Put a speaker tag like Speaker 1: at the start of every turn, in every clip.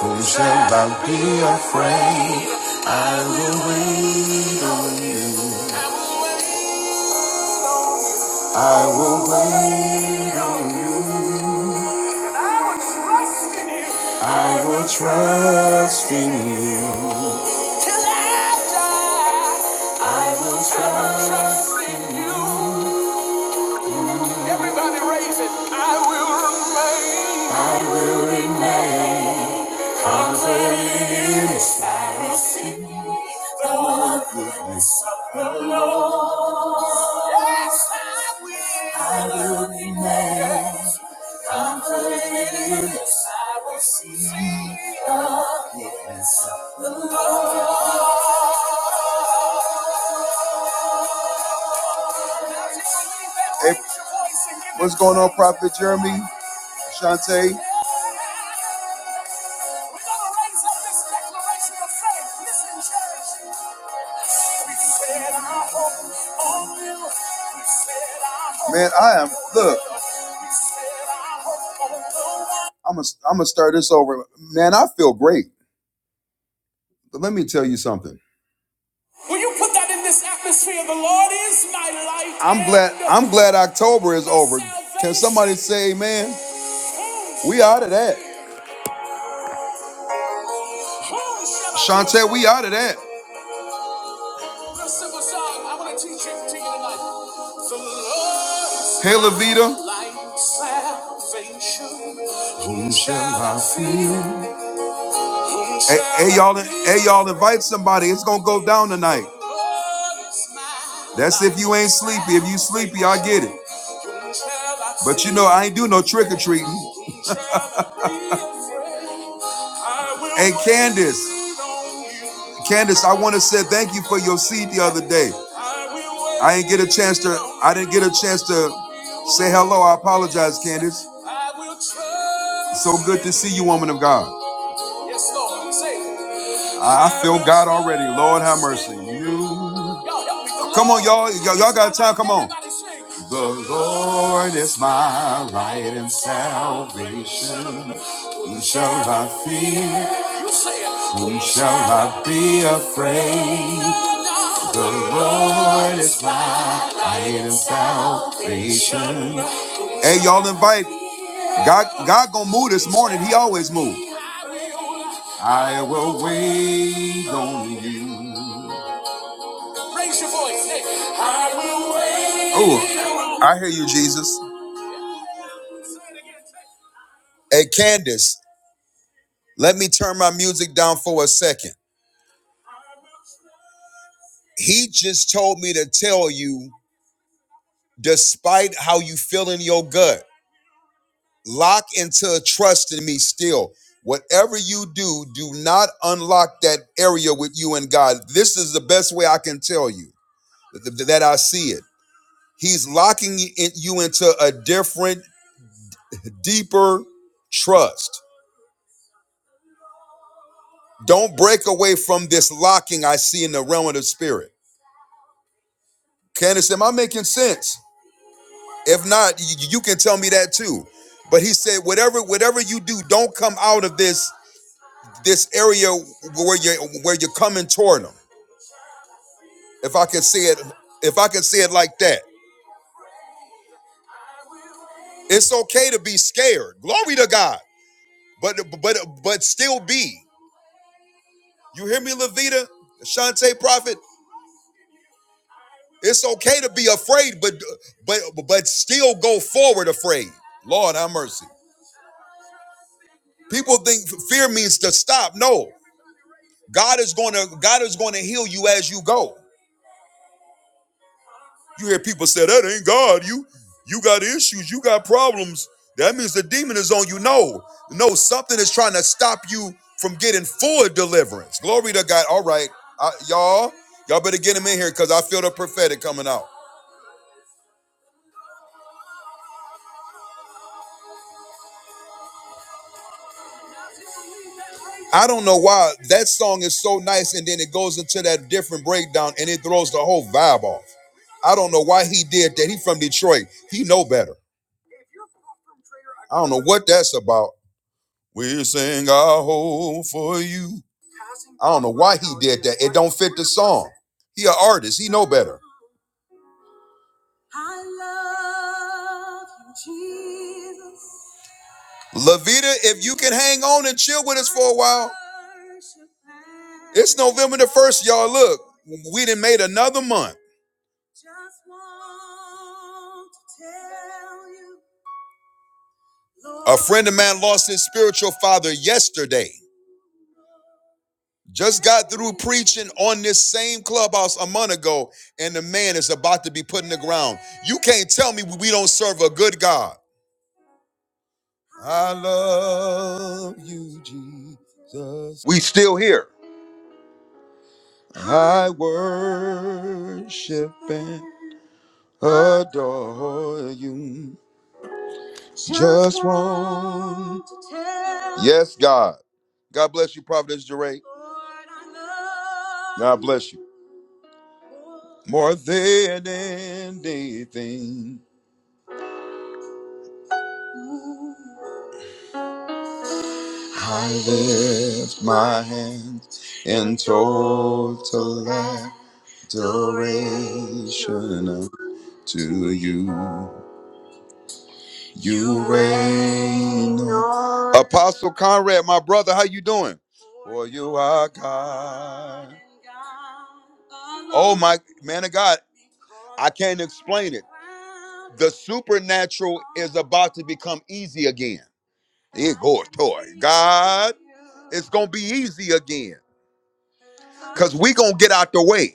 Speaker 1: Who shall I be afraid? I will wait on you. I will wait on you. I will trust in you. Till I die, I will trust in you. Everybody raise it. I will remain. I will remain. Yes, I will. I will remain. Confident in this, I will see. Hey, what's going on, Prophet Jeremy? Shantae? Man, I am. Look, I'm gonna I'm gonna start this over. Man, I feel great. But let me tell you something. Will you put that in this atmosphere? The Lord is my light. I'm glad. I'm glad October is over. Can somebody say Amen? We out of that. Shantae, we out of that. Hey, Lavita. Whom shall I fear? Hey, hey, y'all, hey, y'all, invite somebody. It's gonna go down tonight. That's if you ain't sleepy. If you sleepy, I get it. But you know, I ain't do no trick or treating. Hey, Candace. Candace, I want to say thank you for your seed the other day. I didn't get a chance to. I didn't get a chance to say hello. I apologize, Candace. So good to see you, woman of God. Yes, Lord, say it. I feel God already. Lord, have mercy. You. Come on, y'all. Y'all, got time. Come on. The Lord is my light and salvation. Whom shall I fear? Whom shall I be afraid? The Lord is my light and salvation. Hey, y'all invite. God, God gonna move this morning. He always moves. I will wait on you. Raise your voice, Nick. I will wait. Oh, I hear you, Jesus. Hey, Candace, let me turn my music down for a second. He just told me to tell you, despite how you feel in your gut, lock into a trust in me still. Whatever you do, do not unlock that area with you and God. This is the best way I can tell you th- th- that I see it. He's locking you into a different, deeper trust. Don't break away from this locking I see in the realm of the spirit. Candace, am I making sense? If not, y- you can tell me that too. But he said, whatever, whatever you do, don't come out of this this area where you where you're coming toward him. If I can say it, if I can say it like that, it's okay to be scared. Glory to God. But but but still be. You hear me, Levita, Shante Prophet? It's okay to be afraid, but but but still go forward afraid. Lord have mercy. People think fear means to stop. No, God is going to God is going to heal you as you go. You hear people say that ain't God. You you got issues. You got problems. That means the demon is on you. No, no, something is trying to stop you from getting full deliverance. Glory to God. All right, I, y'all, y'all better get him in here because I feel the prophetic coming out. I don't know why that song is so nice, and then it goes into that different breakdown, and it throws the whole vibe off. I don't know why he did that. He from Detroit. He know better. I don't know what that's about. We sing our hope for you. I don't know why he did that. It don't fit the song. He an artist. He know better. I love you, Jesus. Lavita, if you can hang on and chill with us for a while. It's November the 1st, y'all. Look, we done made another month. A friend of mine lost his spiritual father yesterday. Just got through preaching on this same clubhouse a month ago, and the man is about to be put in the ground. You can't tell me we don't serve a good God. I love you, Jesus. We still here. I worship and adore you. Just want to tell. Yes, God. God bless you, Providence Jeray. God bless you. More than anything, lift my hands in total adoration to you. You reign. Apostle Conrad, my brother, how you doing? For you are God. Oh my man of God, I can't explain it. The supernatural is about to become easy again. It goes toward God. It's gonna be easy again. Cause we gonna get out the way.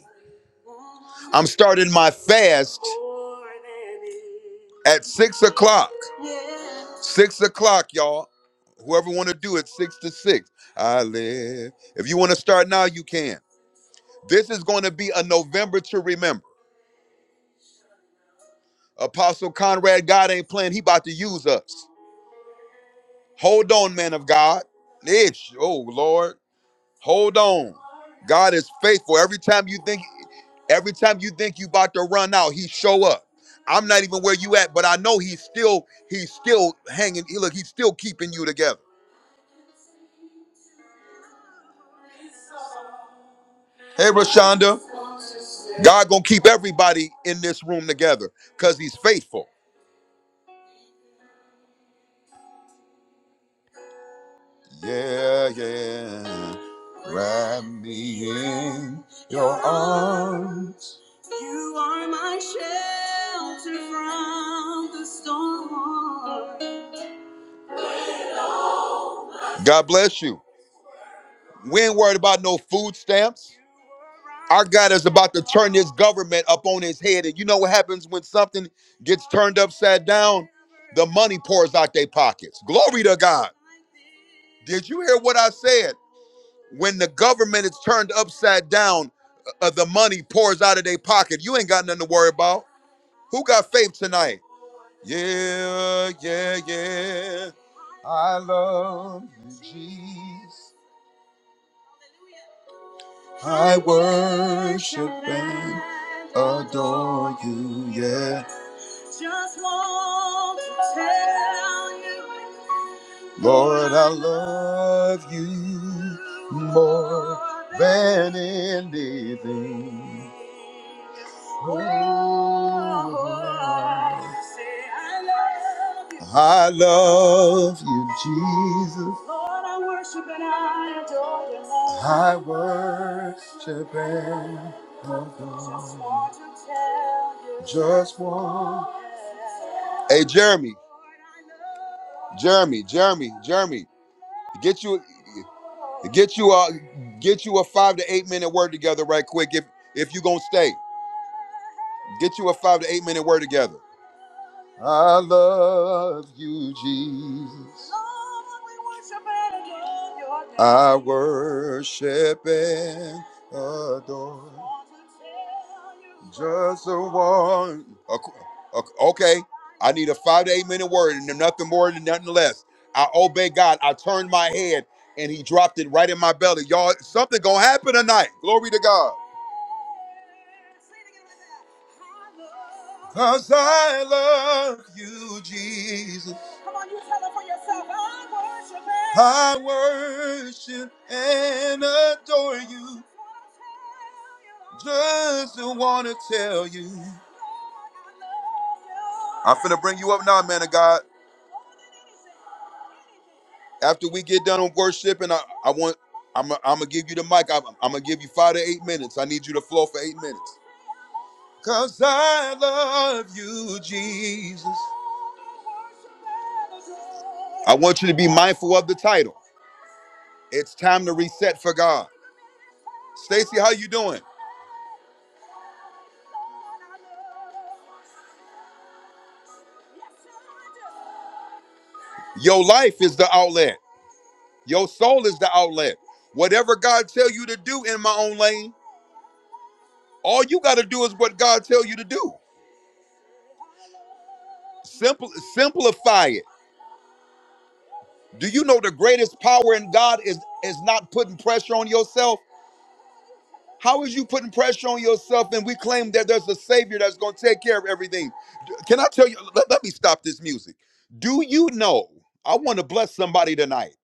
Speaker 1: I'm starting my fast at six o'clock. Six o'clock, y'all. Whoever want to do it, six to six. I live. If you want to start now, you can. This is going to be a November to remember. Apostle Conrad, God ain't playing. He about to use us. Hold on, man of God. Itch. Oh Lord. Hold on. God is faithful. Every time you think every time you think you about to run out, he show up. I'm not even where you at, but I know he's still he's still hanging. He, look, he's still keeping you together. Hey Rashonda, God gonna keep everybody in this room together because he's faithful. Yeah, yeah. Wrap me in your arms. You are my shelter from the storm. God bless you. We ain't worried about no food stamps. Our God is about to turn this government up on his head. And you know what happens when something gets turned upside down? The money pours out their pockets. Glory to God. Did you hear what I said? When the government is turned upside down, uh, the money pours out of their pocket. You ain't got nothing to worry about. Who got faith tonight? Yeah, yeah, yeah. I'm Jesus. worship and adore you, yeah. Just want to tell you, Lord, I love you more than anything. Oh, I love you, Jesus. Lord, I worship and I adore you. I worship and just want to tell you. Just want. Hey, Jeremy. Jeremy, Jeremy, Jeremy. Get you, get you a, get you a five to eight minute word together right quick. If if you gonna stay, get you a five to eight minute word together. I love you, Jesus. I worship and adore. Just a one. Okay, I need a five to eight minute word and nothing more and nothing less. I obey God. I turned my head and He dropped it right in my belly. Y'all, something gonna happen tonight. Glory to God. Cause I love you, Jesus. Come on, you tell it for yourself. I worship and I worship and adore you. Just want to tell you. I'm finna bring you up now, man of God. After we get done on worship, and I, I want I'm gonna give you the mic. I'm, I'm gonna give you five to eight minutes. I need you to flow for eight minutes. Cause I love you, Jesus. I want you to be mindful of the title. It's time to reset for God. Stacy, how you doing? Your life is the outlet. Your soul is the outlet. Whatever God tell you to do in my own lane, all you got to do is what God tell you to do. Simple, simplify it. Do you know the greatest power in God is is not putting pressure on yourself? How is you putting pressure on yourself and we claim that there's a savior that's going to take care of everything? Can I tell you let, let me stop this music. Do you know? I want to bless somebody tonight.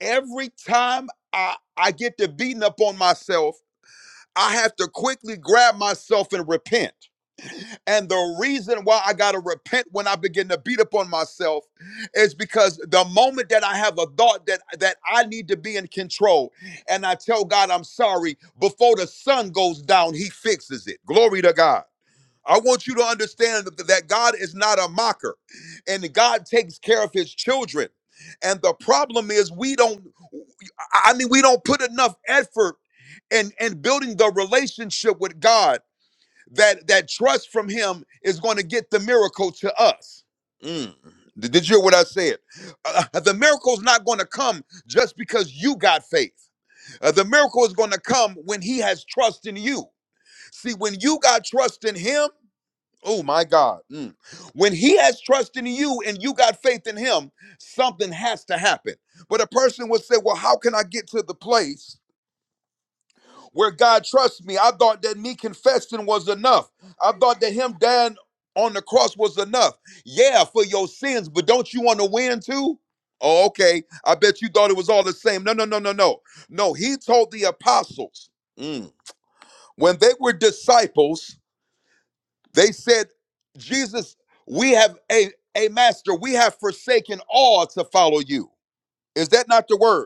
Speaker 1: Every time I I get to beating up on myself, I have to quickly grab myself and repent. And the reason why I got to repent when I begin to beat up on myself is because the moment that I have a thought that that I need to be in control and I tell God I'm sorry before the sun goes down, he fixes it. Glory to God. I want you to understand that that God is not a mocker and God takes care of his children. And the problem is we don't I I mean we don't put enough effort in in building the relationship with God that that trust from him is going to get the miracle to us. Mm. Did did you hear what I said? Uh, uh, the miracle's not going to come just because you got faith. Uh, the miracle is going to come when he has trust in you. See, when you got trust in him, oh my God, mm. when he has trust in you and you got faith in him, something has to happen. But a person would say, well, how can I get to the place? where God trusts me. I thought that me confessing was enough. I thought that him dying on the cross was enough. Yeah, for your sins, but don't you want to win too? Oh, okay. I bet you thought it was all the same. No, no, no, no, no. No, he told the apostles mm, when they were disciples, they said, Jesus, we have a, a master, we have forsaken all to follow you. Is that not the word?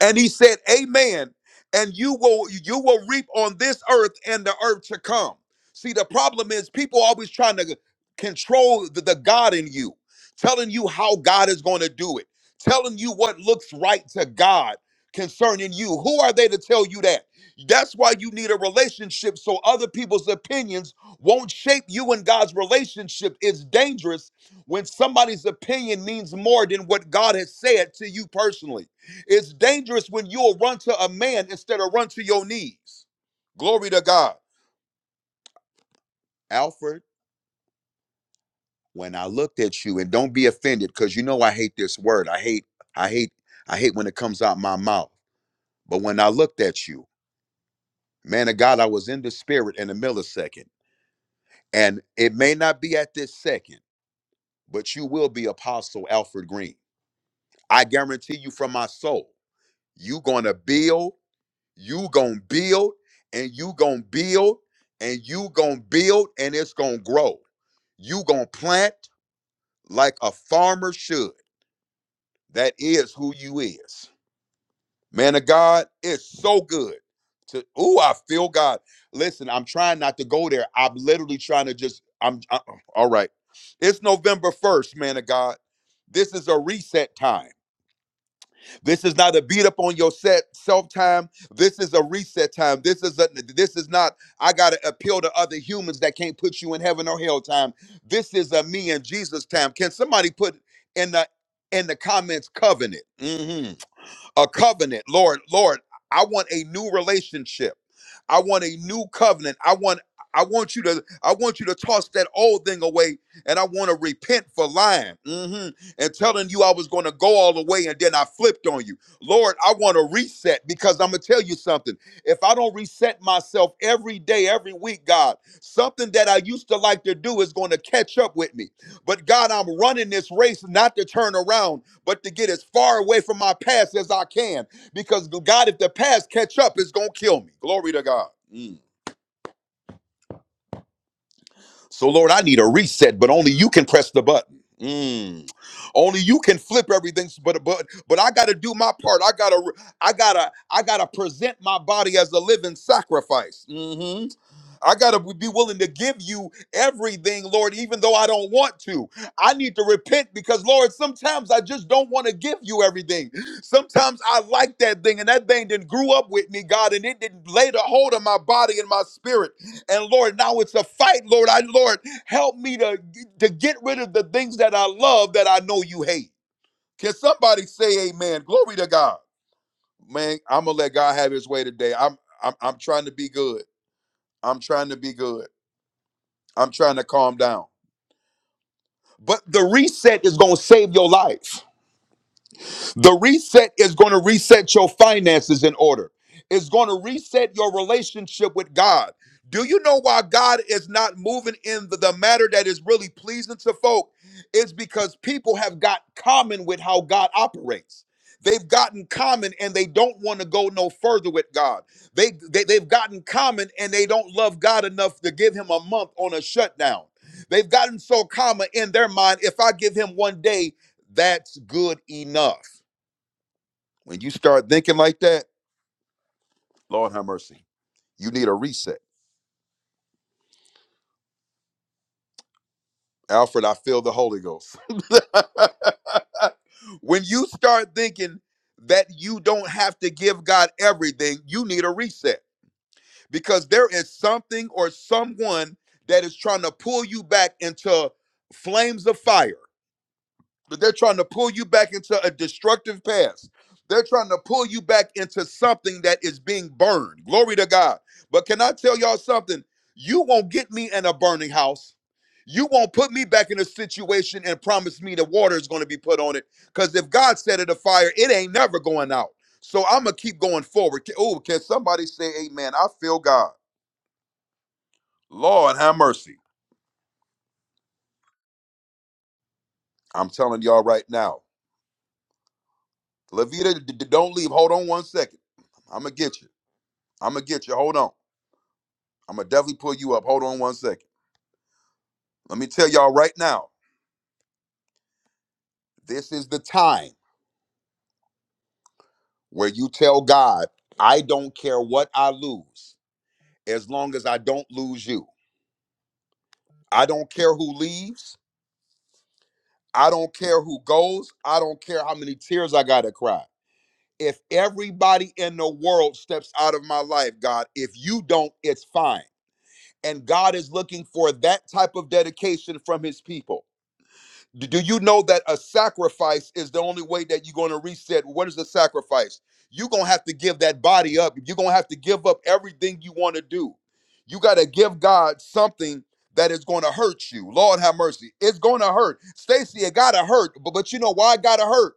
Speaker 1: And he said, Amen. And you will you will reap on this earth and the earth to come. See, the problem is people always trying to control the, the God in you, telling you how God is going to do it, telling you what looks right to God concerning you. Who are they to tell you that? That's why you need a relationship so other people's opinions won't shape you and God's relationship. It's dangerous when somebody's opinion means more than what God has said to you personally. It's dangerous when you'll run to a man instead of run to your knees. Glory to God. Alfred, when I looked at you, and don't be offended, because you know I hate this word. I hate, I hate, I hate when it comes out my mouth. But when I looked at you, man of God, I was in the spirit in a millisecond. And it may not be at this second, but you will be Apostle Alfred Green. I guarantee you from my soul, you gonna build you gonna build and you gonna build and you gonna build and it's gonna grow you gonna plant like a farmer should that is who you is man of god it's so good to oh i feel god listen i'm trying not to go there i'm literally trying to just i'm I, alright right it's november 1st man of god this is a reset time This is not a beat up on your set self time. This is a reset time. This is a this is not I gotta appeal to other humans that can't put you in heaven or hell time. This is a me and Jesus time. Can somebody put in the in the comments covenant? Mhm. A covenant. Lord, Lord, I want a new relationship. I want a new covenant. I want I want you to I want you to toss that old thing away and I want to repent for lying hmm and telling you I was going to go all the way and then I flipped on you. Lord, I want to reset because I'm going to tell you something. If I don't reset myself every day, every week, God, something that I used to like to do is going to catch up with me. But God, I'm running this race not to turn around, but to get as far away from my past as I can because God, if the past catch up, it's gonna kill me. Glory to God. Mm. So, Lord, I need a reset, but only you can press the button. Mm. Only you can flip everything, but but but I gotta do my part. I gotta I gotta I gotta present my body as a living sacrifice. hmm I gotta be willing to give you everything, Lord, even though I don't want to. I need to repent because, Lord, sometimes I just don't want to give you everything. Sometimes I like that thing, and that thing didn't grew up with me, God, and it didn't lay the hold on my body and my spirit. And Lord, now it's a fight, Lord. I Lord, help me to, to get rid of the things that I love that I know you hate. Can somebody say amen? Glory to God. Man, I'm gonna let God have his way today. I'm I'm I'm trying to be good. I'm trying to be good. I'm trying to calm down. But the reset is gonna save your life. The reset is going to reset your finances in order. It's going to reset your relationship with God. Do you know why God is not moving in the, the matter that is really pleasing to folk? It's because people have got common with how God operates. They've gotten common and they don't want to go no further with God. They, they they've gotten common and they don't love God enough to give him a month on a shutdown. They've gotten so common in their mind, if I give him one day, that's good enough. When you start thinking like that, Lord have mercy. You need a reset. Alfred, I feel the Holy Ghost. when you start thinking that you don't have to give God everything, you need a reset because there is something or someone that is trying to pull you back into flames of fire. but they're trying to pull you back into a destructive past. They're trying to pull you back into something that is being burned. Glory to God. But can I tell y'all something? You won't get me in a burning house. You won't put me back in a situation and promise me the water is going to be put on it. Because if God set it afire, it ain't never going out. So I'm going to keep going forward. Can- Oh, can somebody say amen? I feel God. Lord, have mercy. I'm telling y'all right now. Levita, d- d- don't leave. Hold on one second. I'm going to get you. I'm gonna get you. Hold on. I'm gonna definitely pull you up. Hold on one second. Let me tell y'all right now. This is the time where you tell God, I don't care what I lose, as long as I don't lose you. I don't care who leaves. I don't care who goes. I don't care how many tears I gotta cry. If everybody in the world steps out of my life, God, if you don't, it's fine. And God is looking for that type of dedication from his people. Do do you know that a sacrifice is the only way that you're going to reset? What is a sacrifice? You're going to have to give that body up. You're going to have to give up everything you want to do. You got to give God something that is going to hurt you. Lord have mercy. It's going to hurt. Stacy, it got to hurt. But, but you know why it got to hurt?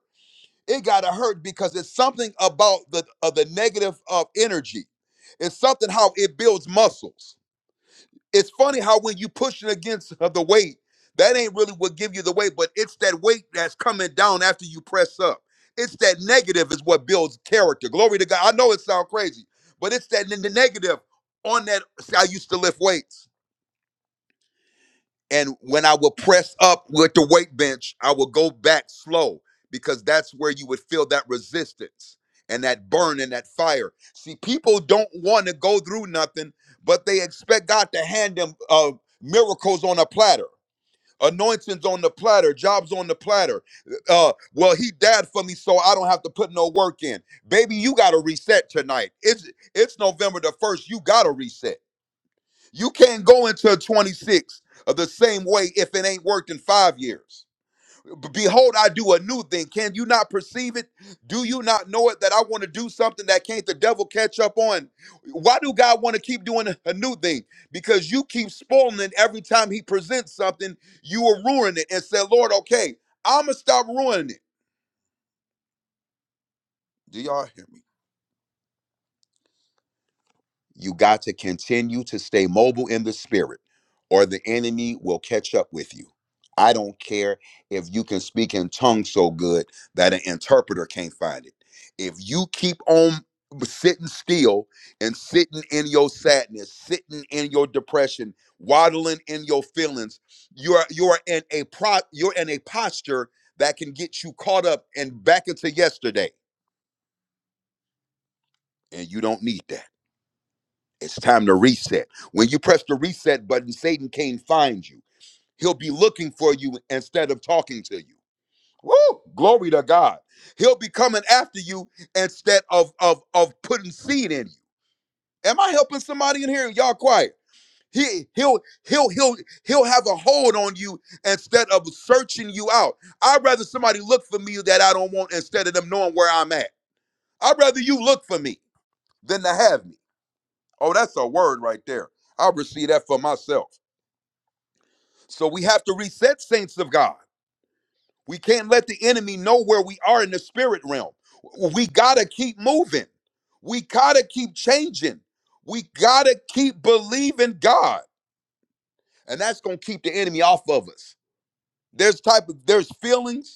Speaker 1: It got to hurt because it's something about the, of the negative of energy. It's something how it builds muscles it's funny how when you pushing against of the weight, that ain't really what give you the weight, but it's that weight that's coming down after you press up. It's that negative is what builds character. Glory to God. I know it sounds crazy, but it's that n- the negative on that. See, I used to lift weights. And when I would press up with the weight bench, I would go back slow because that's where you would feel that resistance and that burn and that fire. See, people don't want to go through nothing, but they expect God to hand them uh, miracles on a platter. Anointings on the platter, jobs on the platter. Uh, well, he died for me, so I don't have to put no work in. Baby, you got to reset tonight. It's it's November the first. You got to reset. You can't go into 26 of the same way if it ain't worked in five years. B- Behold, I do a new thing. Can you not perceive it? Do you not know it that I want to do something that can't the devil catch up on? Why do God want to keep doing a a new thing? Because you keep spoiling it every time he presents something, you will ruin it and say, Lord, okay, I'ma stop ruining it. Do y'all hear me? You got to continue to stay mobile in the spirit, or the enemy will catch up with you. I don't care if you can speak in tongues so good that an interpreter can't find it. If you keep on sitting still and sitting in your sadness, sitting in your depression, waddling in your feelings, you're you're in a pro you're in a posture that can get you caught up and back into yesterday, and you don't need that. It's time to reset. When you press the reset button, Satan can't find you. He'll be looking for you instead of talking to you. Woo! Glory to God. He'll be coming after you instead of of of putting seed in you. Am I helping somebody in here? Y'all quiet. He he'll he'll he'll he'll have a hold on you instead of searching you out. I'd rather somebody look for me that I don't want instead of them knowing where I'm at. I'd rather you look for me than to have me. Oh, that's a word right there. I'll receive that for myself. So we have to reset saints of God. We can't let the enemy know where we are in the spirit realm. We got to keep moving. We got to keep changing. We got to keep believing God. And that's going to keep the enemy off of us. There's type of there's feelings,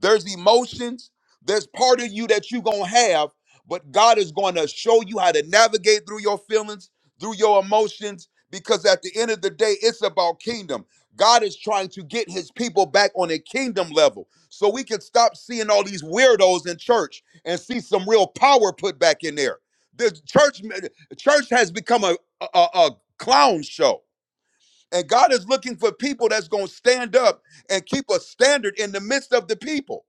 Speaker 1: There's emotions. There's part of you that you're going to have, but God is going to show you how to navigate through your feelings, through your emotions, because at the end of the day, it's about kingdom. God is trying to get his people back on a kingdom level so we can stop seeing all these weirdos in church and see some real power put back in there. The church church has become a, a, a clown show. And God is looking for people that's going to stand up and keep a standard in the midst of the people.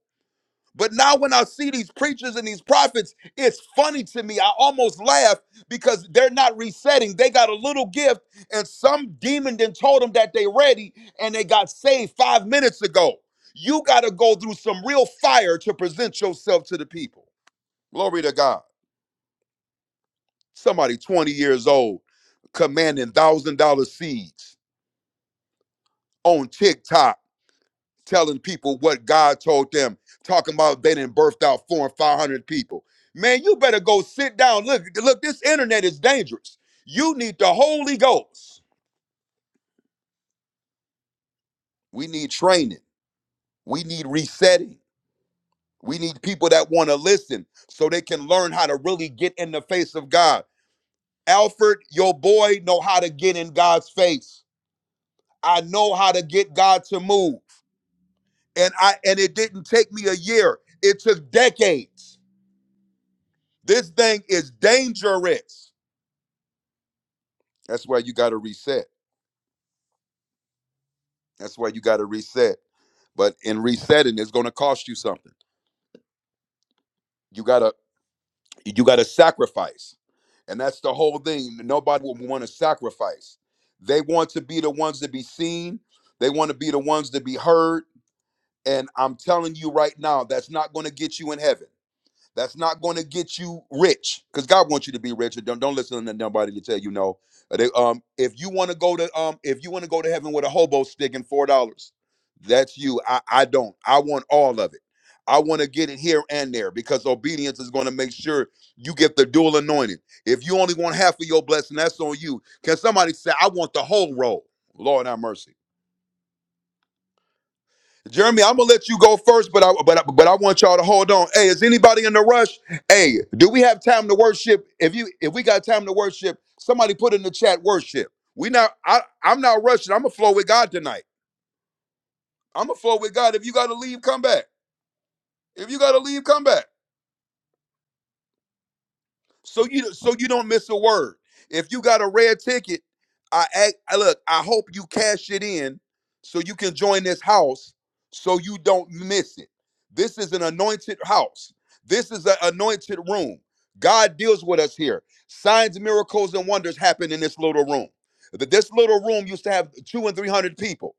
Speaker 1: But now when I see these preachers and these prophets, it's funny to me. I almost laugh because they're not resetting. They got a little gift, and some demon then told them that they ready and they got saved five minutes ago. You got to go through some real fire to present yourself to the people. Glory to God. Somebody 20 years old commanding one thousand dollar seeds on TikTok telling people what God told them, talking about they didn't birthed out four and five hundred people. Man, you better go sit down. Look, look, this internet is dangerous. You need the Holy Ghost. We need training. We need resetting. We need people that want to listen so they can learn how to really get in the face of God. Alfred, your boy know how to get in God's face. I know how to get God to move. And I and it didn't take me a year. It took decades This thing is dangerous. That's why you got to reset. That's why you got to reset. But in resetting, it's going to cost you something. You gotta you gotta sacrifice, and that's the whole thing. Nobody will want to sacrifice. They want to be the ones to be seen. They want to be the ones to be heard. And I'm telling you right now, that's not going to get you in heaven. That's not going to get you rich because God wants you to be rich. Don't don't listen to nobody to tell you no. Uh, they- um, if you want to go to um, if you want to go to heaven with a hobo stick and four dollars, that's you. I I don't. I want all of it. I want to get it here and there because obedience is going to make sure you get the dual anointing. If you only want half of your blessing, that's on you. Can somebody say, I want the whole roll? Lord have mercy. Jeremy, I'm gonna let you go first, but I but I, but I want y'all to hold on. Hey, is anybody in a rush? Hey, do we have time to worship? If you if we got time to worship, somebody put in the chat worship. We not I I'm not rushing. I'm gonna flow with God tonight. I'm gonna flow with God. If you gotta leave, come back. If you gotta leave, come back. so you so you don't miss a word. If you got a red ticket, I act, I look. I hope you cash it in so you can join this house so you don't miss it. This is an anointed house. This is an anointed room. God deals with us here. Signs, miracles, and wonders happen in this little room. Th- This little room used to have two and three hundred people,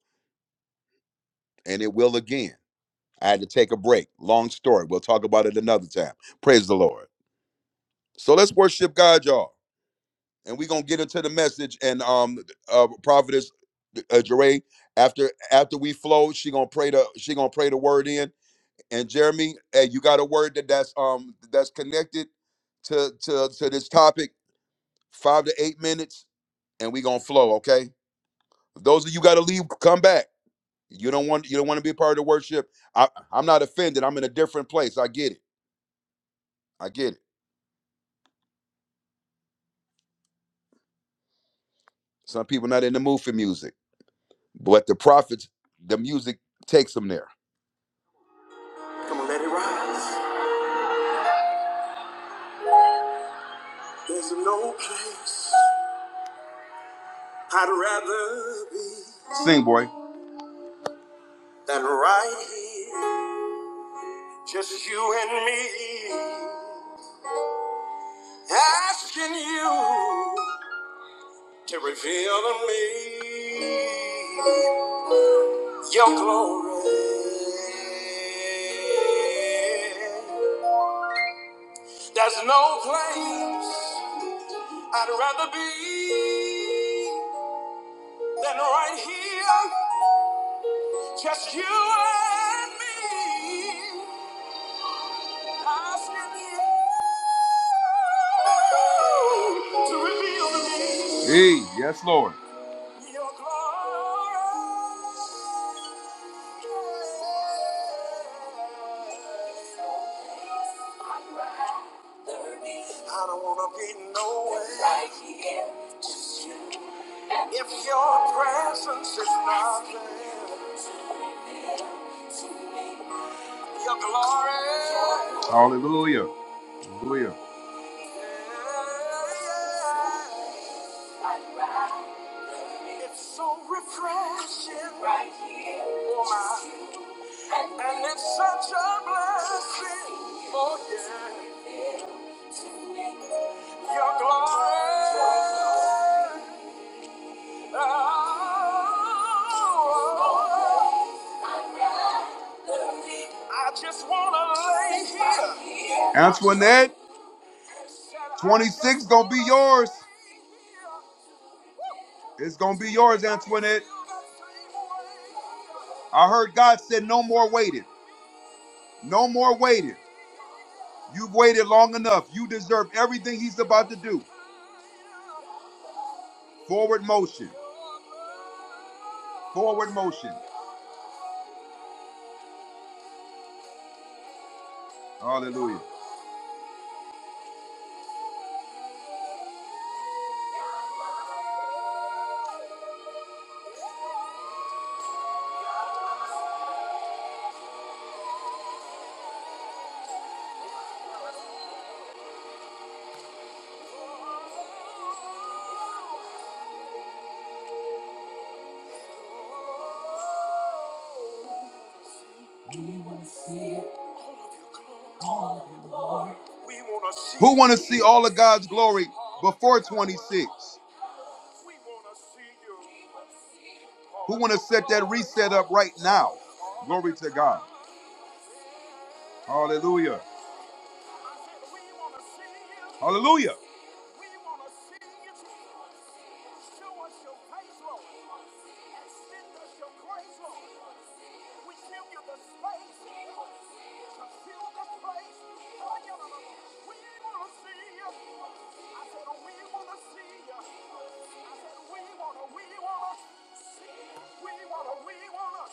Speaker 1: and it will again. I had to take a break. Long story. We'll talk about it another time. Praise the Lord. So let's worship God, y'all. and we're gonna get into the message. And um, uh, prophetess uh, Jeray, after after we flow, she gonna pray the she gonna pray the word in. And Jeremy, hey, you got a word that that's um that's connected to to to this topic. Five to eight minutes, and we gonna flow. Okay. Those of you got to leave, come back. You don't want you don't want to be a part of the worship. I, I'm not offended. I'm in a different place. I get it. I get it. Some people not in the mood for music, but the prophets, the music takes them there. Come on, let it rise. There's no place I'd rather be Sing, boy. than right here, just you and me, asking you to reveal to me your glory. There's no place I'd rather be than right here, just you and me. Hey, yes, Lord. I don't wanna be nowhere if your presence is not there. Your glory. Hallelujah. Hallelujah. It's so refreshing. Right. Oh, my And it's such a blessing. Oh, yeah. Your glory. Oh, I just want to lay here. Antoinette, 26 gonna be yours. It's gonna be yours, Antoinette. I heard God said, No more waiting. No more waiting. You've waited long enough. You deserve everything He's about to do. Forward motion. Forward motion. Hallelujah. Who want to see all of God's glory before 26? Who want to set that reset up right now? Glory to God. Hallelujah. Hallelujah. We want to see you. Show us your face, Lord. Extend us your grace, Lord. We give you the space to fill the place. Oh, yeah, Lord. We want to see you. I said, we want to see you. I said, we want to, we want to, we want to, we want to.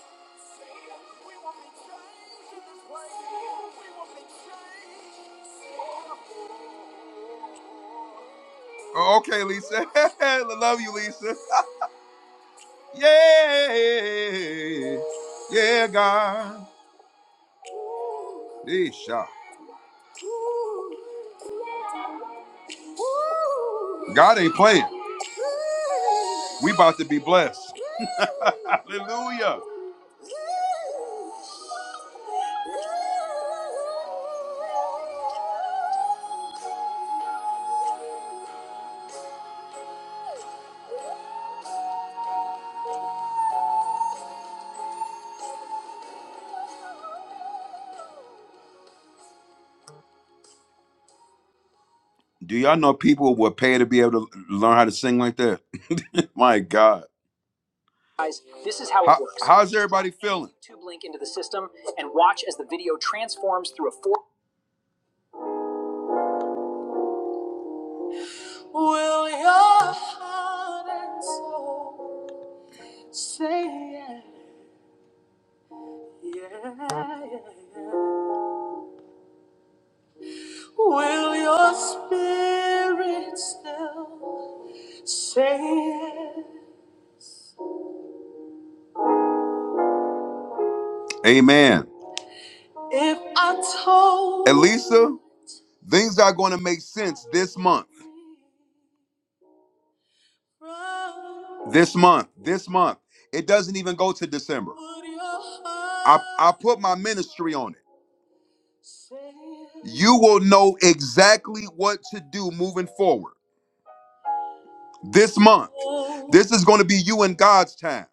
Speaker 1: See you. We want to be changed in this place. We want to be changed. Oh, oh, oh, oh. Oh, okay, Lisa. I love you, Lisa. Yeah. Yeah, God. Yeesh. God ain't playing. We about to be blessed. Hallelujah. Do y'all know people would pay to be able to learn how to sing like that? My God. How's everybody feeling? Yeah. Will your spirit still say it? Amen. If I told Elisa, things are going to make sense this month. This month, this month. It doesn't even go to December. I, I put my ministry on it. You will know exactly what to do moving forward this month. This is going to be you and God's time.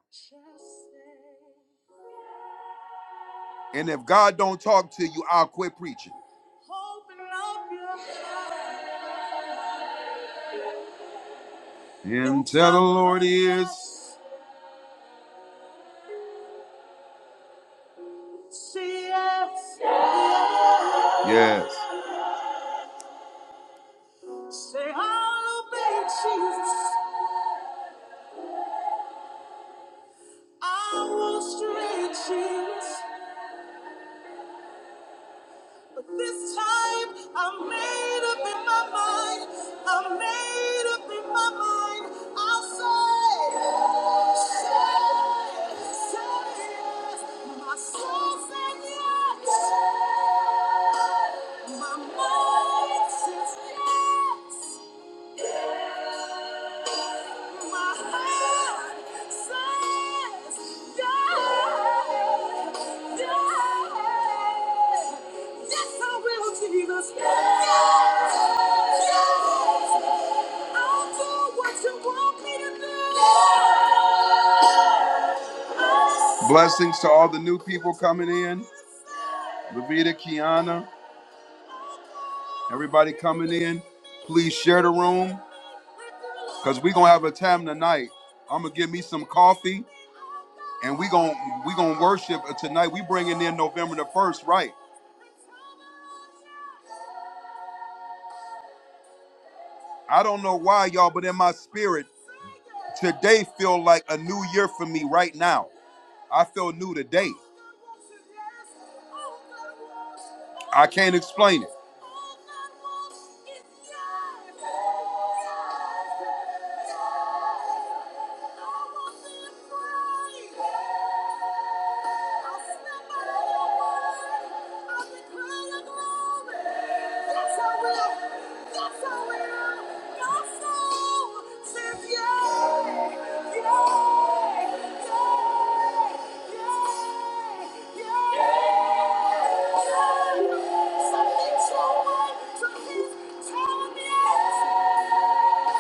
Speaker 1: And if God don't talk to you, I'll quit preaching. And tell the Lord he is. Yes. Say, I'll obey Jesus. I will stray Jesus. But this time, I'm made up in my mind. I'm made up in my mind. I'll say, say, say yes. My soul said yes. My mind says yes. Yes, yes, Blessings to all the new people coming in. Levita, Kiana, everybody coming in. Please share the room because we're going to have a time tonight. I'm going to give me some coffee and we gon' we gonna worship tonight. We bringing in November the first, right? I don't know why y'all, but in my spirit, today feel like a new year for me right now. I feel new today. I can't explain it.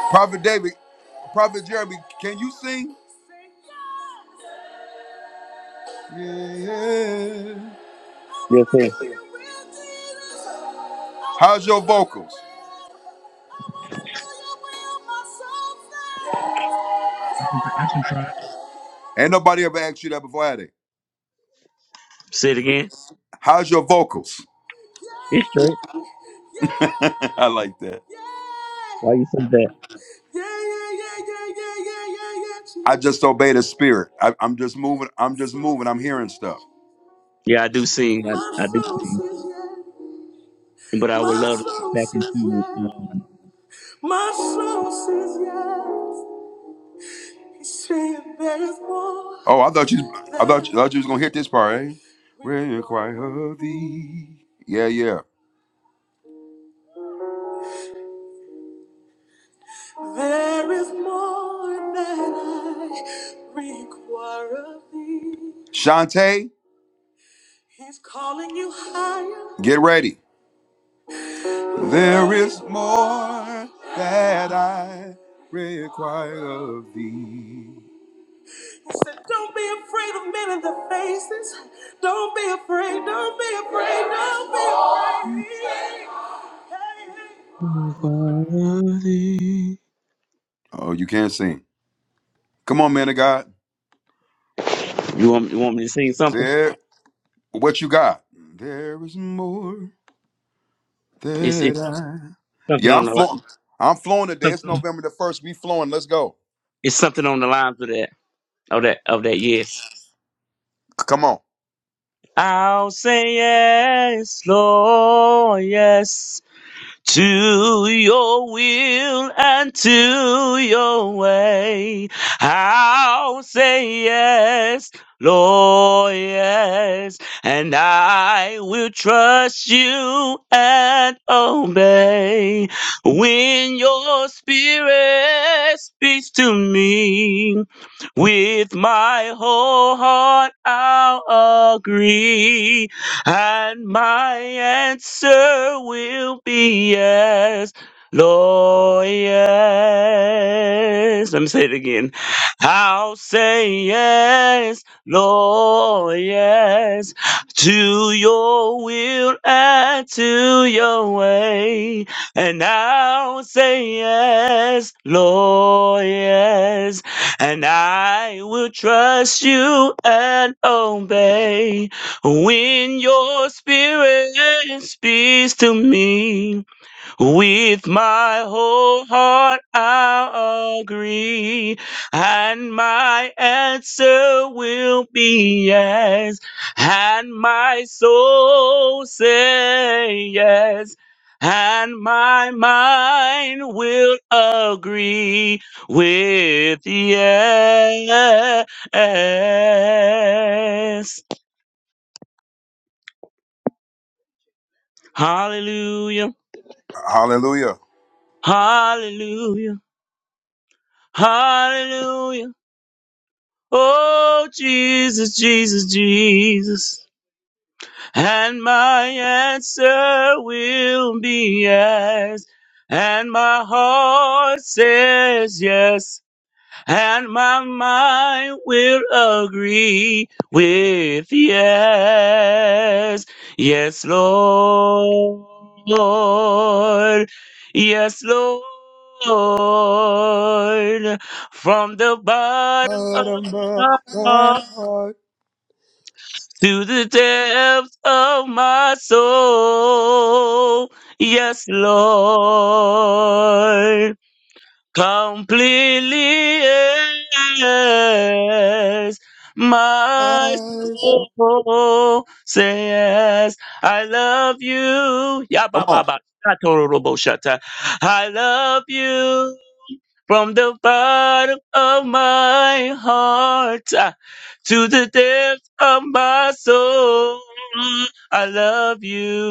Speaker 1: Prophet David, Prophet Jeremy, can you sing? Yeah.
Speaker 2: Yes, sir.
Speaker 1: Yes, sir. How's your vocals?
Speaker 2: I can I can try. it.
Speaker 1: Ain't nobody ever asked you that before, had they?
Speaker 2: Say it again.
Speaker 1: How's your vocals?
Speaker 2: It's straight.
Speaker 1: I like that.
Speaker 2: Why you say that?
Speaker 1: I just obey the spirit. I, I'm just moving. I'm just moving. I'm hearing stuff.
Speaker 2: Yeah, I do sing. I, I do
Speaker 1: My soul
Speaker 2: sing.
Speaker 1: says yeah.
Speaker 2: But I would
Speaker 1: My
Speaker 2: love to get
Speaker 1: soul
Speaker 2: back
Speaker 1: says
Speaker 2: into
Speaker 1: yeah.
Speaker 2: um
Speaker 1: My soul says yeah. Oh, I thought you, I thought, you- I thought you was gonna hit this part, eh? When you inquire of thee. Yeah, yeah. There is more that I require of thee. Shantae. He's calling you higher. Get ready. There is more that I require of thee. He said, Don't be afraid of men in the faces. Don't be afraid. Oh, you can't sing. Come on, man of God.
Speaker 2: You want you want me to sing something?
Speaker 1: There. What you got? There is more
Speaker 2: It's
Speaker 1: that
Speaker 2: it's something,
Speaker 1: I.
Speaker 2: something
Speaker 1: Yeah, I'm
Speaker 2: on the line.
Speaker 1: flowing. I'm flowing today. It's
Speaker 2: Something on,
Speaker 1: November the first. We flowing. Let's go.
Speaker 2: it's something on the lines of that of that of that yes.
Speaker 1: Come on.
Speaker 2: I'll say yes, Lord, yes. to your will and to your way. I'll say yes, Lord, yes, and I will trust you and obey. When your spirit speaks to me, with my whole heart I'll agree and my answer will be yes, Lord, yes. Let me say it again. I'll say yes, Lord, yes, to your will and to your way. And I'll say yes, Lord, yes, and I will trust you and obey. When your spirit speaks to me, with my whole heart I'll agree, and my answer will be yes, and my soul say yes, and my mind will agree with yes. Hallelujah.
Speaker 1: Hallelujah.
Speaker 2: Hallelujah. Hallelujah. Oh, Jesus, Jesus, Jesus. And my answer will be yes. And my heart says yes. and my mind will agree with yes, yes, Lord, yes, Lord, from the bottom of
Speaker 1: Out of my-
Speaker 2: my
Speaker 1: my
Speaker 2: heart
Speaker 1: heart,
Speaker 2: to the depths of my soul, yes, Lord completely yes. My
Speaker 1: my soul.
Speaker 2: soul says yes. I love you. Ya
Speaker 1: Come
Speaker 2: ba ba
Speaker 1: on.
Speaker 2: ba. Shatoro robo shata. I love you from the bottom of my heart ah, to the depth of my soul. I love you.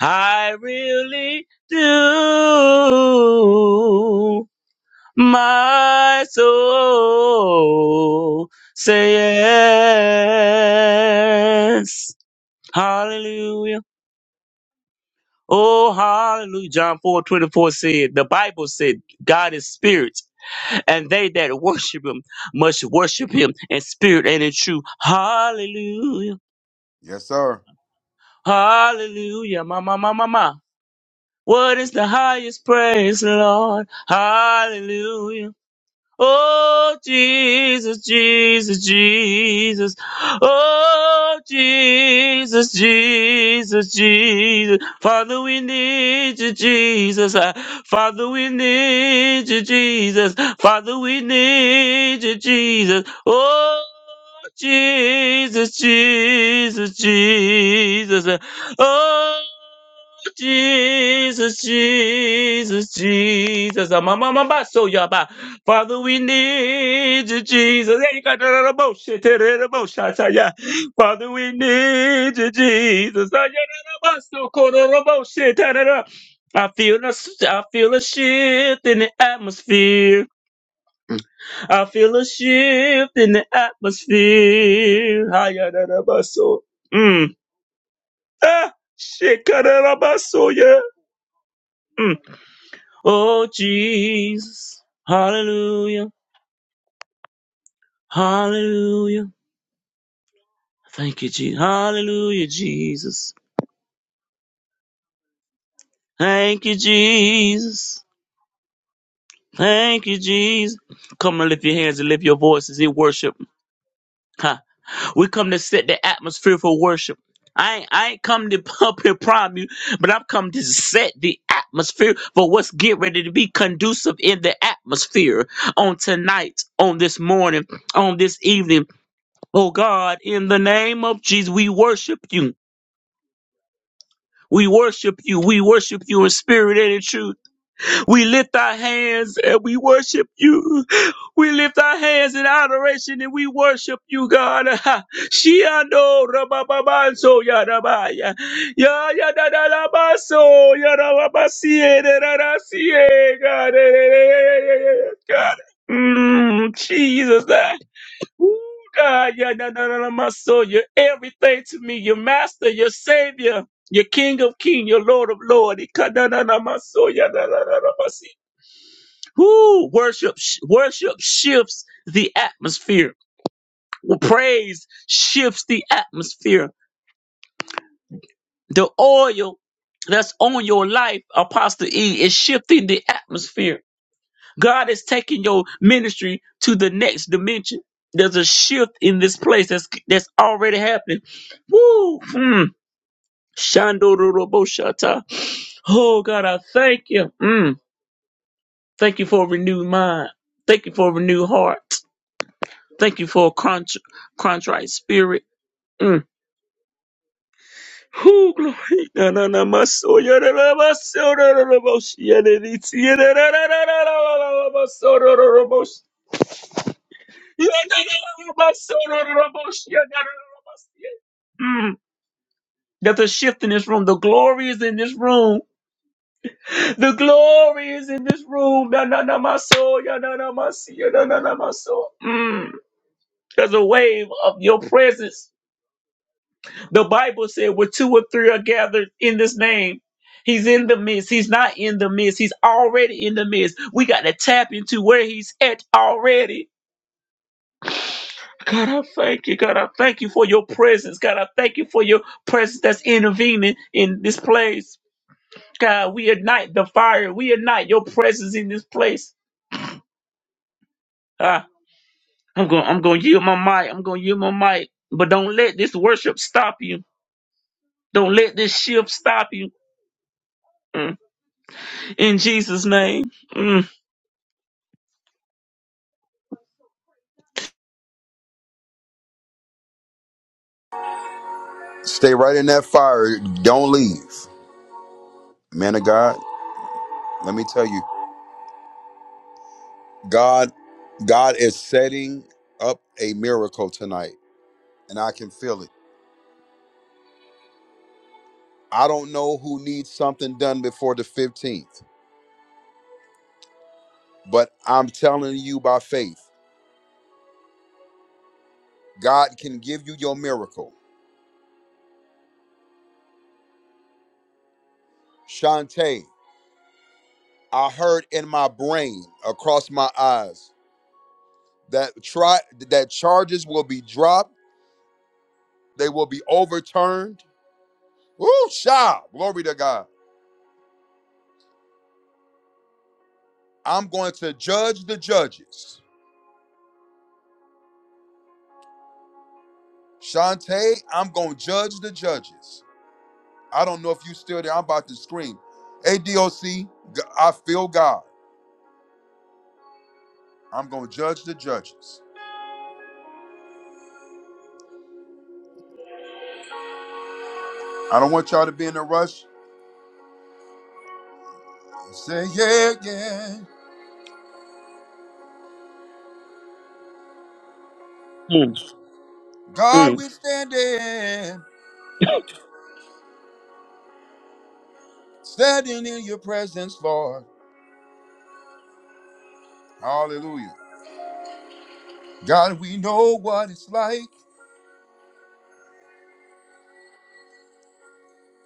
Speaker 2: I really do. My soul say yes. Hallelujah. Oh, hallelujah. John four twenty four said, the Bible said, God is spirit, and they that worship him must worship him in spirit and in truth. Hallelujah.
Speaker 1: Yes, sir.
Speaker 2: Hallelujah. Ma, ma, ma, ma, ma. What is the highest praise, Lord? Hallelujah. Oh Jesus, Jesus, Jesus. Oh Jesus, Jesus, Jesus. Father, we need you, Jesus. Uh, Father, we need you, Jesus. Father, we need you, Jesus. Oh Jesus, Jesus, Jesus. Uh, Oh Jesus, Jesus, Jesus. Mama, mama, so yaba. Father, we need you, Jesus. Hey, you got that other bullshit, that other bullshit, I tell ya. Father, we need you, Jesus. Ah, yeah, that other bullshit, oh, cool, that other bullshit, da, da, I feel a, s- I feel a shift in the atmosphere. I feel a shift in the atmosphere. Ah, yeah, that other bullshit. Mm. Ah, shit, cut that other bullshit, yeah. Mm. Oh, Jesus. Hallelujah. Hallelujah. Thank you, Jesus. Hallelujah, Jesus. Thank you, Jesus. Thank you, Jesus. Come and lift your hands and lift your voices in worship. Ha. We come to set the atmosphere for worship. I ain't, I ain't come to up here prime you, but I've come to set the atmosphere for what's getting ready to be conducive in the atmosphere on tonight, on this morning, on this evening. Oh God, in the name of Jesus, we worship you. We worship you. We worship you in spirit and in truth. We lift our hands and we worship you. We lift our hands in adoration and we worship you, God. Shiando rabababanso yarabaya. Ya yadadalabaso yarababasiye derarasiye, God. Eh, eh, eh, eh, eh, eh, eh, God. Mm, Jesus. ah. Ooh, God, ya da da da la maso, you're everything to me. You're master, you're savior, you're king of king, you're lord of lord. Woo! Worship, sh- worship shifts the atmosphere. Well, Praise shifts the atmosphere. The oil that's on your life, Apostle E, is shifting the atmosphere. God is taking your ministry to the next dimension. There's a shift in this place that's that's already happening. Woo! Mm. Shandoroboshata. Oh God, I thank you. Mm. Thank you for a renewed mind. Thank you for a renewed heart. Thank you for a contr- contrite spirit. Mm. Whew, glory. Na, na, na, my soul, ya, na, na, my soul, na, na, na, my soul, ya, na, na, ti, ya, na, na, na, na, na, na, na, na, my soul, na, na, na, my soul. Ya, na, na, na, my soul, na, na, na, my soul, ya, na, na, na, my soul, ya. Mm. There's a shift in this room. The glory is in this room. The glory is in this room. Na na na my soul. Ya, na na my soul. Ya, na na na my soul. Mm. There's a wave of your presence The Bible said, where two or three are gathered in this name, He's in the midst. He's not in the midst. He's already in the midst. We got to tap into where He's at already. God, I thank you. God, I thank you for your presence. God, I thank you for your presence that's intervening in this place. God, we ignite the fire. We ignite your presence in this place. Ah, I'm going. I'm going to yield my mic. I'm going to yield my mic. But don't let this worship stop you. Don't let this shift stop you. Mm. In Jesus' name. Mm.
Speaker 1: Stay right in that fire. Don't leave, man of God. Let me tell you, God, God is setting up a miracle tonight, and I can feel it. I don't know who needs something done before the 15th. But I'm telling you by faith, God can give you your miracle. Shantae, I heard in my brain across my eyes that try that charges will be dropped, they will be overturned. Woo, sha! Glory to God. I'm going to judge the judges. Shantae, I'm going to judge the judges. I don't know if you still there. I'm about to scream. ADOC, G- I feel God. I'm going to judge the judges. I don't want y'all to be in a rush. Say, yeah, yeah.
Speaker 2: Mm,
Speaker 1: God,
Speaker 2: mm.
Speaker 1: we stand in, standing in your presence, Lord. Hallelujah. God, we know what it's like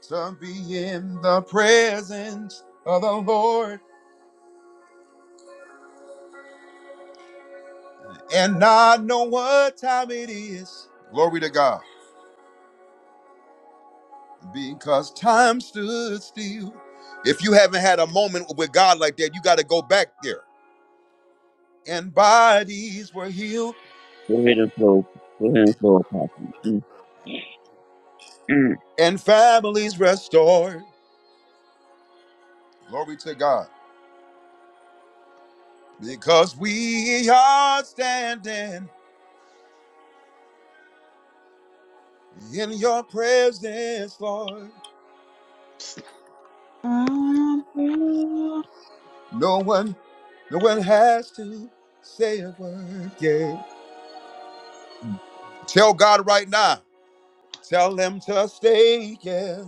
Speaker 1: to be in the presence of the Lord and not know what time it is. Glory to God. Because time stood still. If you haven't had a moment with God like that, you got to go back there. And bodies were healed
Speaker 2: Go ahead and flow. Go ahead and flow, Apostle. Mm, mm.
Speaker 1: and families restored. Glory to God. Because we are standing in your presence, Lord.
Speaker 2: Mm,
Speaker 1: No one, no one has to say a word, yeah. Tell God right now, tell him to stay, yeah.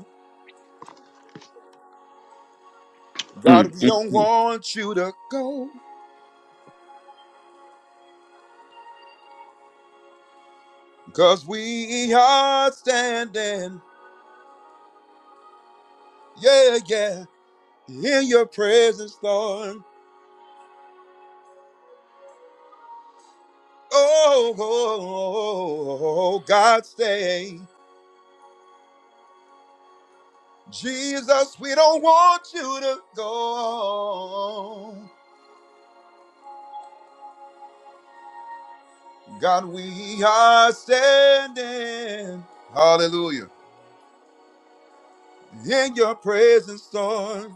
Speaker 2: mm,
Speaker 1: God, we don't
Speaker 2: mm.
Speaker 1: want you to go, because we are standing, yeah, yeah, in your presence, Lord. Oh, oh, oh, oh, oh, oh, God, stay. Jesus, we don't want you to go. God, we are standing. Hallelujah. In your presence, Lord.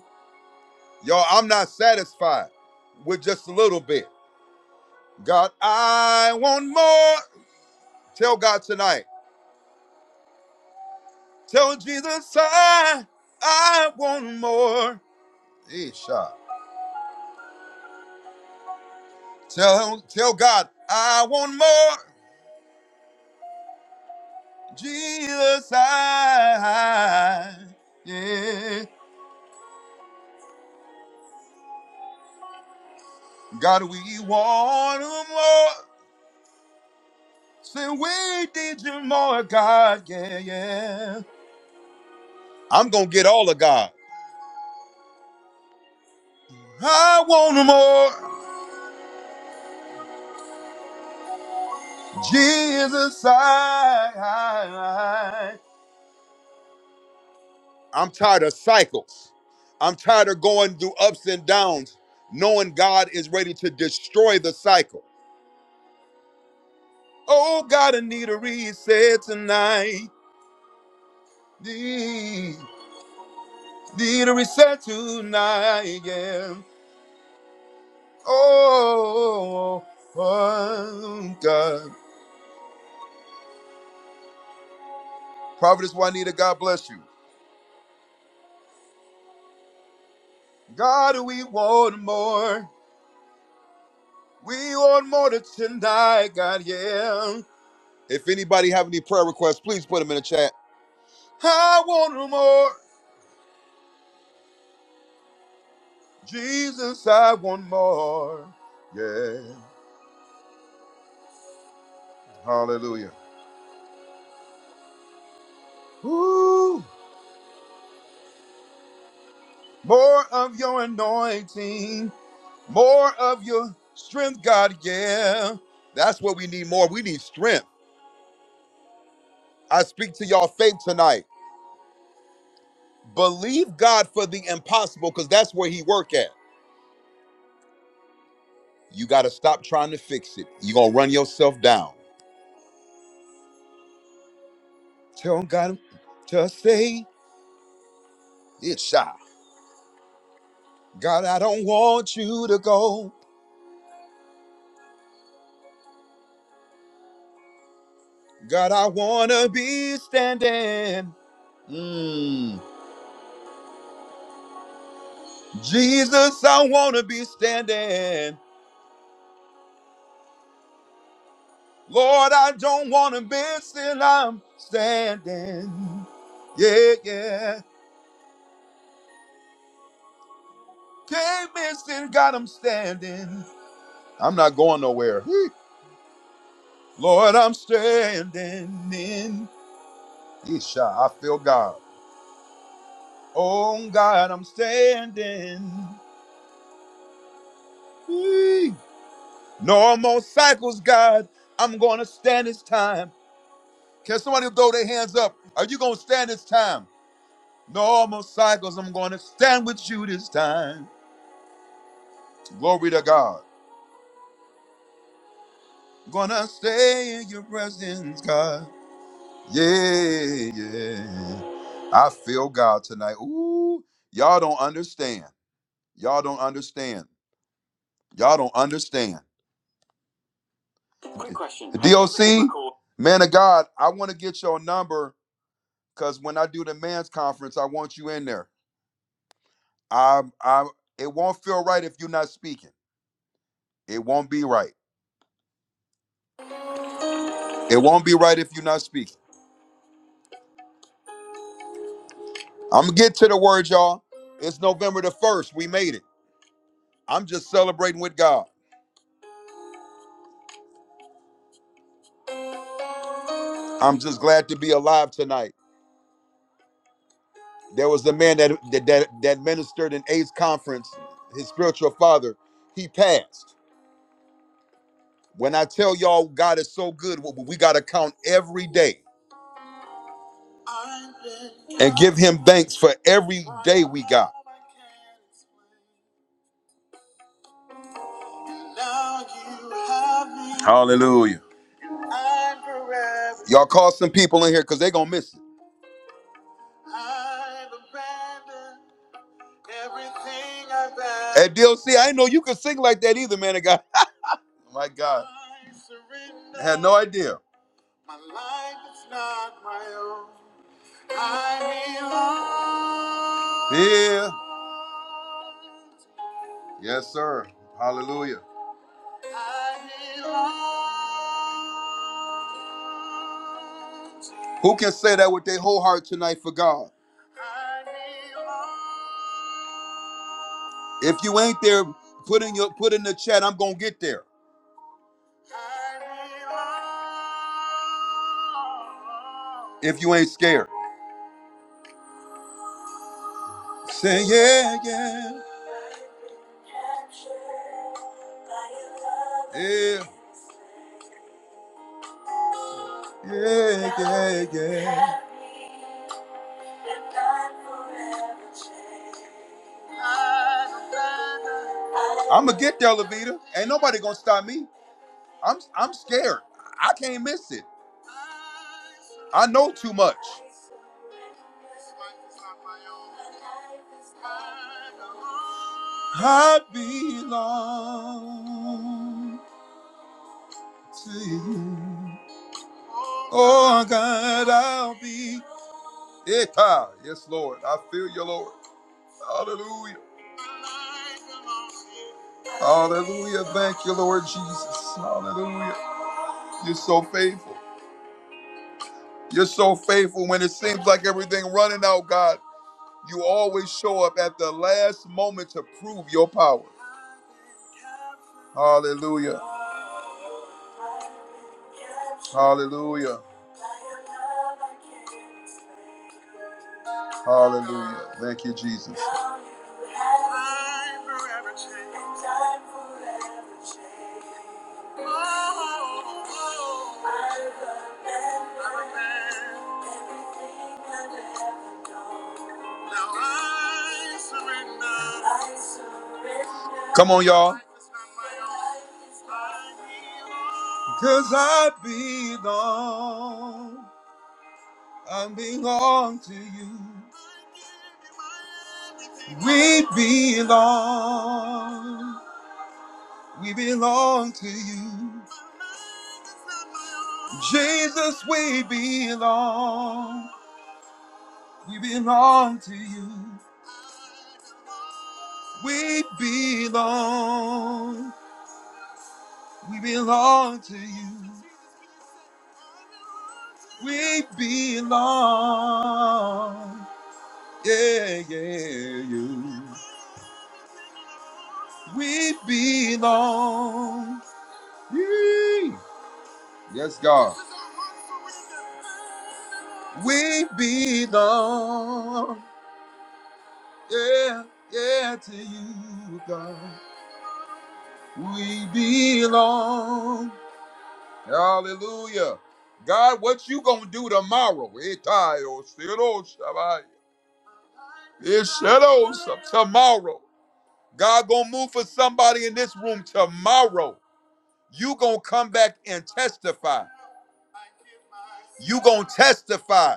Speaker 1: Y'all, I'm not satisfied with just a little bit. God, I want more. Tell God tonight. Tell Jesus, I, I want more. Isha. Tell, tell God, I want more. Jesus, I, yeah. God, we want him more. Say, we need you more, God, yeah, yeah. I'm going to get all of God. I want him more. Jesus, I, I. I'm tired of cycles. I'm tired of going through ups and downs, knowing God is ready to destroy the cycle. Oh, God, I need a reset tonight. Need a reset tonight, yeah. Oh, oh, God. Providence Juanita, God bless you. God, we want more. We want more to tonight, God, yeah. If anybody have any prayer requests, please put them in the chat. I want more. Jesus, I want more. Yeah. Hallelujah. Ooh, more of your anointing. More of your strength, God. Yeah. That's what we need more. We need strength. I speak to y'all faith tonight. Believe God for the impossible because that's where he work at. You got to stop trying to fix it. You're going to run yourself down. Tell God to say it, shy. God, I don't want you to go. God, I want to be standing. Mm. Jesus, I want to be standing. Lord, I don't want to miss till I'm standing. Yeah, yeah. Can't miss till God, I'm standing. I'm not going nowhere. Lord, I'm standing in. Isha, I feel God. Oh, God, I'm standing. Whee! No more cycles, God. I'm going to stand this time. Can somebody throw their hands up? Are you going to stand this time? No more cycles. I'm going to stand with you this time. Glory to God. Gonna stay in your presence, God. Yeah, yeah. I feel God tonight. Ooh, y'all don't understand. Y'all don't understand. Y'all don't understand. Man of God, I want to get your number because when I do the man's conference, I want you in there. I, I, it won't feel right if you're not speaking. It won't be right. It won't be right if you're not speaking. I'm gonna get to the word, y'all. It's November the first. We made it. I'm just celebrating with God. I'm just glad to be alive tonight. There was a man that that that, ministered in AIDS conference. His spiritual father, he passed. When I tell y'all, God is so good. We we gotta count every day and give Him thanks for every day we got. Hallelujah. Y'all call some people in here because they gonna miss it. At DLC, I didn't know you could sing like that either, man. of God. My God. I had no idea. My life is not my own. I belong. Yeah. Yes, sir. Hallelujah. I belong. Who can say that with their whole heart tonight for God? I belong. If you ain't there, put in your put in the chat. I'm gonna get there. I belong. If you ain't scared, say yeah, yeah. Yeah, yeah, yeah, yeah. I'm gonna get there, Levita. Ain't nobody gonna stop me. I'm I'm scared. I can't miss it. I know too much. I belong to you. Oh God, I'll be. Yeah, yes, Lord. I feel you, Lord. Hallelujah. Hallelujah. Thank you, Lord Jesus. Hallelujah. You're so faithful. You're so faithful when it seems like everything running out, God. You always show up at the last moment to prove your power. Hallelujah. Hallelujah. Hallelujah. Thank you, Jesus. Come on, y'all. Cause I belong. I belong to you. We belong. We belong to you. Jesus, we belong. We belong to you. We belong. We belong to you. We belong. Yeah, yeah, you. We belong. Yeah. Yes, God. We belong. Yeah, yeah, to you, God. We belong. Hallelujah. God, what you gonna do tomorrow? Itayo, siro, shabai. Ishero, Tomorrow. God gonna move for somebody in this room tomorrow. you gonna come back and testify you gonna testify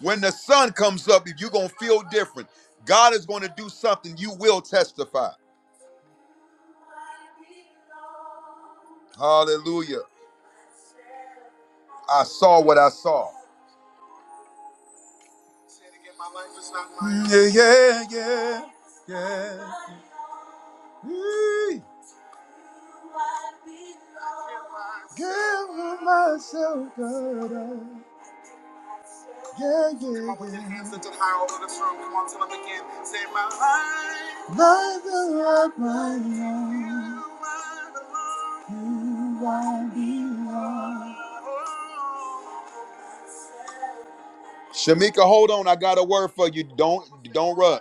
Speaker 1: when the sun comes up If you gonna feel different god is gonna do something you will testify hallelujah i saw what i saw Say it again, my life is not mine. yeah yeah yeah yeah Eee. Give myself, God. Yeah, yeah, Come on, put your hands yeah. lifted high over this room. Come on, tell them again. Say, my life, Life is right right now. You I belong. Shamika, hold on. I got a word for you. Don't don't rush.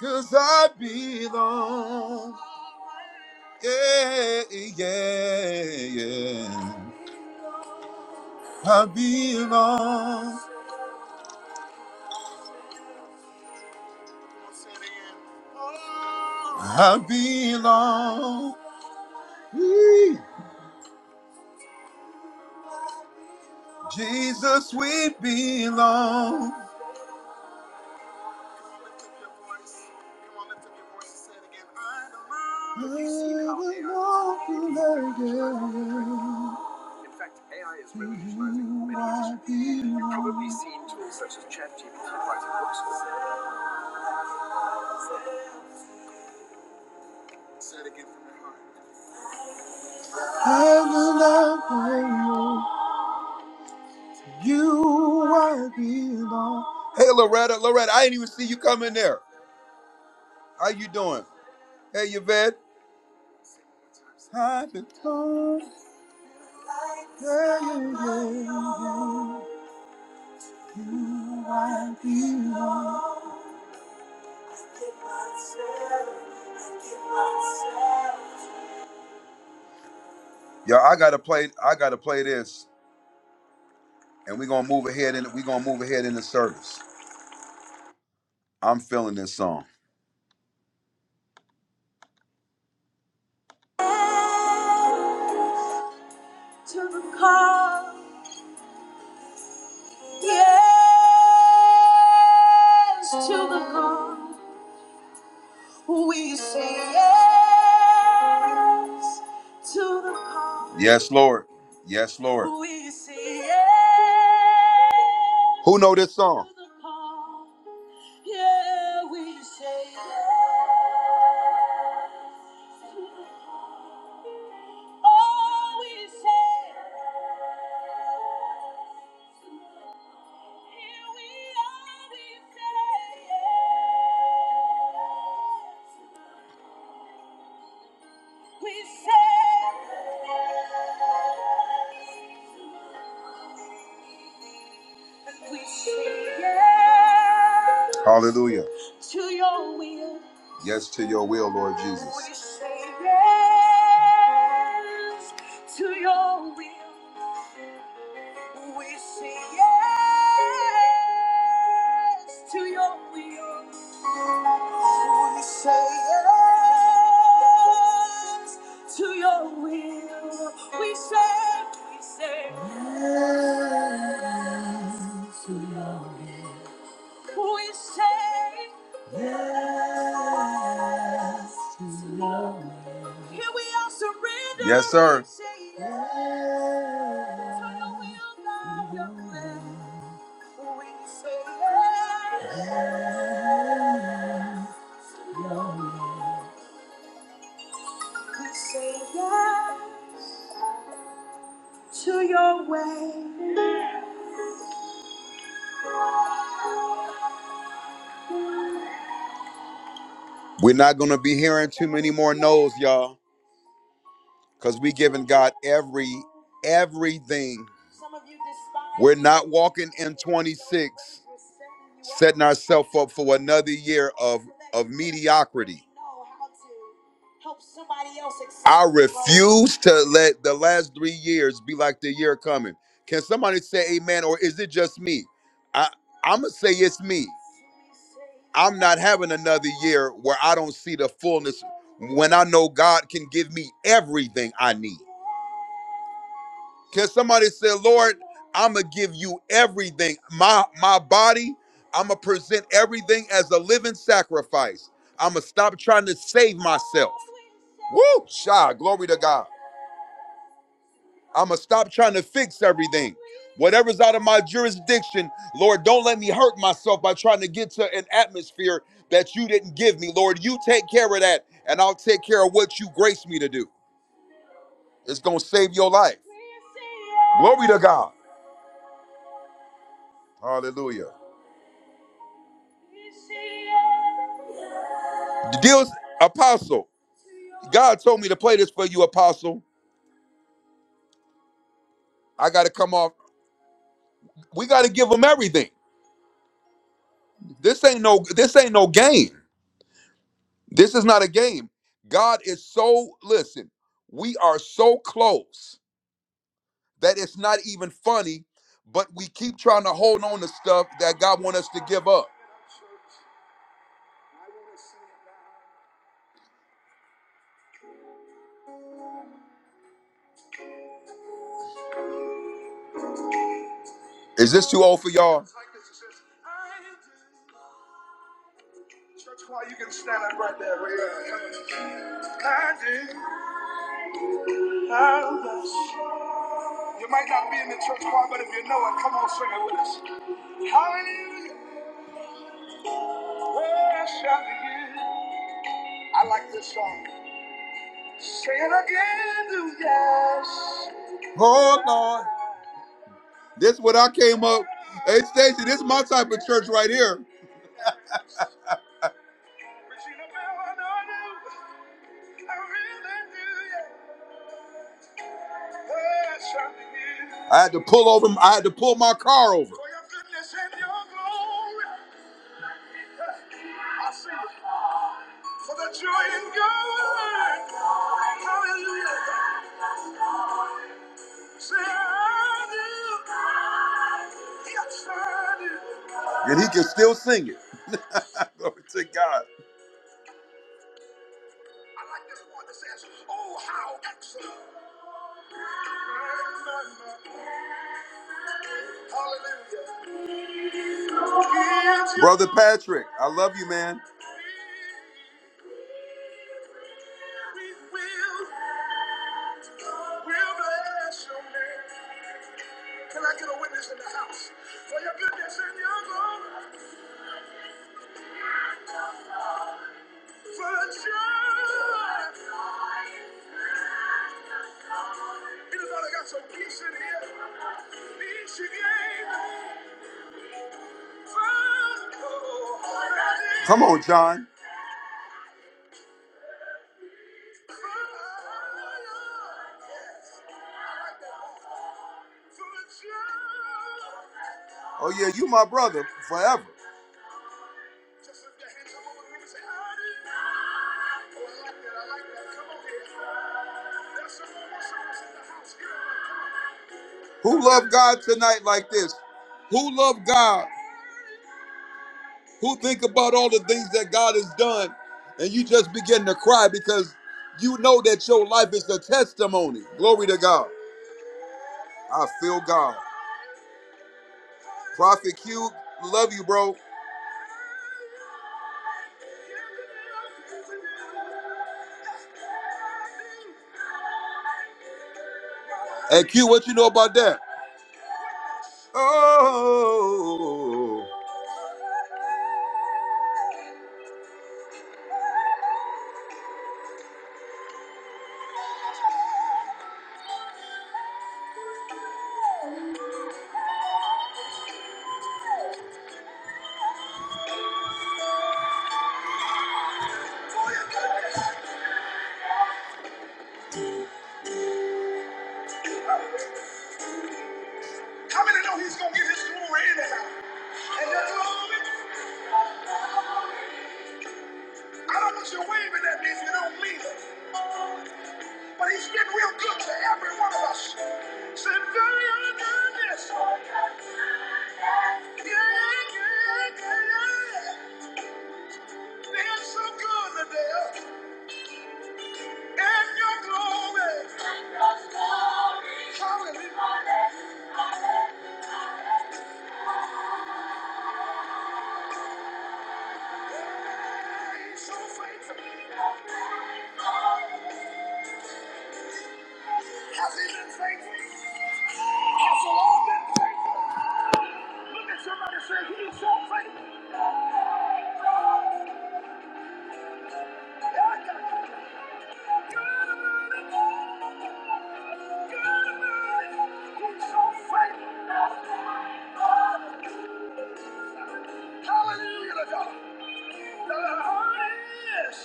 Speaker 1: Cause I belong. Yeah, yeah, yeah. I belong. I belong. Yee. Jesus, we belong. I belong to you. I belong. I belong. You I belong. Hey Loretta, Loretta, I didn't even see you come in there. How you doing? Hey Yvette. Time to come. Yo, I gotta play. I gotta play this, and we gonna move ahead. And we gonna move ahead in the service. I'm feeling this song. To the call, yes. To the call, we say yes. To the call, yes, Lord. Yes, Lord. We say yes. Who know this song? To the call, yeah, we say yes. Oh, we say, here we are, we say, we say, we say, yeah. Hallelujah. To your will. Yes, to your will, Lord Jesus. We say yes to your will. We say yes to your will. We say yes to your will. We say, we say, yes. we say, here we are surrendered. Yes, sir. We say yes to your will, not your plan. We say yes. We say yes to your way. We're not gonna be hearing too many more no's, y'all, because we giving God every everything. We're not walking in 26, setting ourselves up for another year of of mediocrity. I refuse to let the last three years be like the year coming. Can somebody say amen, or is it just me? I I'm gonna say it's me. I'm not having another year where I don't see the fullness when I know God can give me everything I need. Can somebody say, Lord, I'm gonna give you everything. My my body, I'm gonna present everything as a living sacrifice. I'm gonna stop trying to save myself. Woo! Shy, glory to God. I'm going to stop trying to fix everything. Whatever's out of my jurisdiction, Lord, don't let me hurt myself by trying to get to an atmosphere that you didn't give me. Lord, you take care of that, and I'll take care of what you grace me to do. It's going to save your life. Glory to God. Hallelujah. The deal's apostle. God told me to play this for you, apostle. I got to come off. We got to give them everything. This ain't no this ain't no game. This is not a game. God is so, listen, we are so close that it's not even funny, but we keep trying to hold on to stuff that God wants us to give up. Is this too old for y'all? Church choir, you can stand up right there. right there. I did, I You might not be in the church choir, but if you know it, come on, sing it with us. Hallelujah. Where shall we I like this song. Say it again, do yes. Oh Lord, this is what I came up. Hey Stacy, this is my type of church right here. I had to pull over. I had to pull my car over. For your goodness and your glory, I sing for the joy in God. Hallelujah. And he can still sing it. Glory to God. I like this one that says, Oh, how excellent. Hallelujah. Brother Patrick, I love you, man. We will, will bless your name. Can I get a witness in the house? For your goodness and your glory, for the joy. Anybody got some peace in here? Peace you gave me first. Oh, Come on, John. Oh, yeah, you my brother forever. Who love God tonight like this? Who love God? Who think about all the things that God has done and you just begin to cry because you know that your life is a testimony. Glory to God. I feel God. Prophet Q, love you, bro. Hey Q, what you know about that? Oh. How many know he's gonna get his glory anyhow? And your glory, I don't want you waving at me if you don't mean it. But he's been real good to every one of us. Say, very honest. Yeah, yeah, yeah, yeah. Been so good to And your glory. Hallelujah. So faithful. I've been faithful. I've so long been faithful. Look at somebody and say, He's so faithful. God Almighty, He's so faithful. Hallelujah to God. The Lord is.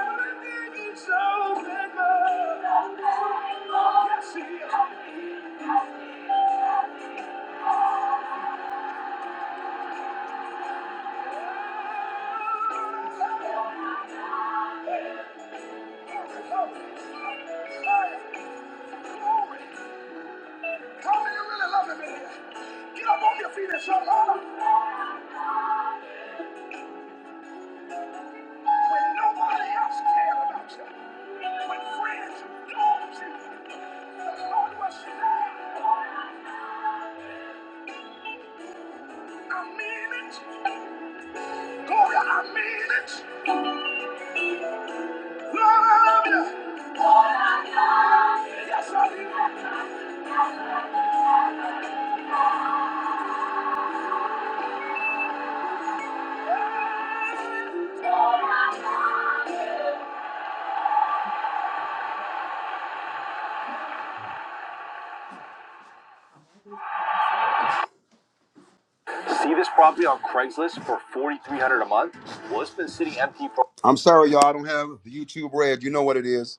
Speaker 1: Everything He's so faithful. Yes, He is. Hey, glory. Hey, glory. How do you really love him in here? Get up on your feet and say, Lord, when nobody else cared about you, when friends and dogs and the Lord was there, I mean it. Gloria, I mean it. Lord, I love you. Lord, I love you. Yes, I do. I'm sorry, y'all. I don't have the YouTube red. You know what it is.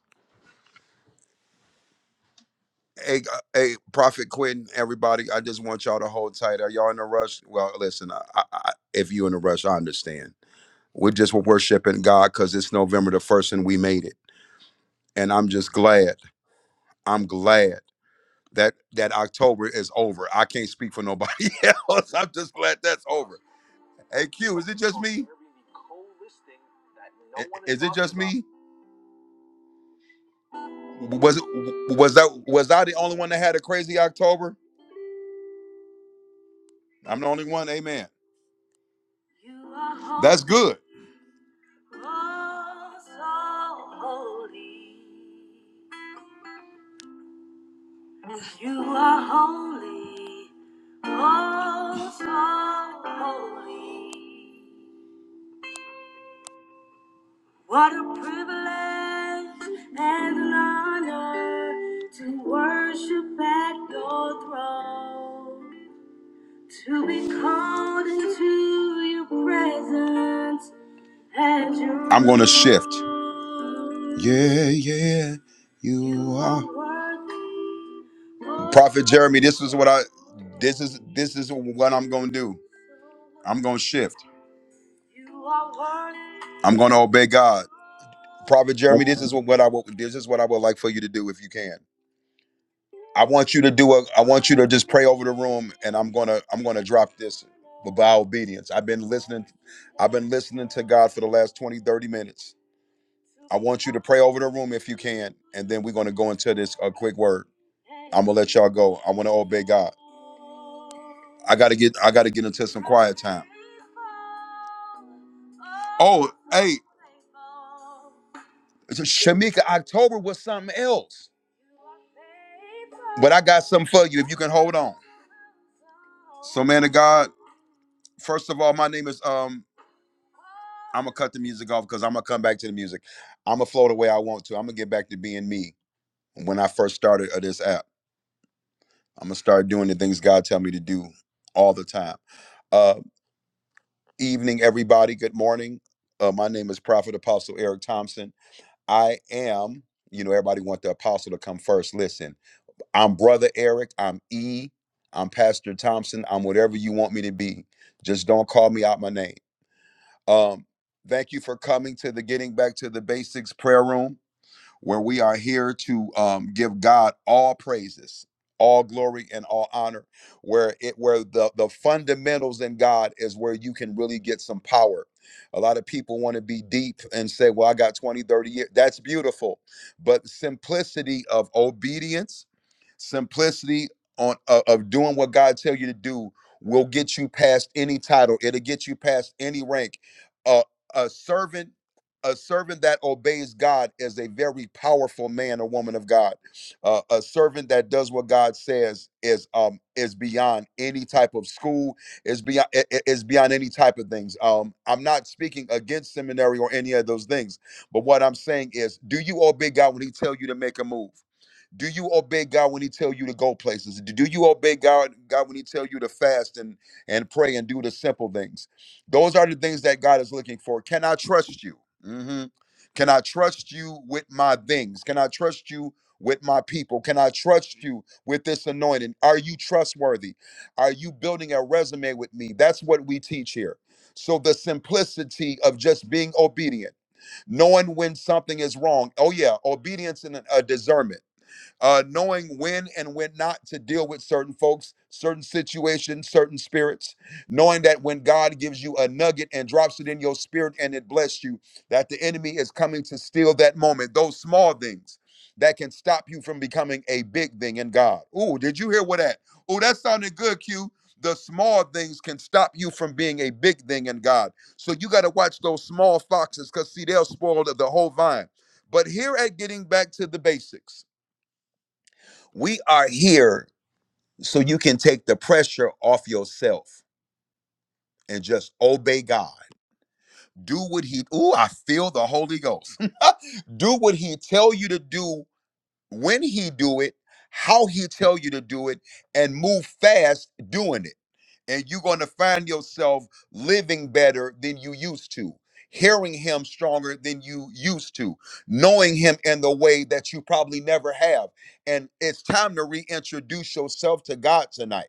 Speaker 1: Hey, uh, hey, Prophet Quinn, everybody. I just want y'all to hold tight. Are y'all in a rush? Well, listen. I, I, I- if you in a rush, I understand. We just were worshiping God because it's November the first and we made it. And I'm just glad. I'm glad that that October is over. I can't speak for nobody else. I'm just glad that's over. Hey Q, is it just me? Was it was that was I the only one that had a crazy October? I'm the only one. Amen. You are holy. That's good. Oh, so holy. You are holy, oh so holy. What a privilege and an honor to worship at your throne, to be called into your presence as your I'm going to shift. Yeah, yeah, you, are. Prophet Jeremy, this is what I. This is this is what I'm going to do. I'm going to shift. I'm going to obey God. Prophet
Speaker 2: That's
Speaker 1: Jeremy, this is
Speaker 2: fine.
Speaker 1: what I will. this is what I would like for you to do if you can. I want you to do a. I want you to just pray over the room, and I'm gonna. I'm gonna drop this. But by obedience, I've been listening. I've been listening to God for the last 20, 30 minutes. I want you to pray over the room if you can, and then we're gonna go into this a quick word. I'm gonna let y'all go. I want to obey God. I gotta get. I gotta get into some quiet time. Oh, hey, so Shamika, October was something else, but I got something for you if you can hold on. So, man of God, first of all, my name is um. I'm gonna cut the music off because I'm gonna come back to the music. I'm gonna flow the way I want to. I'm gonna get back to being me. When I first started uh, this app, I'm gonna start doing the things God tell me to do all the time. Uh, evening, everybody. Good morning. Uh, my name is Prophet Apostle Eric Thompson. I am. You know, everybody want the apostle to come first. Listen, I'm Brother Eric. I'm E. I'm Pastor Thompson. I'm whatever you want me to be. Just don't call me out my name. Um, thank you for coming to the Getting Back to the Basics prayer room. where we are here to um, give God all praises, all glory, and all honor. Where it where the the fundamentals in God is where you can really get some power. A lot of people want to be deep and say, "Well, I got 20, 30 years." That's beautiful, but simplicity of obedience simplicity on uh, of doing what God tell you to do will get you past any title. It'll get you past any rank. Uh, a servant a servant that obeys God is a very powerful man or woman of God. Uh, a servant that does what God says is um is beyond any type of school, is beyond is beyond any type of things. Um, I'm not speaking against seminary or any of those things, but what I'm saying is, do you obey God when He tells you to make a move? do you obey God when He tell you to go places? Do you obey God God when He tell you to fast and and pray and do the simple things? Those are the things that God is looking for. Can I trust you? Mhm. Can I trust you with my things? Can I trust you with my people? Can I trust you with this anointing? Are you trustworthy? Are you building a resume with me? That's what we teach here. So the simplicity of just being obedient, knowing when something is wrong. Oh yeah, obedience and a discernment uh, knowing when and when not to deal with certain folks, certain situations, certain spirits, knowing that when God gives you a nugget and drops it in your spirit and it bless you, that the enemy is coming to steal that moment, those small things that can stop you from becoming a big thing in God. Ooh, did you hear what that? Ooh, that sounded good, Q. The small things can stop you from being a big thing in God. So you got to watch those small foxes because, see, they'll spoil the the whole vine. But here at Getting Back to the Basics, we are here so you can take the pressure off yourself and just obey God. Do what he Ooh, I feel the Holy Ghost. do what he tell you to do when he do it, how he tell you to do it, and move fast doing it. And you're going to find yourself living better than you used to, hearing him stronger than you used to, knowing him in the way that you probably never have. And it's time to reintroduce yourself to God tonight.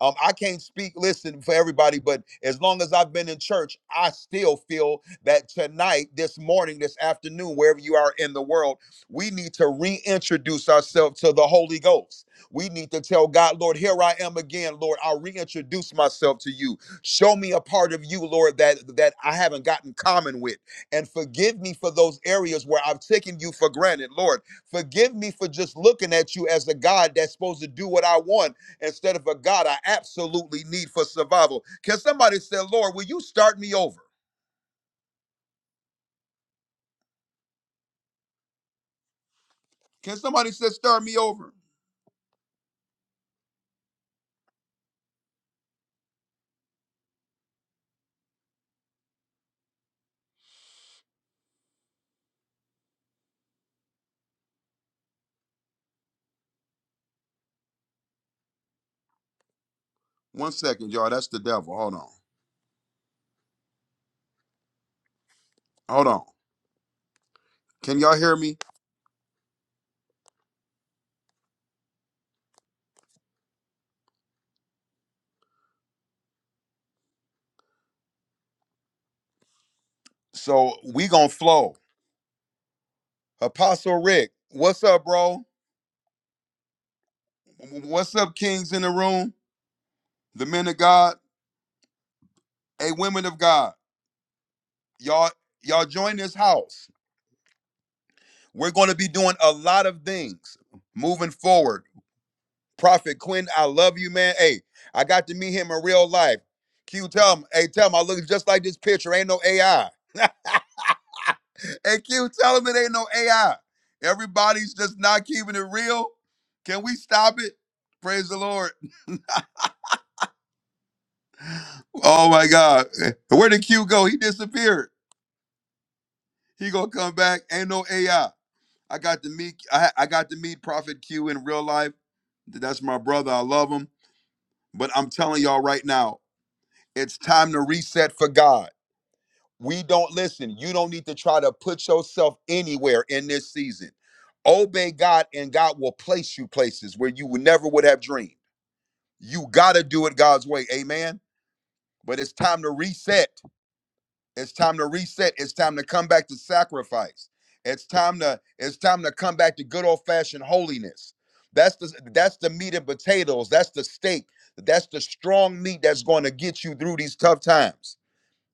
Speaker 1: Um, I can't speak, listen, for everybody, but as long as I've been in church, I still feel that tonight, this morning, this afternoon, wherever you are in the world, we need to reintroduce ourselves to the Holy Ghost. We need to tell God, Lord, here I am again, Lord. I'll reintroduce myself to you. Show me a part of you, Lord, that that I haven't gotten common with. And forgive me for those areas where I've taken you for granted, Lord. Forgive me for just looking at you as a God that's supposed to do what I want instead of a God I absolutely need for survival. Can somebody say, Lord, will you start me over? Can somebody say, start me over? One second, y'all. That's the devil. Hold on. Hold on. Can y'all hear me? So we gonna flow. Apostle Rick, what's up, bro? What's up, kings in the room? The men of God, hey, women of God, y'all, y'all join this house. We're gonna be doing a lot of things moving forward. Prophet Quinn, I love you, man. Hey, I got to meet him in real life. Q, tell him, hey, tell him I look just like this picture. Ain't no AI. And Q, tell them it ain't no AI. Everybody's just not keeping it real. Can we stop it? Praise the Lord. Oh my God. Where did Q go? He disappeared. He gonna come back. Ain't no AI. I I got to meet I, I got to meet Prophet Q in real life. That's my brother. I love him. But I'm telling y'all right now, it's time to reset for God. We don't listen. You don't need to try to put yourself anywhere in this season. Obey God, and God will place you places where you would never would have dreamed. You gotta do it God's way, Amen. But it's time to reset. It's time to reset. It's time to come back to sacrifice. It's time to it's time to come back to good old fashioned holiness. That's the that's the meat and potatoes. That's the steak. That's the strong meat that's going to get you through these tough times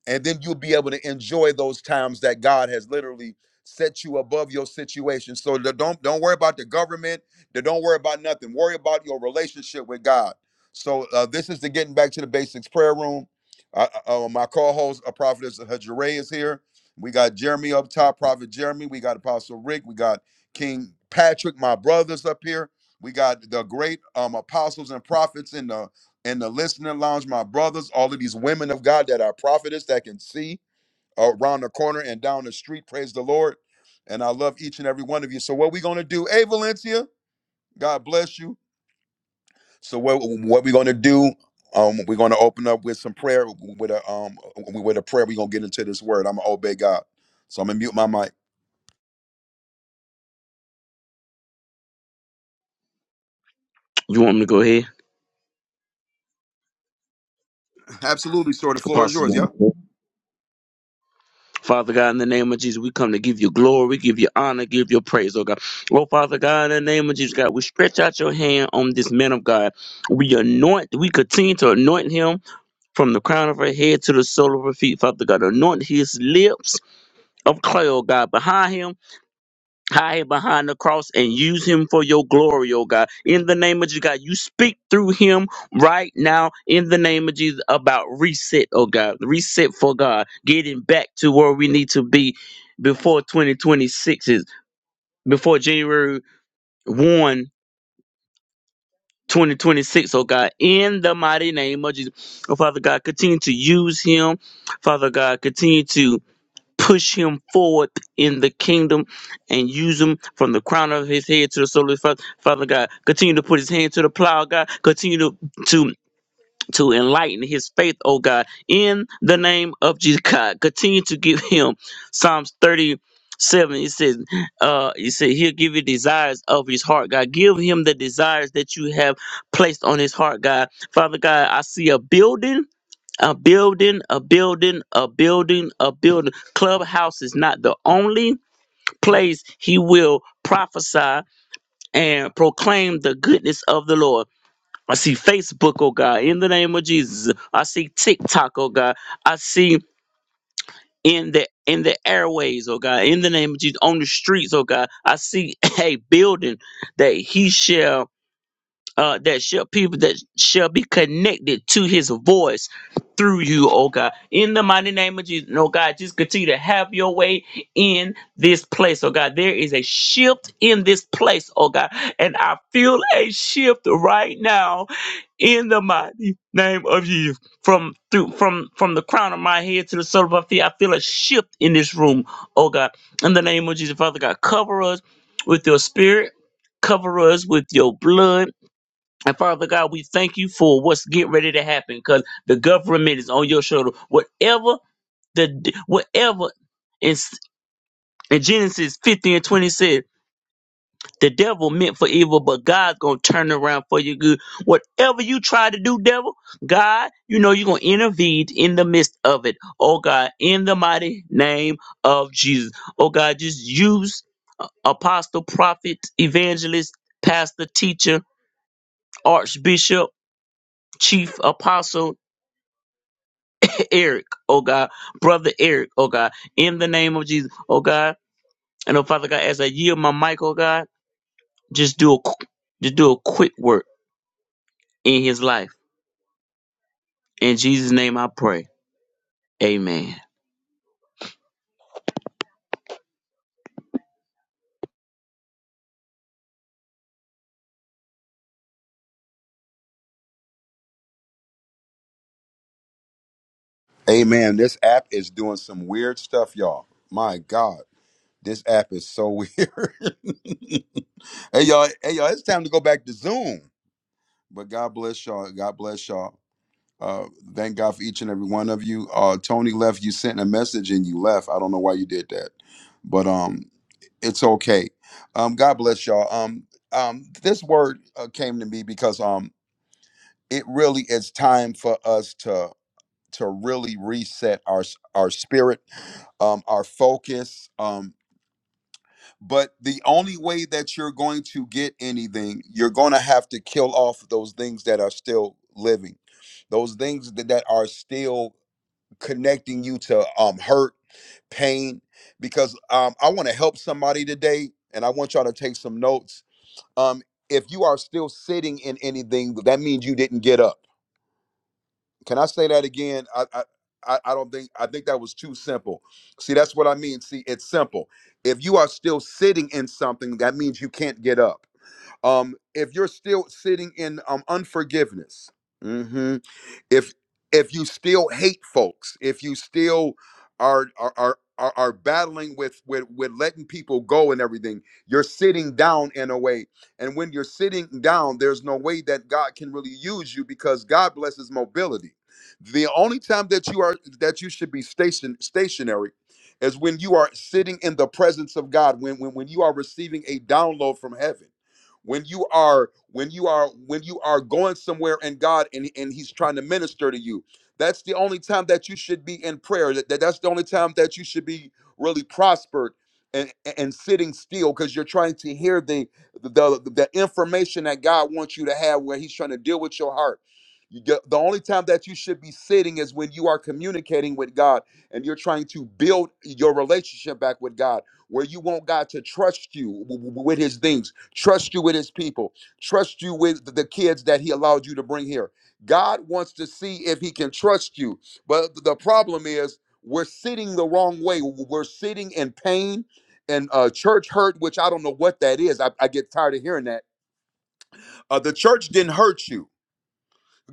Speaker 1: and then you'll be able to enjoy those times that God has literally set you above your situation. So the- don't don't worry about the government. the- Don't worry about nothing. Worry about your relationship with God. So uh, this is the getting back to the basics prayer room. Uh, uh, uh, my co-host, a prophet is Hajire is here. We got Jeremy up top, Prophet Jeremy. We got Apostle Rick. We got King Patrick, my brothers up here. We got the great um, apostles and prophets in the in the listening lounge, my brothers, all of these women of God that are prophetess that can see around the corner and down the street. Praise the Lord. And I love each and every one of you. So what we going to do, hey Valencia, God bless you. So what what we going to do, um, we're going to open up with some prayer with a um with a prayer. We're going to get into this word. I'm going to obey God. So I'm going to mute my mic.
Speaker 2: You want me to go ahead?
Speaker 1: Absolutely, sir. The floor is
Speaker 2: Apostle. you
Speaker 1: yours.
Speaker 2: want me
Speaker 1: Yep.
Speaker 2: to go ahead? Father God, in the name of Jesus, we come to give you glory, give you honor, give you praise, oh God. Oh, Father God, in the name of Jesus, God, we stretch out your hand on this man of God. We anoint, we continue to anoint him from the crown of her head to the sole of her feet, Father God. Anoint his lips of clay, oh God, behind him. hide him behind the cross and use him for your glory, oh God. In the name of Jesus, God, you speak through him right now in the name of Jesus about reset, oh God. Reset for God, getting back to where we need to be before 2026 is before January 1. 2026, oh God, in the mighty name of Jesus. Oh Father God, continue to use him. Father God, continue to push him forward in the kingdom and use him from the crown of his head to the sole of his father, father God. Continue to put his hand to the plow, God. Continue to to to enlighten his faith, oh God, in the name of Jesus God. Continue to give him Psalms 37. He says, uh, he said, He'll give you desires of his heart, God. Give him the desires that you have placed on his heart, God. Father God, I see a building a building, a building, a building, a building. Clubhouse is not the only place he will prophesy and proclaim the goodness of the Lord. I see Facebook, oh God, in the name of Jesus. I see TikTok, oh God. I see in the in the airways, oh God, in the name of Jesus, on the streets, oh God. I see a building that he shall uh, that shall people that shall be connected to his voice through you, oh God. In the mighty name of Jesus, oh God, just continue to have your way in this place, oh God. There is a shift in this place, oh God. And I feel a shift right now in the mighty name of Jesus. From through from from the crown of my head to the sole of my feet, I feel a shift in this room, oh God. In the name of Jesus, Father God, cover us with your spirit, cover us with your blood and Father God, we thank you for what's getting ready to happen because the government is on your shoulder. Whatever the whatever in, in Genesis 50 and 20 said, the devil meant for evil, but God's gonna turn around for your good. Whatever you try to do, devil, God, you know you're gonna intervene in the midst of it. Oh God, in the mighty name of Jesus. Oh God, just use uh, apostle, prophet, evangelist, pastor, teacher, archbishop, chief apostle Eric, oh God, brother Eric, oh God, in the name of Jesus, oh God. And oh Father God, as I yield my mic, oh God, just do a qu- just do a quick work in his life. In Jesus' name I pray. Amen.
Speaker 1: Amen. This app is doing some weird stuff, y'all. My God. This app is so weird. hey y'all, hey y'all, it's time to go back to Zoom. But God bless y'all. God bless y'all. Uh, thank God for each and every one of you. Uh, Tony left. You sent a message and you left. I don't know why you did that, but um, it's okay. Um, God bless y'all. Um, um, this word uh, came to me because um, it really is time for us to to really reset our s- our spirit, um, our focus. um. but the only way that you're going to get anything you're going to have to kill off those things that are still living those things that, that are still connecting you to um hurt pain because um i want to help somebody today and i want y'all to take some notes um if you are still sitting in anything that means you didn't get up can I say that again? I, I I I don't think I think that was too simple. See, that's what I mean. See, it's simple. If you are still sitting in something, that means you can't get up. Um, if you're still sitting in um unforgiveness, mhm, if if you still hate folks if you still are are are are are battling with, with with letting people go and everything you're sitting down in a way and when you're sitting down there's no way that god can really use you because god blesses mobility the only time that you are that you should be station stationary is when you are sitting in the presence of god when when, when you are receiving a download from heaven when you are when you are when you are going somewhere and god and, and he's trying to minister to you that's the only time that you should be in prayer that, that- that's the only time that you should be really prospered and and sitting still because you're trying to hear the, the the information that god wants you to have where he's trying to deal with your heart you get, the only time that you should be sitting is when you are communicating with god and you're trying to build your relationship back with god where you want god to trust you w- w- with his things trust you with his people, trust you with the kids that he allowed you to bring here. God wants to see if he can trust you. But the problem is, we're sitting the wrong way. We're sitting in pain and uh, church hurt, which I don't know what that is. I, I get tired of hearing that. Uh, the church didn't hurt you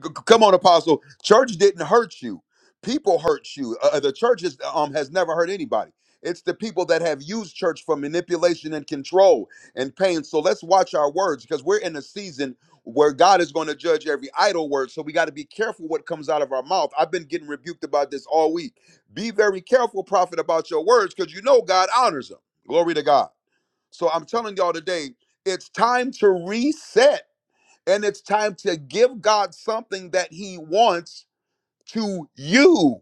Speaker 1: C- c- Come on, Apostle. Church didn't hurt you. People hurt you. Uh, uh, the church is, um, has never hurt anybody. It's the people that have used church for manipulation and control and pain. So let's watch our words because we're in a season where God is going to judge every idle word. So we got to be careful what comes out of our mouth. I've been getting rebuked about this all week. Be very careful, prophet, about your words because you know God honors them. Glory to God. So I'm telling y'all today, it's time to reset and it's time to give God something that He wants to you.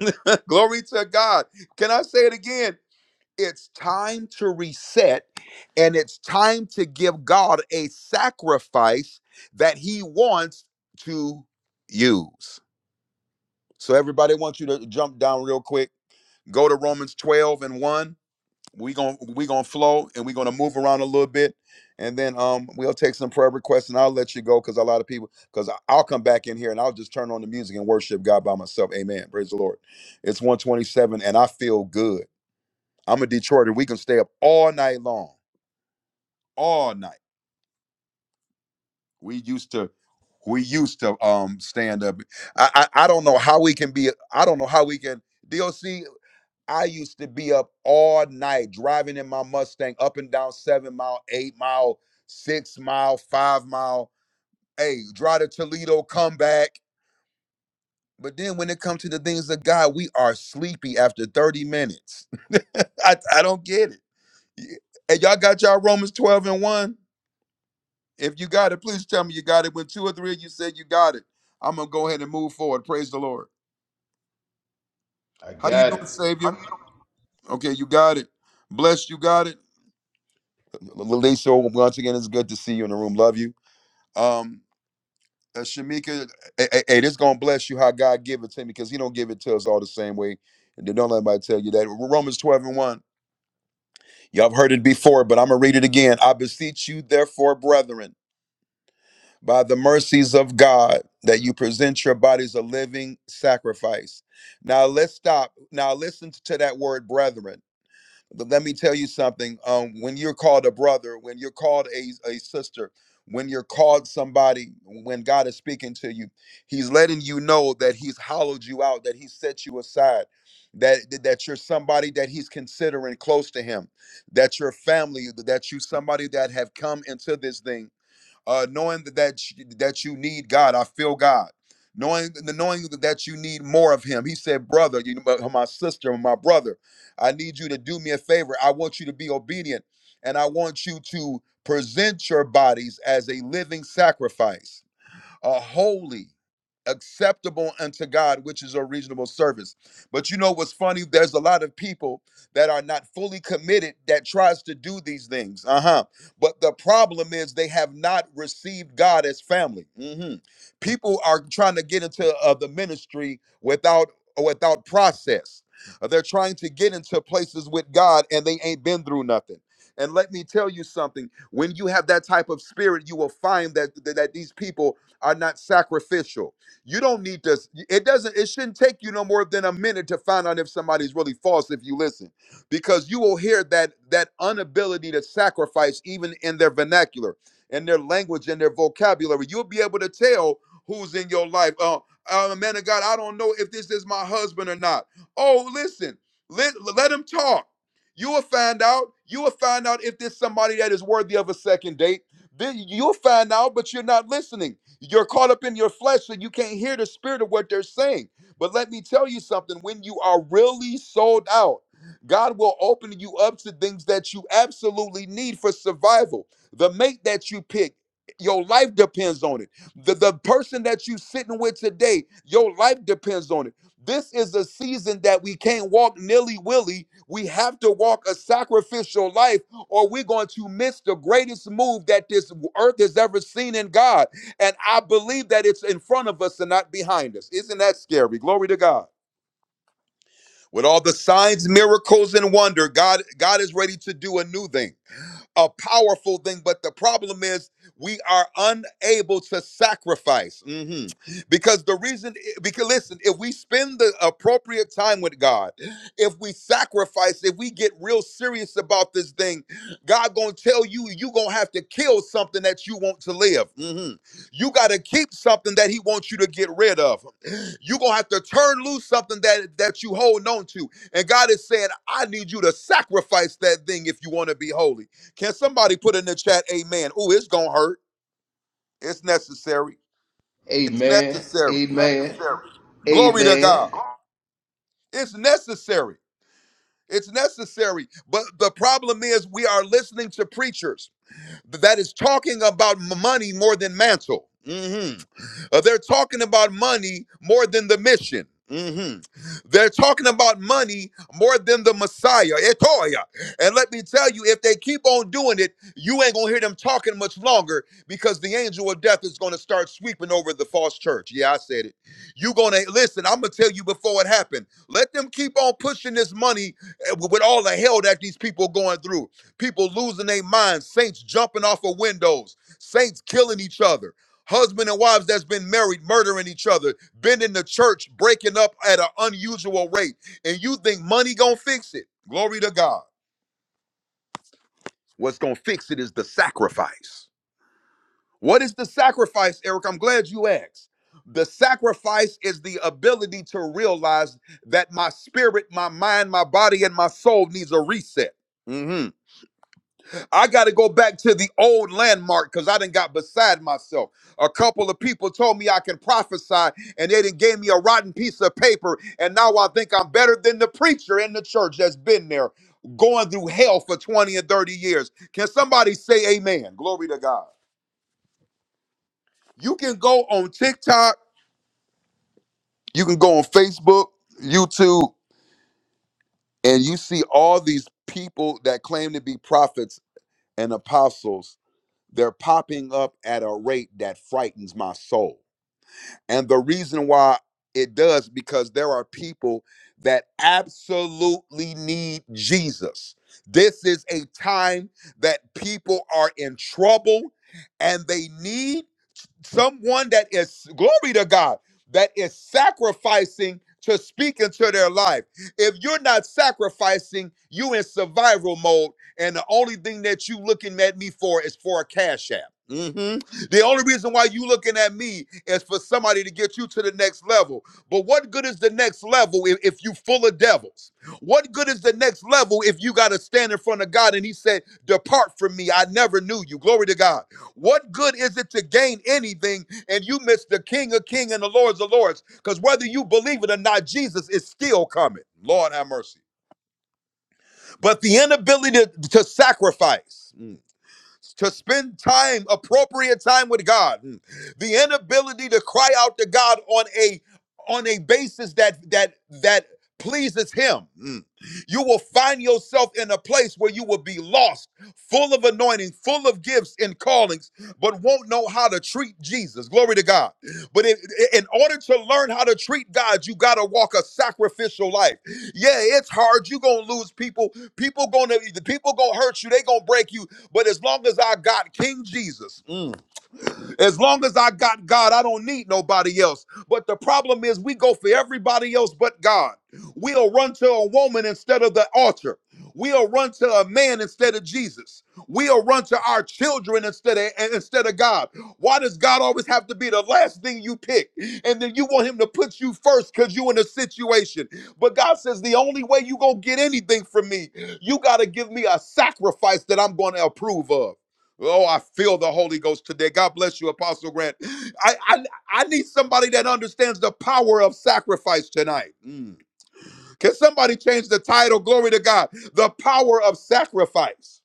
Speaker 1: Glory to God. Can I say it again? It's time to reset and it's time to give God a sacrifice that He wants to use. So, everybody, I want you to jump down real quick. Go to Romans 12 and 1 we going we gonna flow and we're gonna move around a little bit and then um we'll take some prayer requests and i'll let you go because a lot of people because i'll come back in here and i'll just turn on the music and worship god by myself amen praise the lord it's 127 and i feel good i'm a detroiter we can stay up all night long all night we used to we used to um stand up i i, I don't know how we can be i don't know how we can doc I used to be up all night driving in my Mustang up and down seven mile, eight mile, six mile, five mile. Hey, drive to Toledo, come back. But then when it comes to the things of God, we are sleepy after 30 minutes. I, I don't get it. Y- And y'all got y'all Romans 12 and 1? If you got it, please tell me you got it. When two or three of you said you got it, I'm gonna go ahead and move forward. Praise the Lord.
Speaker 3: I
Speaker 1: How you
Speaker 3: got
Speaker 1: doing,
Speaker 3: it. How
Speaker 1: Savior? Okay, you got it. Blessed, you got it. Laliso, once again, it's good to see you in the room. Love you. Um, uh, Shamika, hey, hey, hey, this gonna bless you how God give it to me because He don't give it to us all the same way. And don't let anybody tell you that. Romans 12 and 1. Y'all have heard it before, but I'm gonna read it again. I beseech you, therefore, brethren, by the mercies of God, that you present your bodies a living sacrifice. Now let's stop. Now listen to that word, brethren. But let me tell you something. Um, when you're called a brother, when you're called a, a sister, when you're called somebody, when God is speaking to you, He's letting you know that He's hollowed you out, that He set you aside, that that you're somebody that He's considering close to Him, that you're family, that you somebody that have come into this thing uh, knowing that that that you need God. I feel God. Knowing the knowing that you need more of Him. He said, "Brother, you know, my my sister, my brother, I need you to do me a favor. I want you to be obedient, and I want you to present your bodies as a living sacrifice." are holy, acceptable unto God, which is a reasonable service. But you know what's funny? There's a lot of people that are not fully committed that tries to do these things. Uh-huh. But the problem is they have not received God as family. Mhm. People are trying to get into uh, the ministry without without process. Uh, They're trying to get into places with God and they ain't been through nothing. And let me tell you something, when you have that type of spirit, you will find that that that these people are not sacrificial. You don't need to, it doesn't, it shouldn't take you no more than a minute to find out if somebody's really false if you listen, because you will hear that that inability to sacrifice even in their vernacular, in their language, in their vocabulary. You'll be able to tell who's in your life. Uh, uh man of God, I don't know if this is my husband or not. Oh, listen, let, let him talk. You will find out. You will find out if there's somebody that is worthy of a second date. Then you'll find out, but you're not listening. You're caught up in your flesh, so you can't hear the spirit of what they're saying. But let me tell you something when you are really sold out, God will open you up to things that you absolutely need for survival. The mate that you pick, your life depends on it. The, the person that you're sitting with today, your life depends on it. This is a season that we can't walk nilly willy. We have to walk a sacrificial life, or we're going to miss the greatest move that this earth has ever seen in God. And I believe that it's in front of us and not behind us. Isn't that scary? Glory to God. With all the signs, miracles, and wonder, God, God is ready to do a new thing, a powerful thing. But the problem is we are unable to sacrifice. Mhm. Because the reason, eh, because listen, if we spend the appropriate time with God, if we sacrifice, if we get real serious about this thing, God gonna tell you you gonna have to kill something that you want to live. Mhm. You gotta keep something that He wants you to get rid of. You're gonna have to turn loose something that that you hold on to. And God is saying, I need you to sacrifice that thing if you want to be holy. Can somebody put in the chat, amen? Oh, it's gonna hurt. It's necessary.
Speaker 3: you doing?
Speaker 1: It's
Speaker 3: Amen.
Speaker 1: necessary.
Speaker 3: Amen.
Speaker 1: Glory to
Speaker 3: Amen.
Speaker 1: God. It's necessary. It's necessary. But the problem is we are listening to preachers. that is talking about money more than mantle. Mhm. Uh, they're talking about money more than the mission. Mhm. They're talking about money more than the Messiah, Etoya. And let me tell you, if they keep on doing it, you ain't gonna hear them talking much longer because the angel of death is gonna start sweeping over the false church. Yeah, I said it. You gonna listen? I'm gonna tell you before it happened. Let them keep on pushing this money uh, with all the hell that these people are going through people losing their minds, saints jumping off of windows, saints killing each other, husband and wives that's been married murdering each other, bending the church breaking up at an unusual rate, and you think money gonna fix it? Glory to God. What's gonna fix it is the sacrifice. What is the sacrifice, Eric? I'm glad you asked. The sacrifice is the ability to realize that my spirit, my mind, my body, and my soul needs a reset. Mhm. I got to go back to the old landmark because I didn't got beside myself. A couple of people told me I can prophesy, and they didn't gave me a rotten piece of paper, and now I think I'm better than the preacher in the church that's been there, going through hell for 20 and 30 years. Can somebody say amen? Glory to God. You can go on TikTok, you can go on Facebook, YouTube, and you see all these people that claim to be prophets and apostles They're popping up at a rate that frightens my soul. And the reason why it does because there are people that absolutely need Jesus. This is a time that people are in trouble and they need someone that is glory to God that is sacrificing to speak into their life. If you're not sacrificing, you in survival mode, and the only thing that you looking at me for is for a cash app. Mhm. The only reason why you looking at me is for somebody to get you to the next level. But what good is the next level if, if you full of devils? What good is the next level if you got to stand in front of God and He said, "Depart from me, I never knew you." Glory to God. What good is it to gain anything and you miss the King of Kings and the Lords of Lords? Because whether you believe it or not, Jesus is still coming. Lord have mercy. But the inability to, to sacrifice to spend time, appropriate time with God, Hmm. the inability to cry out to God on a on a basis that that that pleases him. Mm. You will find yourself in a place where you will be lost, full of anointing, full of gifts and callings, but won't know how to treat Jesus. Glory to God. But in, in order to learn how to treat God, you got to walk a sacrificial life. Yeah, it's hard. You're going to lose people. People going to the people going to hurt you. They going to break you but as long as I got King Jesus, mm, as long as I got God, I don't need nobody else. But the problem is, we go for everybody else but God. We'll run to a woman instead of the altar. We'll run to a man instead of Jesus. We'll run to our children instead of and instead of God. Why does God always have to be the last thing you pick? And then you want him to put you first because you in a situation. But God says the only way you gonna get anything from me, you gotta give me a sacrifice that I'm gonna approve of. Oh, I feel the Holy Ghost today. God bless you, Apostle Grant. I I, I need somebody that understands the power of sacrifice tonight. Mm. Can somebody change the title? Glory to God. The power of sacrifice.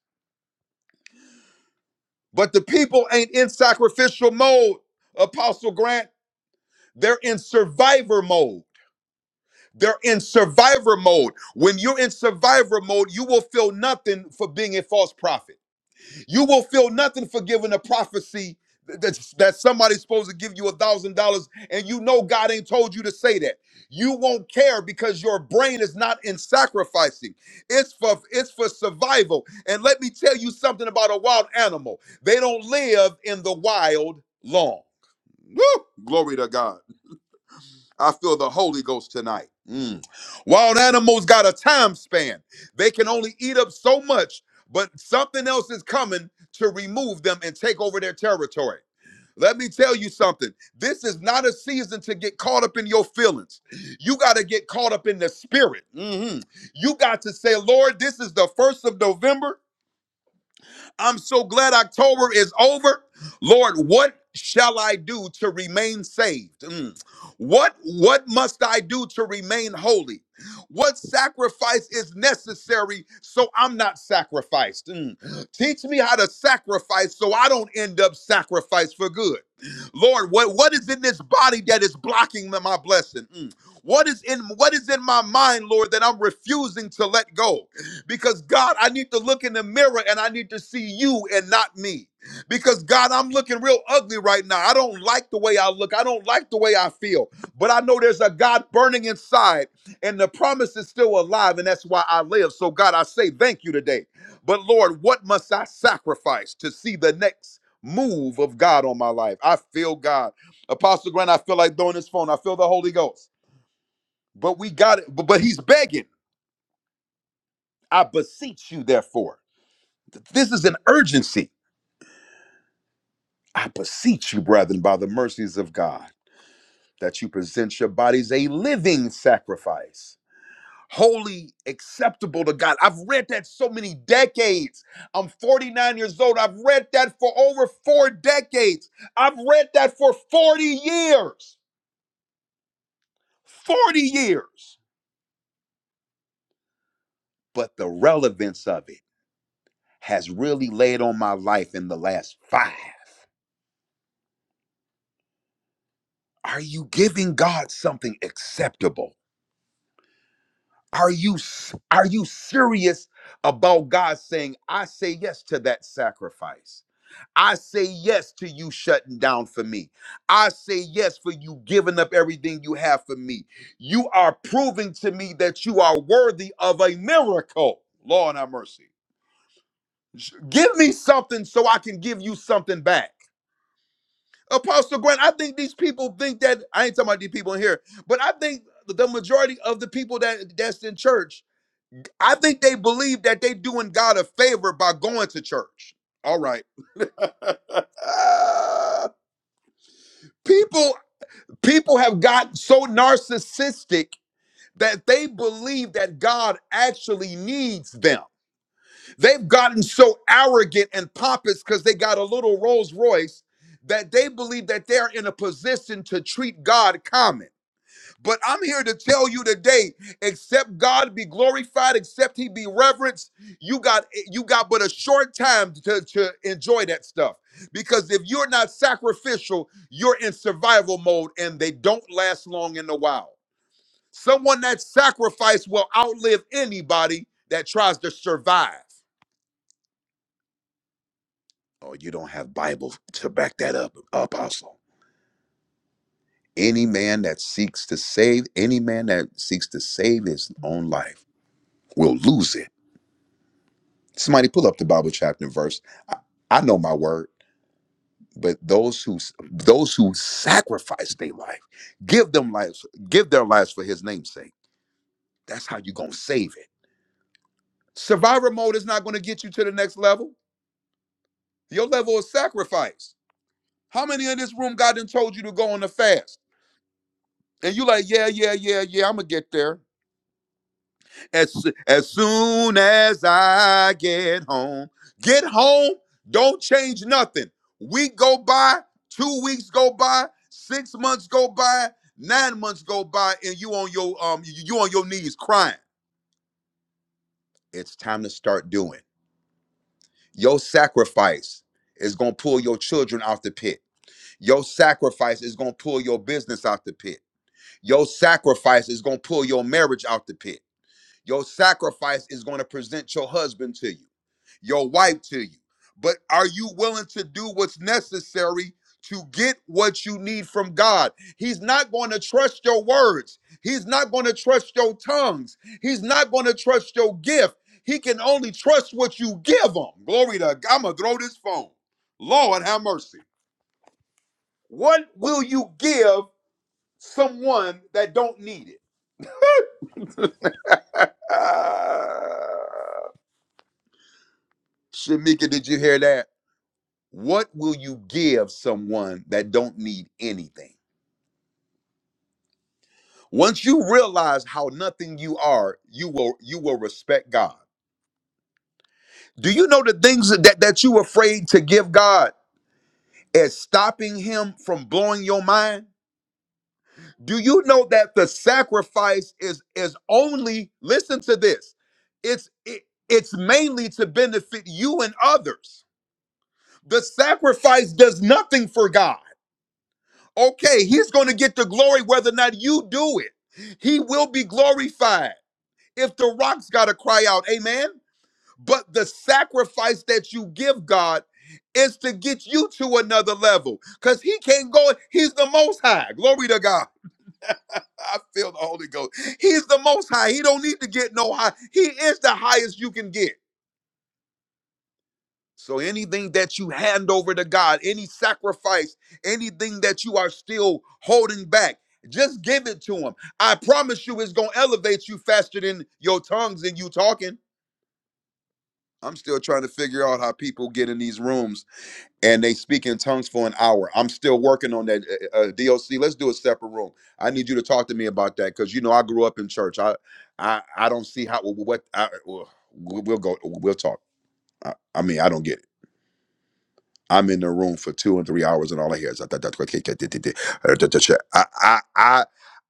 Speaker 1: But the people ain't in sacrificial mode, Apostle Grant. They're in survivor mode. They're in survivor mode. When you're in survivor mode, you will feel nothing for being a false prophet. You will feel nothing for giving a prophecy that, that somebody's supposed to give you a thousand dollars and you know God ain't told you to say that. You won't care because your brain is not in sacrificing. It's for it's for survival. And let me tell you something about a wild animal. They don't live in the wild long. Woo! Glory to God. I feel the Holy Ghost tonight. Mm. Wild animals got a time span. They can only eat up so much, but something else is coming to remove them and take over their territory. Let me tell you something. This is not a season to get caught up in your feelings. You got to get caught up in the spirit. Mhm. You got to say, Lord, this is the first of November. I'm so glad October is over. Lord, what shall I do to remain saved? Mm. What what must I do to remain holy? What sacrifice is necessary so I'm not sacrificed? Mm. Teach me how to sacrifice so I don't end up sacrificed for good. Lord, what, what is in this body that is blocking my blessing? Mm. What is in what is in my mind, Lord, that I'm refusing to let go? because God, I need to look in the mirror and I need to see you and not me. Because God, I'm looking real ugly right now. I don't like the way I look. I don't like the way I feel. But I know there's a God burning inside and the promise is still alive and that's why I live. So God, I say thank you today. But Lord, what must I sacrifice to see the next move of God on my life? I feel God. Apostle Grant, I feel like throwing this phone. I feel the Holy Ghost. But we got it. But but he's begging. I beseech you therefore. This is an urgency. I beseech you, brethren, by the mercies of God, that you present your bodies a living sacrifice, holy, acceptable to God. I've read that so many decades. I'm 49 years old. I've read that for over four decades. I've read that for 40 years. 40 years. But the relevance of it has really laid on my life in the last five. Are you giving God something acceptable? Are you s- are you serious about God saying, "I say yes to that sacrifice. I say yes to you shutting down for me. I say yes for you giving up everything you have for me. You are proving to me that you are worthy of a miracle." Lord have mercy. Give me something so I can give you something back. Apostle Grant, I think these people think that I ain't talking about these people in here, but I think the majority of the people that that's in church I think they believe that they doing God a favor by going to church. All right. Uh, people people have gotten so narcissistic that they believe that God actually needs them. They've gotten so arrogant and pompous cuz they got a little Rolls-Royce that they believe that they're in a position to treat God common. But I'm here to tell you today, except God be glorified, except he be reverenced, you got you got but a short time to, to enjoy that stuff. Because if you're not sacrificial, you're in survival mode and they don't last long in the wild. Someone that sacrificed will outlive anybody that tries to survive. Oh, you don't have Bible to back that up, apostle. Any man that seeks to save, any man that seeks to save his own life will lose it Somebody pull up the Bible chapter and verse. I, I know my word, but those who those who sacrifice their life, give them lives, give their lives for His name's sake. That's how you gonna save it. Survivor mode is not gonna get you to the next level. Your level is sacrifice. How many in this room God done told you to go on a fast, and you like, yeah, yeah, yeah, yeah, I'm gonna get there. as, as soon as I get home. Get home, don't change nothing. Week go by, two weeks go by, six months go by, nine months go by, and you on your um you you on your knees crying. It's time to start doing. Your sacrifice is gonna pull your children out the pit. Your sacrifice is gonna pull your business out the pit. Your sacrifice is gonna pull your marriage out the pit. Your sacrifice is going to present your husband to you, your wife to you. But are you willing to do what's necessary to get what you need from God? He's not going to trust your words. He's not going to trust your tongues. He's not going to trust your gift. He can only trust what you give him. Glory to God. I'm going to throw this phone. Lord, have mercy. What will you give someone that don't need it? Shamika, did you hear that? What will you give someone that don't need anything? Once you realize how nothing you are, you will you will respect God. Do you know the things that, that you afraid to give God is stopping him from blowing your mind? Do you know that the sacrifice is is only listen to this. It's it, it's mainly to benefit you and others. The sacrifice does nothing for God. Okay, he's going to get the glory whether or not you do it. He will be glorified. If the rock's got to cry out, amen. But the sacrifice that you give God is to get you to another level because he can't go. He's the most high. Glory to God. I feel the Holy Ghost. He's the most high. He don't need to get no high. He is the highest you can get. So anything that you hand over to God, any sacrifice, anything that you are still holding back, just give it to him. I promise you it's going to elevate you faster than your tongues and you talking. I'm still trying to figure out how people get in these rooms and they speak in tongues for an hour. I'm still working on that. Uh, uh, DOC, let's do a separate room. I need you to talk to me about that because you know I grew up in church. I, I, I don't see how what I, we'll we'll go. We'll talk. I, I mean, I don't get it. I'm in the room for two and three hours, and all I hear is I I I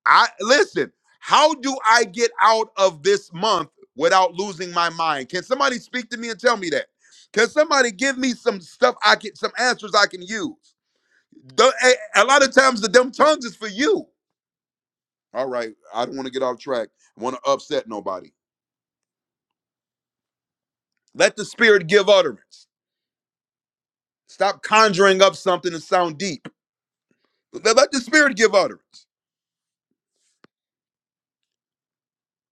Speaker 1: I listen. How do I get out of this month without losing my mind? Can somebody speak to me and tell me that? Can somebody give me some stuff I can, some answers I can use? The- a, a lot of times the dumb tongues is for you. All right, I don't want to get off track. I want to upset nobody. Let the spirit give utterance. Stop conjuring up something and sound deep. Let let the spirit give utterance.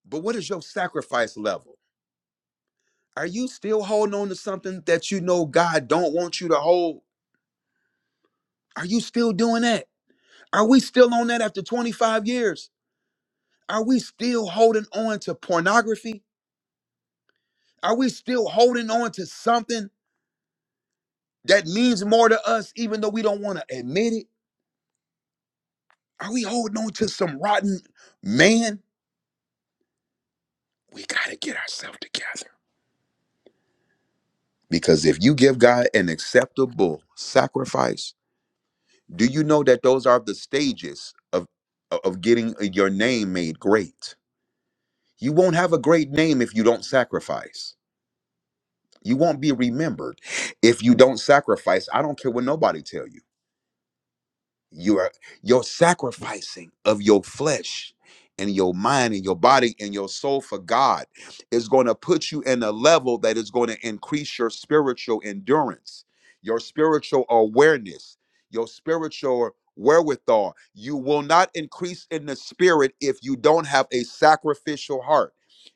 Speaker 1: But what is your sacrifice level? Are you still holding on to something that you know God don't want you to hold? Are you still doing that? Are we still on that after 25 years? Are we still holding on to pornography? Are we still holding on to something that means more to us even though we don't want to admit it? Are we holding on to some rotten man? We got to get ourselves together. Because if you give God an acceptable sacrifice, Do you know that those are the stages of of getting uh, your name made great? You won't have a great name if you don't sacrifice. You won't be remembered if you don't sacrifice. I don't care what nobody tell you. you are your sacrificing of your flesh and your mind and your body and your soul for God is going to put you in a level that is going to increase your spiritual endurance, your spiritual awareness, your spiritual wherewithal. You will not increase in the spirit if you don't have a sacrificial heart.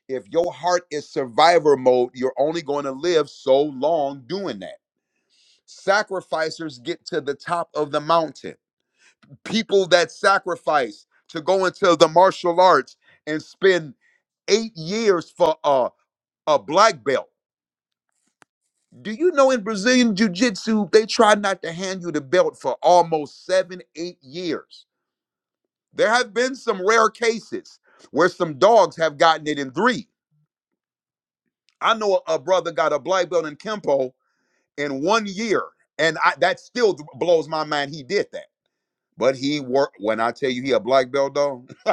Speaker 1: If your heart is survivor mode, you're only going to live so long doing that. Sacrificers get to the top of the mountain people that sacrifice to go into the martial arts and spend eight years for a, a black belt. Do you know in Brazilian Jiu Jitsu, they try not to hand you the belt for almost seven, eight years? There have been some rare cases where some dogs have gotten it in three. I know a, a brother got a black belt in Kempo in one year, and I, that still blows my mind he did that. But he worked when I tell you he a black belt though.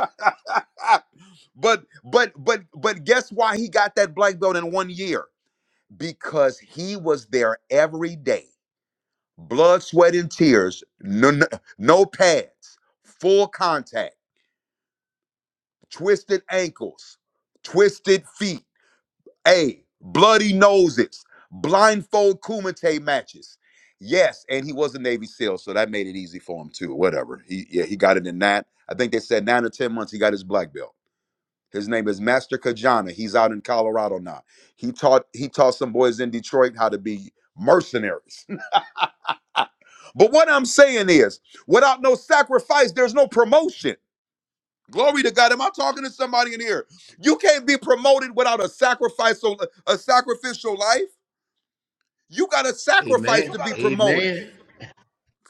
Speaker 1: but but but but guess why he got that black belt in one year? Because he was there every day. Blood, sweat, and tears, no, no, no pads, full contact, twisted ankles, twisted feet. Hey, bloody noses, blindfold kumite matches. Yes, and he was a Navy SEAL, so that made it easy for him too. Whatever. He yeah, he got it in that. I think they said nine or ten months he got his black belt. His name is Master Kajana. He's out in Colorado now. He taught he taught some boys in Detroit how to be mercenaries. but what I'm saying is, without no sacrifice, there's no promotion. Glory to God. Am I talking to somebody in here? You can't be promoted without a sacrifice, a sacrificial life. You got to sacrifice
Speaker 3: Amen.
Speaker 1: to be promoted.
Speaker 3: Amen.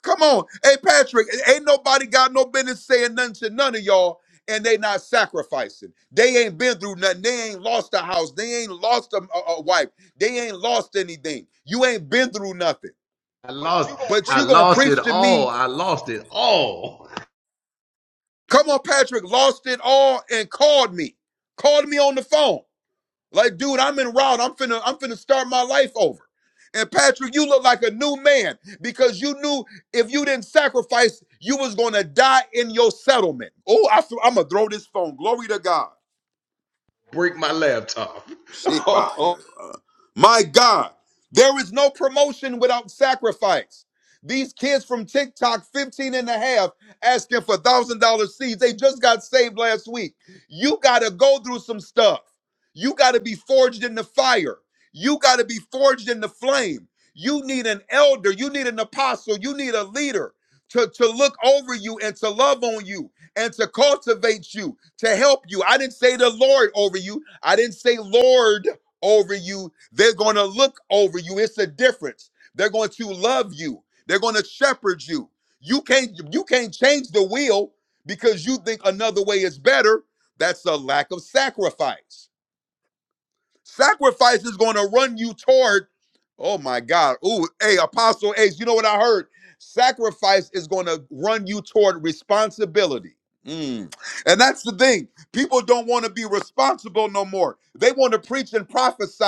Speaker 1: Come on. Hey, Patrick, ain't nobody got no business saying nothing to none of y'all, and they not sacrificing. They ain't been through nothing. They ain't lost a house. They ain't lost a, a- a wife. They ain't lost anything. You ain't been through nothing.
Speaker 3: I lost. I
Speaker 1: But you gonna
Speaker 3: lost it
Speaker 1: preach to me.
Speaker 3: all. I lost it all.
Speaker 1: Come on, Patrick, lost it all and called me. Called me on the phone. Like, dude, I'm in route. I'm finna, I'm finna start my life over. And Patrick, you look like a new man because you knew if you didn't sacrifice, you was gonna die in your settlement. Oh, I feel, I'm gonna throw this phone. Glory to God.
Speaker 3: Break my laptop.
Speaker 1: Shit, bye,
Speaker 3: oh,
Speaker 1: uh, My God, there is no promotion without sacrifice. These kids from TikTok, 15 and a half, asking for $1,000 seeds. They just got saved last week. You got to go through some stuff. You got to be forged in the fire. You got to be forged in the flame. You need an elder. You need an apostle. You need a leader to, to look over you and to love on you and to cultivate you, to help you. I didn't say the Lord over you. I didn't say Lord over you. They're going to look over you. It's a difference. They're going to love you. They're going to shepherd you. You can't you can't change the wheel because you think another way is better. That's a lack of sacrifice. Sacrifice is going to run you toward, oh my God. Ooh, hey, Apostle Ace, you know what I heard? Sacrifice is going to run you toward responsibility. Mm. And that's the thing. People don't want to be responsible no more. They want to preach and prophesy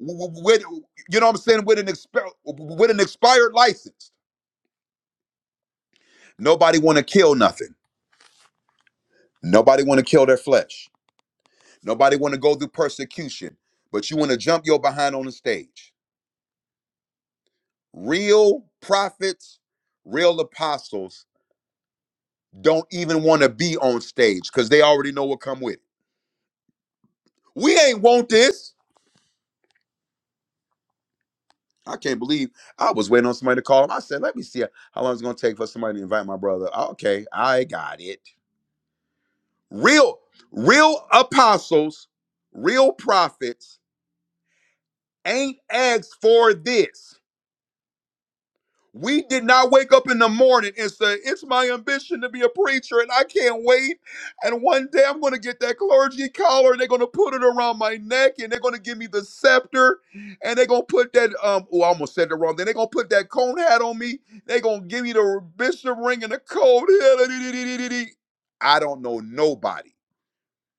Speaker 1: w- w- with, you know what I'm saying, with an exp with an expired license. Nobody want to kill nothing. Nobody want to kill their flesh. Nobody want to go through persecution. But you want to jump your behind on the stage real prophets, real apostles don't even want to be on stage because they already know what come with it. We ain't want this. I can't believe I was waiting on somebody to call him. I said, let me see how long it's gonna take for somebody to invite my brother. Okay, I got it. Real, real apostles, real prophets ain't asked for this. We did not wake up in the morning and say, It's my ambition to be a preacher and I can't wait. And one day I'm going to get that clergy collar and they're going to put it around my neck and they're going to give me the scepter and they're going to put that, um, oh, I almost said it wrong. Then they're going to put that cone hat on me. They're going to give me the bishop ring and the coat. I don't know nobody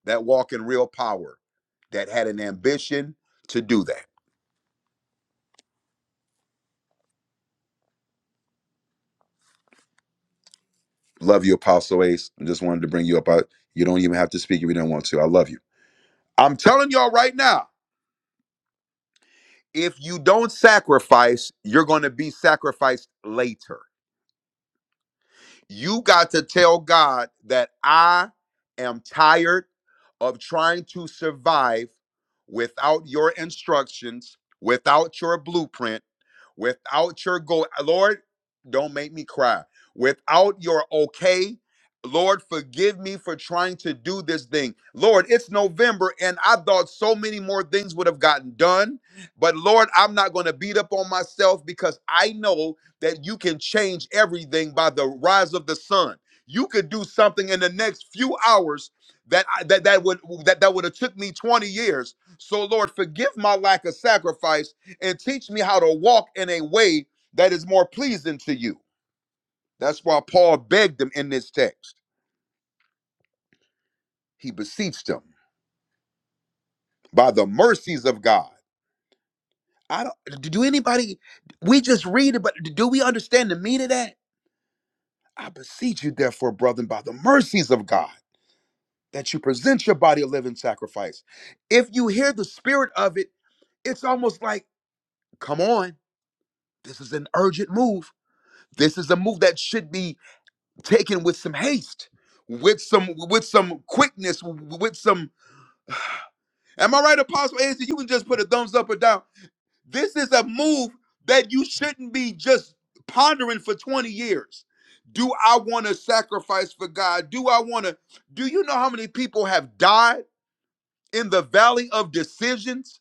Speaker 1: that walk in real power that had an ambition to do that. Love you, Apostle Ace. I just wanted to bring you up. I, you don't even have to speak if you don't want to. I love you. I'm telling y'all right now, if you don't sacrifice, you're going to be sacrificed later. You got to tell God that I am tired of trying to survive without your instructions, without your blueprint, without your goal. Lord, don't make me cry. Without your okay, Lord, forgive me for trying to do this thing. Lord, it's November and I thought so many more things would have gotten done. But Lord, I'm not going to beat up on myself because I know that you can change everything by the rise of the sun. You could do something in the next few hours that I, that that would that that would have took me 20 years. So Lord, forgive my lack of sacrifice and teach me how to walk in a way that is more pleasing to you. That's why Paul begged them in this text. He beseeched them by the mercies of God. I don't do anybody we just read it, but do we understand the meaning of that? I beseech you, therefore, brethren, by the mercies of God that you present your body a living sacrifice. If you hear the spirit of it, it's almost like, come on, this is an urgent move. This is a move that should be taken with some haste, with some with some quickness, with some. Am I right, Apostle Anthony? You can just put a thumbs up or down. This is a move that you shouldn't be just pondering for 20 years. Do I want to sacrifice for God? Do I want to? Do you know how many people have died? in the valley of decisions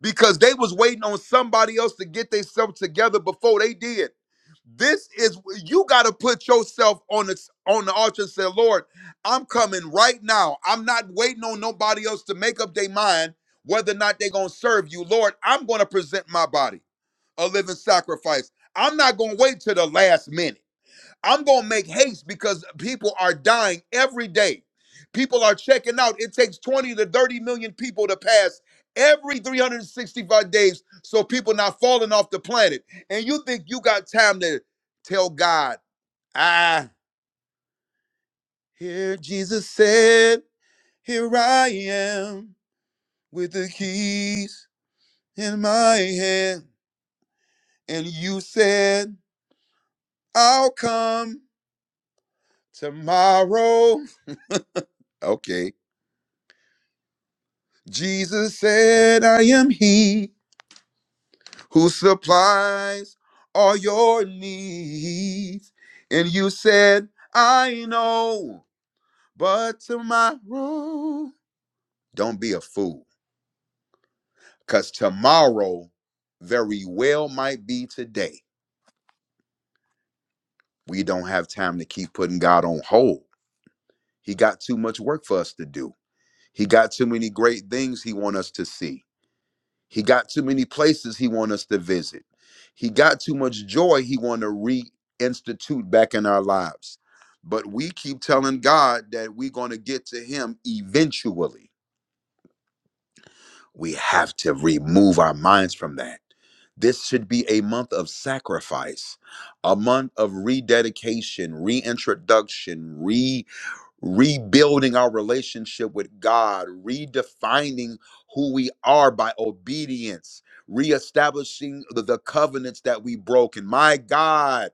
Speaker 1: because they was waiting on somebody else to get themselves together before they did. This is you got to put yourself on the on the altar and say, Lord, I'm coming right now. I'm not waiting on nobody else to make up their mind whether or not they're gonna serve you. Lord, I'm gonna present my body a living sacrifice. I'm not gonna wait till the last minute. I'm going to make haste because people are dying every day. People are checking out. It takes 20 to 30 million people to pass every 365 days so people not falling off the planet. And you think you got time to tell God, I hear Jesus said, here I am with the keys in my hand. And you said, I'll come tomorrow. Okay Jesus said, I am he who supplies all your needs. And you said, I know, but tomorrow, don't be a fool, because tomorrow very well might be today. We don't have time to keep putting God on hold. He got too much work for us to do. He got too many great things he wants us to see. He got too many places he want us to visit. He got too much joy he want to reinstitute back in our lives. But we keep telling God that we're going to get to him eventually. We have to remove our minds from that. This should be a month of sacrifice, a month of rededication, reintroduction, re rebuilding our relationship with God, redefining who we are by obedience, reestablishing the, the covenants that we broke. And my God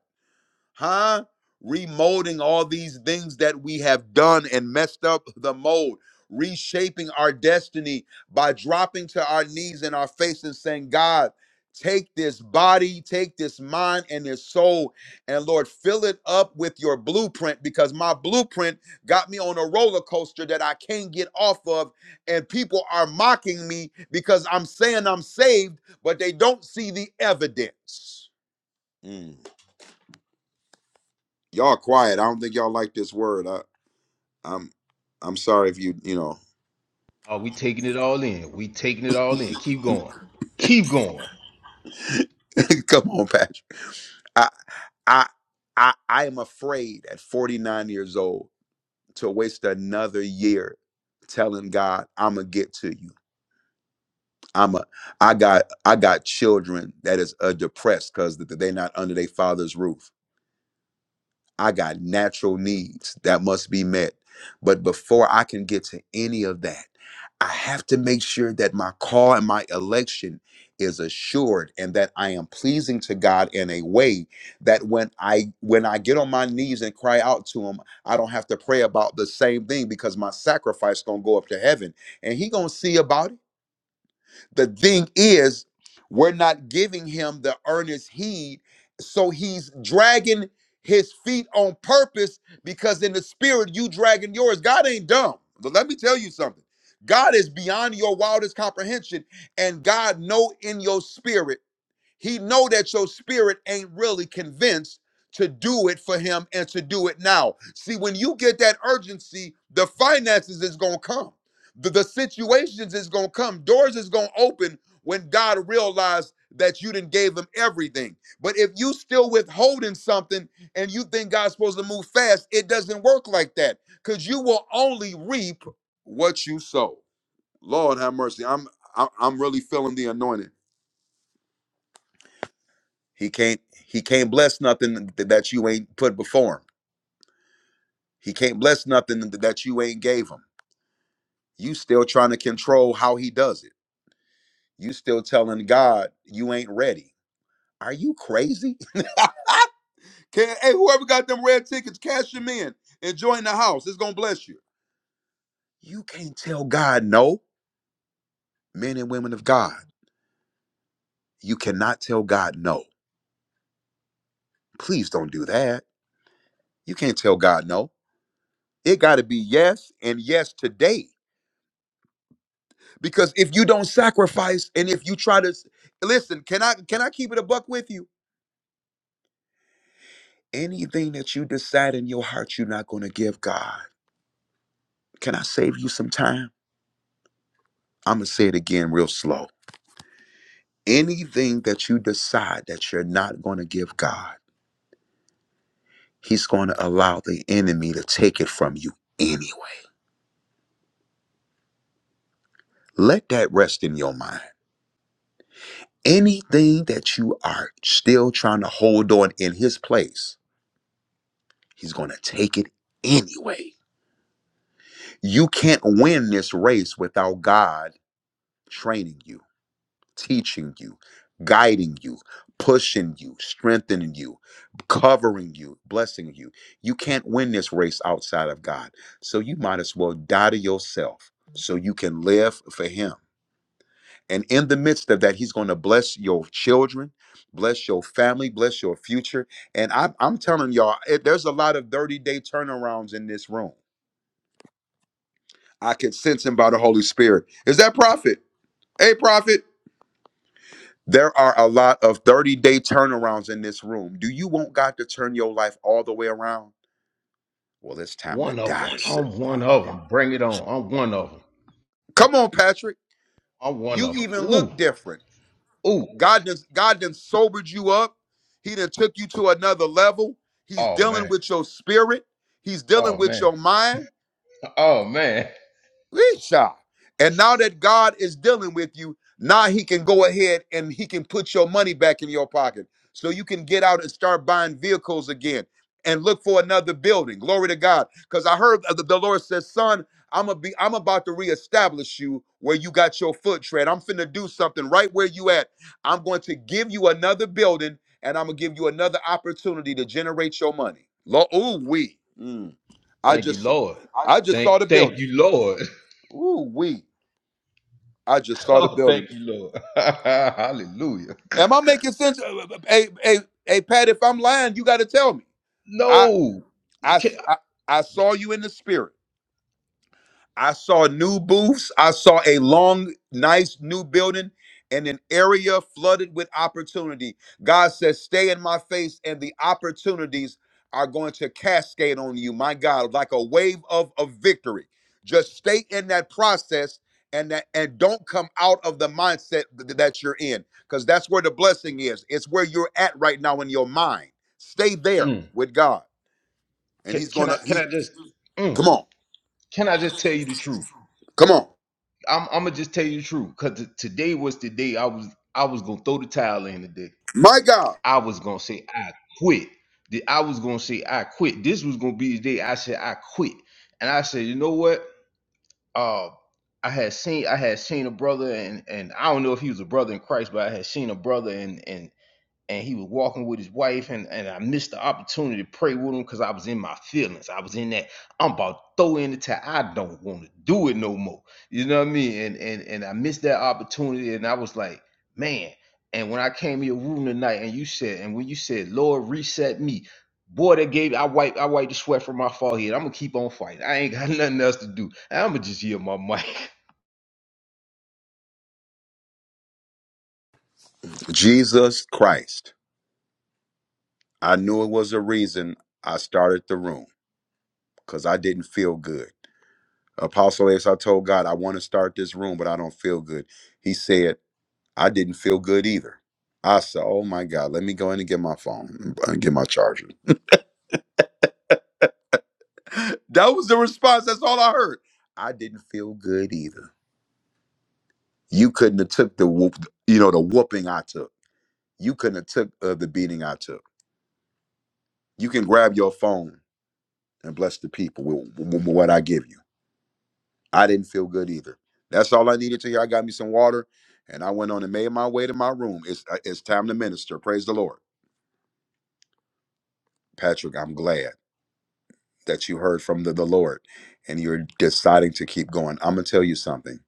Speaker 1: huh? Remolding all these things that we have done and messed up the mold, reshaping our destiny by dropping to our knees and our face and saying, God, take this body, take this mind and this soul, and Lord, fill it up with your blueprint because my blueprint got me on a roller coaster that I can't get off of. And people are mocking me because I'm saying I'm saved, but they don't see the evidence. Mm y'all quiet. I don't think y'all like this word. I, I'm I'm sorry if you you know.
Speaker 3: we taking it all in. We taking it all in. Keep going. Keep going.
Speaker 1: Come on, Patrick. I I I I am afraid at 49 years old to waste another year telling God I'ma get to you. I'm a I got I got children that is uh, depressed because they're not under their father's roof. I got natural needs that must be met. But before I can get to any of that, I have to make sure that my call and my election is assured and that I am pleasing to God in a way that when I when I get on my knees and cry out to him, I don't have to pray about the same thing because my sacrifice going to go up to heaven and he going to see about it. The thing is, we're not giving him the earnest heed. So he's dragging his feet on purpose because in the spirit, you dragging yours. God ain't dumb. But let me tell you something. God is beyond your wildest comprehension, and God know in your spirit. He know that your spirit ain't really convinced to do it for him and to do it now. See, when you get that urgency, the finances is gonna come. The, the situations is gonna come. Doors is gonna open when God realized that you didn't gave him everything. But if you still withholding something and you think God's supposed to move fast, it doesn't work like that. Cause you will only reap what you sow. Lord have mercy. I'm I- I'm really feeling the anointing. He can't he can't bless nothing th- that you ain't put before him. He can't bless nothing th- that you ain't gave him. You still trying to control how he does it. You still telling God you ain't ready. Are you crazy? Can, hey, whoever got them red tickets, cash them in and join the house. It's gonna bless you. You can't tell God no, men and women of God. You cannot tell God no. Please don't do that. You can't tell God no. It got to be yes and yes today. because if you don't sacrifice and if you try to listen can i can i keep it a buck with you anything that you decide in your heart you're not going to give god can i save you some time i'm going to say it again real slow anything that you decide that you're not going to give god he's going to allow the enemy to take it from you anyway let that rest in your mind anything that you are still trying to hold on in his place he's going to take it anyway You can't win this race without God training you, teaching you, guiding you, pushing you, strengthening you, covering you, blessing you. You can't win this race outside of God. So you might as well die to yourself so you can live for Him. And in the midst of that, He's going to bless your children, bless your family, bless your future. And I, I'm telling y'all, it, there's a lot of 30 day turnarounds in this room. I can sense him by the Holy Spirit. Is that prophet? Hey, Prophet, there are a lot of 30 day turnarounds in this room. Do you want God to turn your life all the way around? Well, it's time to
Speaker 3: One of
Speaker 1: die
Speaker 3: them.
Speaker 1: to sin.
Speaker 3: I'm one of them. Bring it on. I'm one of them.
Speaker 1: Come on, Patrick.
Speaker 3: I'm one
Speaker 1: You
Speaker 3: of You them. You
Speaker 1: even
Speaker 3: even Ooh.
Speaker 1: look
Speaker 3: look different.
Speaker 1: different.
Speaker 3: Ooh.
Speaker 1: God done, God done sobered you up. He done took you to another level. He's
Speaker 3: Oh
Speaker 1: dealing
Speaker 3: man.
Speaker 1: with your spirit. He's dealing
Speaker 3: Oh
Speaker 1: with
Speaker 3: man.
Speaker 1: your mind.
Speaker 3: Oh man.
Speaker 1: Risha. And now that God is dealing with you, now he can go ahead and he can put your money back in your pocket. So you can get out and start buying vehicles again and look for another building. Glory to God. Because I heard the, the Lord says, son, I'm gonna be I'm about to reestablish you where you got your foot tread. I'm finna do something right where you at. I'm going to give you another building and I'm gonna give you another opportunity to generate your money. Lo- Ooh, we. I
Speaker 3: Thank you,
Speaker 1: just
Speaker 3: Lord.
Speaker 1: I just
Speaker 3: Thank.
Speaker 1: saw the
Speaker 3: Thank
Speaker 1: building.
Speaker 3: you, Lord.
Speaker 1: Ooh, we. I just saw the
Speaker 3: Oh,
Speaker 1: building.
Speaker 3: thank you, Lord. Hallelujah.
Speaker 1: Am I making sense? Uh, uh, uh, Hey, hey, hey, Pat. If I'm lying, you got to tell me. I,
Speaker 3: No.
Speaker 1: I,
Speaker 3: Can,
Speaker 1: I, I saw you in the spirit. I saw new booths. I saw a long, nice new building and an area flooded with opportunity. God says, Stay in my face, and the opportunities are going to cascade on you, my God, like a wave of, of victory. Just stay in that process and that and don't come out of the mindset th- that you're in because that's where the blessing is it's where you're at right now in your mind stay there
Speaker 3: mm.
Speaker 1: with god and
Speaker 3: can,
Speaker 1: he's
Speaker 3: can
Speaker 1: gonna
Speaker 3: I can
Speaker 1: he's
Speaker 3: I just mm.
Speaker 1: come on
Speaker 3: can I just tell you the truth?
Speaker 1: come on
Speaker 3: I'm I'm gonna just tell you the truth because t- today was the day I was I was gonna throw the towel in today.
Speaker 1: my god
Speaker 3: I was gonna say I quit. The- I was gonna say I quit. This was gonna be the day I said I quit. And I said, you know what? Uh, I had seen I had seen a brother and and I don't know if he was a brother in Christ, but I had seen a brother and and. and he was walking with his wife, and, and I missed the opportunity to pray with him because I was in my feelings. I was in that I'm about to throw in the towel. I don't want to do it no more. You know what I mean? And and and I missed that opportunity, and I was like, man. And when I came in your room tonight, and you said, and when you said, Lord, reset me. Boy, that gave I wipe I wiped the sweat from my forehead. I'm gonna keep on fighting. I ain't got nothing else to do. I'm gonna just hear my mic.
Speaker 1: Jesus Christ. I knew it was a reason I started the room because I didn't feel good. Apostle Ace, I told God, I want to start this room, but I don't feel good. He said, I didn't feel good either. I said, Oh my God, let me go in and get my phone and get my charger. that was the response. That's all I heard. I didn't feel good either. You couldn't have took the whoop, you know, the whooping I took. You couldn't have took uh, the beating I took. You can grab your phone and bless the people with, with with what I give you. I didn't feel good either. That's all I needed to hear. I got me some water, and I went on and made my way to my room. It's uh, it's time to minister. Praise the Lord, Patrick. I'm glad that you heard from the, the Lord, and you're deciding to keep going. I'm gonna tell you something.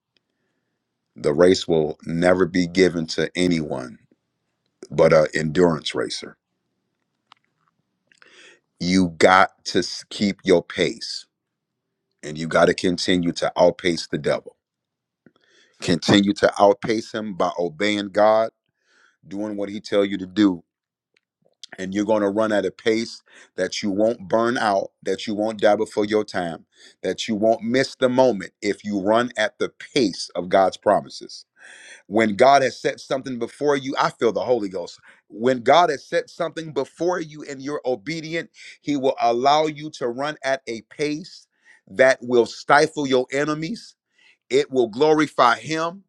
Speaker 1: The race will never be given to anyone but a endurance racer. You got to s- keep your pace, and you got to continue to outpace the devil. Continue to outpace him by obeying God, doing what He tell you to do, and you're going to run at a pace that you won't burn out, that you won't die before your time, that you won't miss the moment if you run at the pace of God's promises. When God has set something before you, I feel the Holy Ghost. When God has set something before you and you're obedient, He will allow you to run at a pace that will stifle your enemies it will glorify him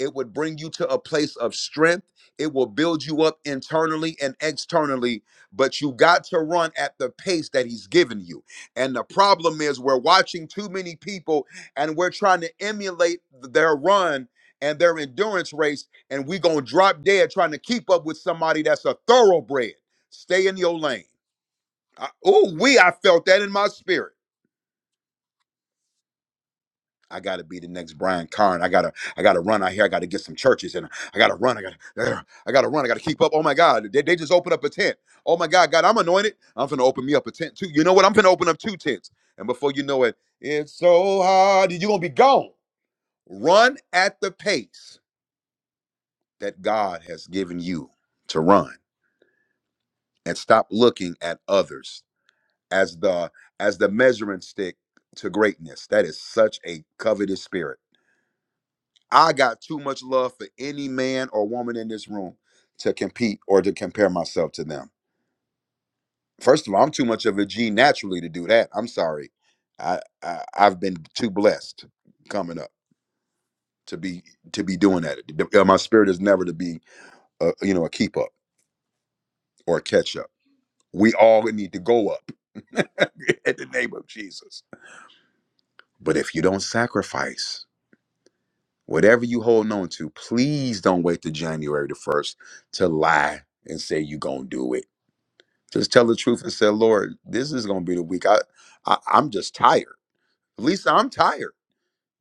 Speaker 1: it would bring you to a place of strength it will build you up internally and externally but you got to run at the pace that he's given you and the problem is we're watching too many people and we're trying to emulate their run and their endurance race and we gonna drop dead trying to keep up with somebody that's a thoroughbred stay in your lane oh we i felt that in my spirit I gotta be the next Brian Carn. I gotta, I gotta run out here. I gotta get some churches, and I gotta run. I gotta, ugh, I gotta run. I gotta keep up. Oh my God, they, they just opened up a tent. Oh my God, God, I'm anointed. I'm finna open me up a tent too. You know what? I'm finna open up two tents, and before you know it, it's so hard. You're gonna be gone. Run at the pace that God has given you to run, and stop looking at others as the as the measuring stick to greatness. That is such a covetous spirit I got too much love for any man or woman in this room to compete or to compare myself to them. First of all, I'm too much of a G naturally to do that. I'm sorry. I, I I've been too blessed coming up to be to be doing that. uh, My spirit is never to be a, you know a keep up or a catch up. We all need to go up in the name of Jesus. But if you don't sacrifice whatever you hold on to, please don't wait to January the first to lie and say you are gonna do it Just tell the truth and say, Lord, this is gonna be the week. I, I I'm just tired. At least I'm tired.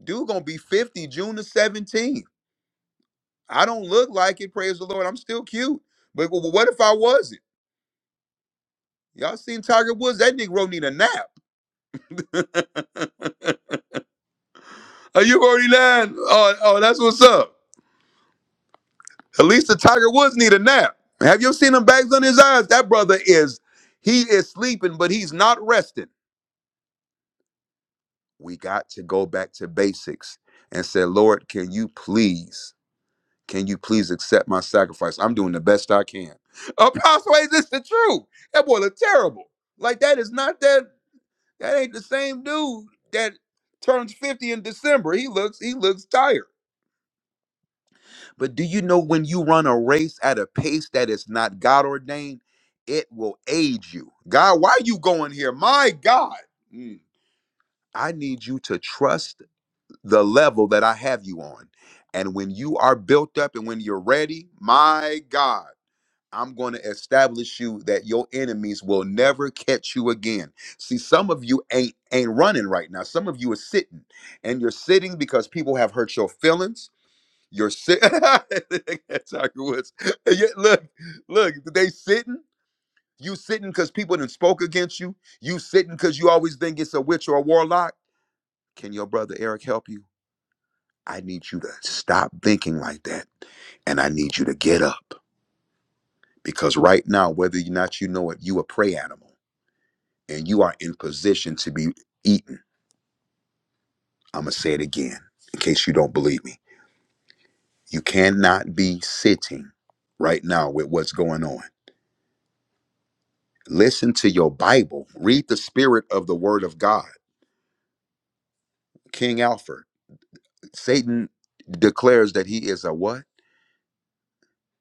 Speaker 1: Dude gonna be 50 June the 17th. I don't look like it, praise the Lord. I'm still cute. But w- what if I wasn't? Y'all seen Tiger Woods? That Negro need a nap. Are you forty nine? Oh, oh, that's what's up. At least the Tiger Woods need a nap. Have you seen him bags on his eyes? That brother is, he is sleeping, but he's not resting. we got to go back to basics and say, Lord, can you please, can you please accept my sacrifice? I'm doing the best I can. Apostle, is this the truth? That boy look terrible. Like that is not that. That ain't the same dude that turns 50 in December. He looks he looks tired. But do you know when you run a race at a pace that is not God ordained, it will age you. God, why are you going here? My God. Mm. I need you to trust the level that I have you on. And when you are built up and when you're ready, my God, I'm going to establish you that your enemies will never catch you again. See, some of you ain't ain't running right now. Some of you are sitting. And you're sitting because people have hurt your feelings. You're sitting. Woods. Yeah, Look, look, they sitting. You sitting because people done spoke against you. You sitting because you always think it's a witch or a warlock. Can your brother Eric help you? I need you to stop thinking like that. And I need you to get up. Because right now, whether or not you know it, you a prey animal and you are in position to be eaten. I'm going to say it again in case you don't believe me. You cannot be sitting right now with what's going on. Listen to your Bible, read the spirit of the word of God. King Alfred, Satan declares that he is a what?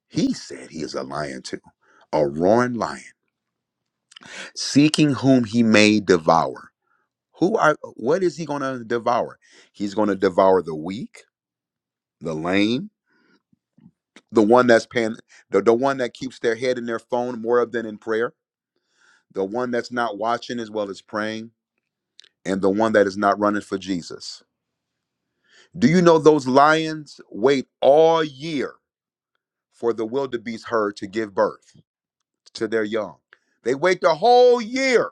Speaker 1: He said he is a lion too, a roaring lion, seeking whom he may devour. Who are what is he going to devour? He's going to devour the weak, the lame, the one that's paying the, the one that keeps their head in their phone more than in prayer, the one that's not watching as well as praying, and the one that is not running for Jesus. Do you know those lions wait all year for the wildebeest herd to give birth to their young? They wait the whole year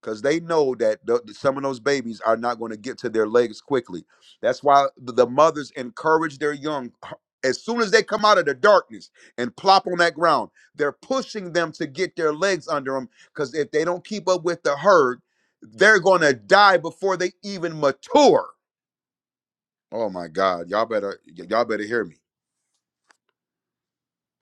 Speaker 1: because they know that th- some of those babies are not going to get to their legs quickly. That's why th- the mothers encourage their young h- as soon as they come out of the darkness and plop on that ground. They're pushing them to get their legs under them because if they don't keep up with the herd, they're going to die before they even mature. Oh my God, y'all better y- y'all better hear me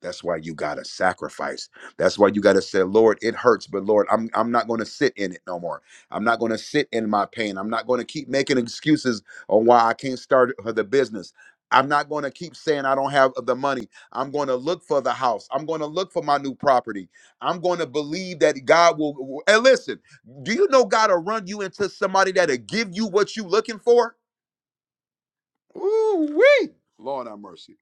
Speaker 1: That's why you gotta sacrifice. That's why you gotta say, Lord, it hurts, but Lord, I'm I'm not gonna sit in it no more. I'm not gonna sit in my pain. I'm not gonna keep making excuses on why I can't start the business. I'm not gonna keep saying I don't have the money. I'm gonna look for the house. I'm gonna look for my new property. I'm gonna believe that God will. And listen, do you know God will run you into somebody that'll give you what you looking for? Ooh wee, Lord have mercy.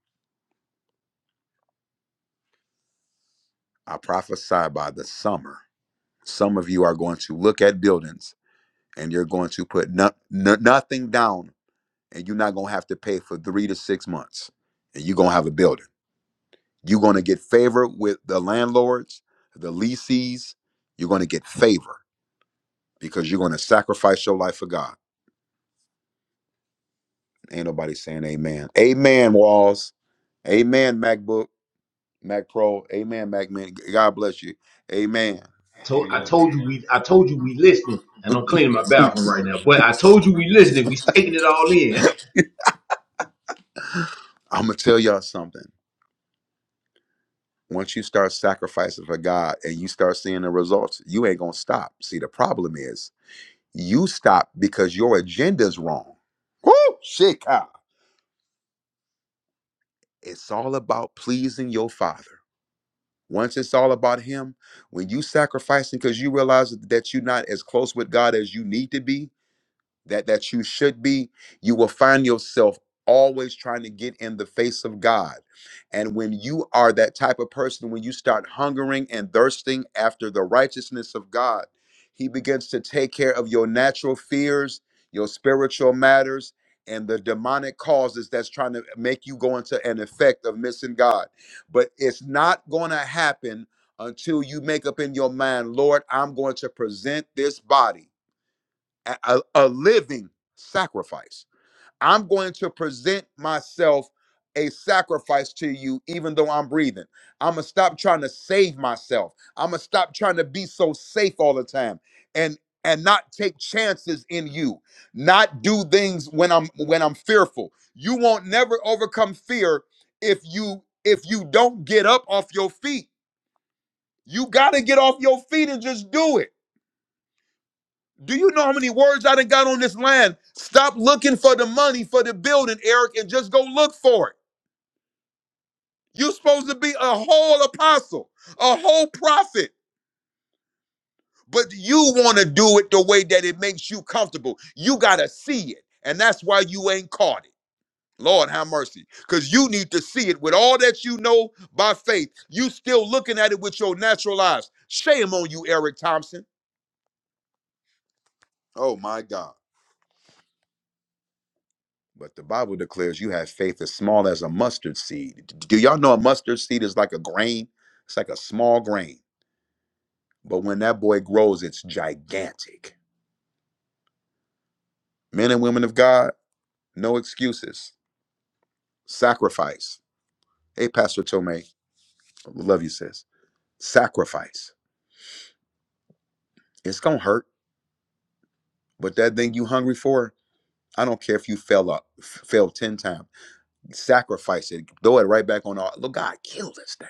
Speaker 1: I prophesy by the summer. Some of you are going to look at buildings and you're going to put no, no- nothing down and you're not going to have to pay for three to six months and you're going to have a building. You're going to get favor with the landlords, the lessees. You're going to get favor because you're going to sacrifice your life for God. Ain't nobody saying amen. Amen, Walls. Amen, MacBook, Mac Pro. Amen, Mac Man. God bless you. Amen.
Speaker 3: told I
Speaker 1: Amen.
Speaker 3: told you we I told you we listening, and I'm cleaning my bathroom right now. But I told you we listening. We taking it all in.
Speaker 1: I'm going to tell y'all something. once you start sacrificing for God and you start seeing the results, you ain't gonna stop. See, the problem is you stop because your agenda's wrong. Woo! Shit, Kyle. It's all about pleasing your father. Once it's all about him, when you sacrificing because you realize that you're not as close with God as you need to be, that that you should be you will find yourself always trying to get in the face of God. And when you are that type of person when you start hungering and thirsting after the righteousness of God, he begins to take care of your natural fears, your spiritual matters and the demonic causes that's trying to make you go into an effect of missing God. But it's not going to happen until you make up in your mind, Lord, I'm going to present this body a, a a living sacrifice. I'm going to present myself a sacrifice to you, even though I'm breathing. I'm gonna stop trying to save myself. I'm gonna stop trying to be so safe all the time, and and not take chances in you. Not do things when I'm when I'm fearful. You won't never overcome fear if you if you don't get up off your feet. You gotta get off your feet and just do it. Do you know how many words I done got on this land? Stop looking for the money for the building, Eric, and just go look for it. You're supposed to be a whole apostle, a whole prophet, but you want to do it the way that it makes you comfortable. You got to see it, and that's why you ain't caught it. Lord, have mercy. Because you need to see it with all that you know by faith. You still looking at it with your natural eyes. Shame on you, Eric Thompson. Oh, my God. But the Bible declares you have faith as small as a mustard seed. Do y'all know a mustard seed is like a grain? It's like a small grain. But when that boy grows, it's gigantic. Men and women of God, no excuses. Sacrifice. Hey, Pastor Tomei, love you, sis. Sacrifice. It's gonna hurt, but that thing you hungry for, I don't care if you fell up, fail ten times. Sacrifice it. Throw it right back on. Our, look, God, kill this thing.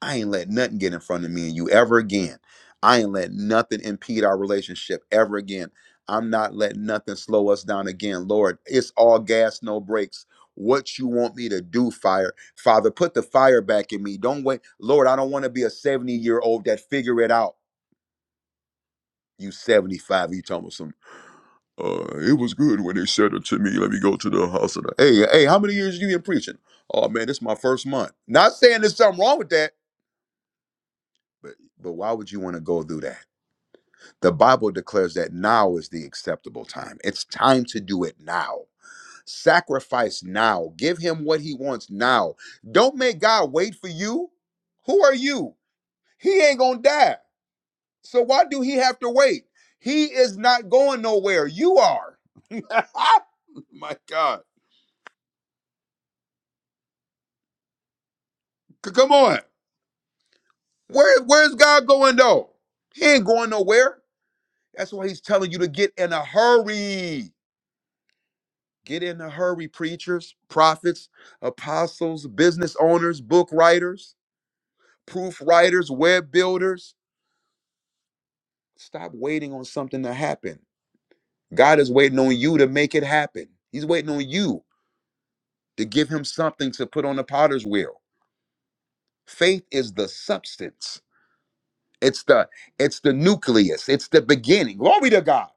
Speaker 1: I ain't let nothing get in front of me and you ever again. I ain't let nothing impede our relationship ever again. I'm not letting nothing slow us down again. Lord, it's all gas, no brakes. What you want me to do, fire. Father, put the fire back in me. Don't wait. Lord, I don't want to be a 70 year old that figure it out. You 75, you talking about some. Uh, it was good when they said it to me. Let me go to the house. Of the-" hey, hey, how many years you been preaching? Oh man, this is my first month. Not saying there's something wrong with that But but why would you want to go through that? The Bible declares that now is the acceptable time. It's time to do it now. Sacrifice now. Give him what he wants now. Don't make God wait for you. Who are you? He ain't going to die. So why do he have to wait? He is not going nowhere. You are. My God. C- Come on. Where where's God going though? He ain't going nowhere. That's why he's telling you to get in a hurry. Get in a hurry, preachers, prophets, apostles, business owners, book writers, proof writers, web builders. Stop waiting on something to happen. God is waiting on you to make it happen. He's waiting on you to give him something to put on the potter's wheel. Faith is the substance. It's the it's the nucleus. It's the beginning. Glory to God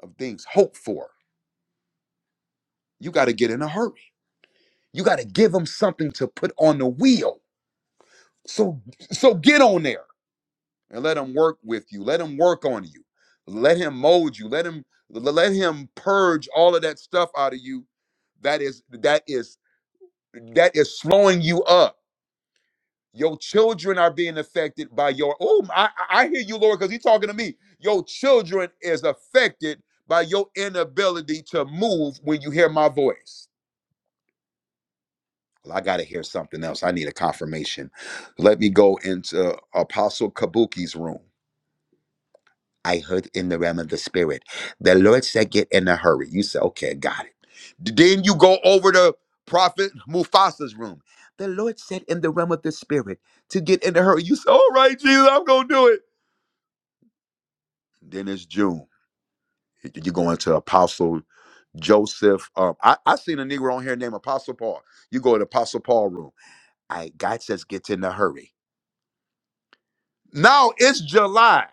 Speaker 1: of things hoped for. You got to get in a hurry. You got to give him something to put on the wheel. So so get on there. and let him work with you let him work on you let him mold you let him let him purge all of that stuff out of you that is that is that is slowing you up your children are being affected by your oh i, I I hear you lord because he's talking to me your children is affected by your inability to move when you hear my voice well, i gotta hear something else i need a confirmation let me go into apostle kabuki's room I heard in the realm of the spirit. The Lord said, Get in a hurry. You said, Okay, got it. Then you go over to Prophet Mufasa's room. The Lord said in the realm of the spirit to get in a hurry. You said, All right, Jesus, I'm going to do it. Then it's June. You go into Apostle Joseph. Um, I, I seen a Negro on here named Apostle Paul. You go to Apostle Paul room. I God says, Get in a hurry. Now it's July.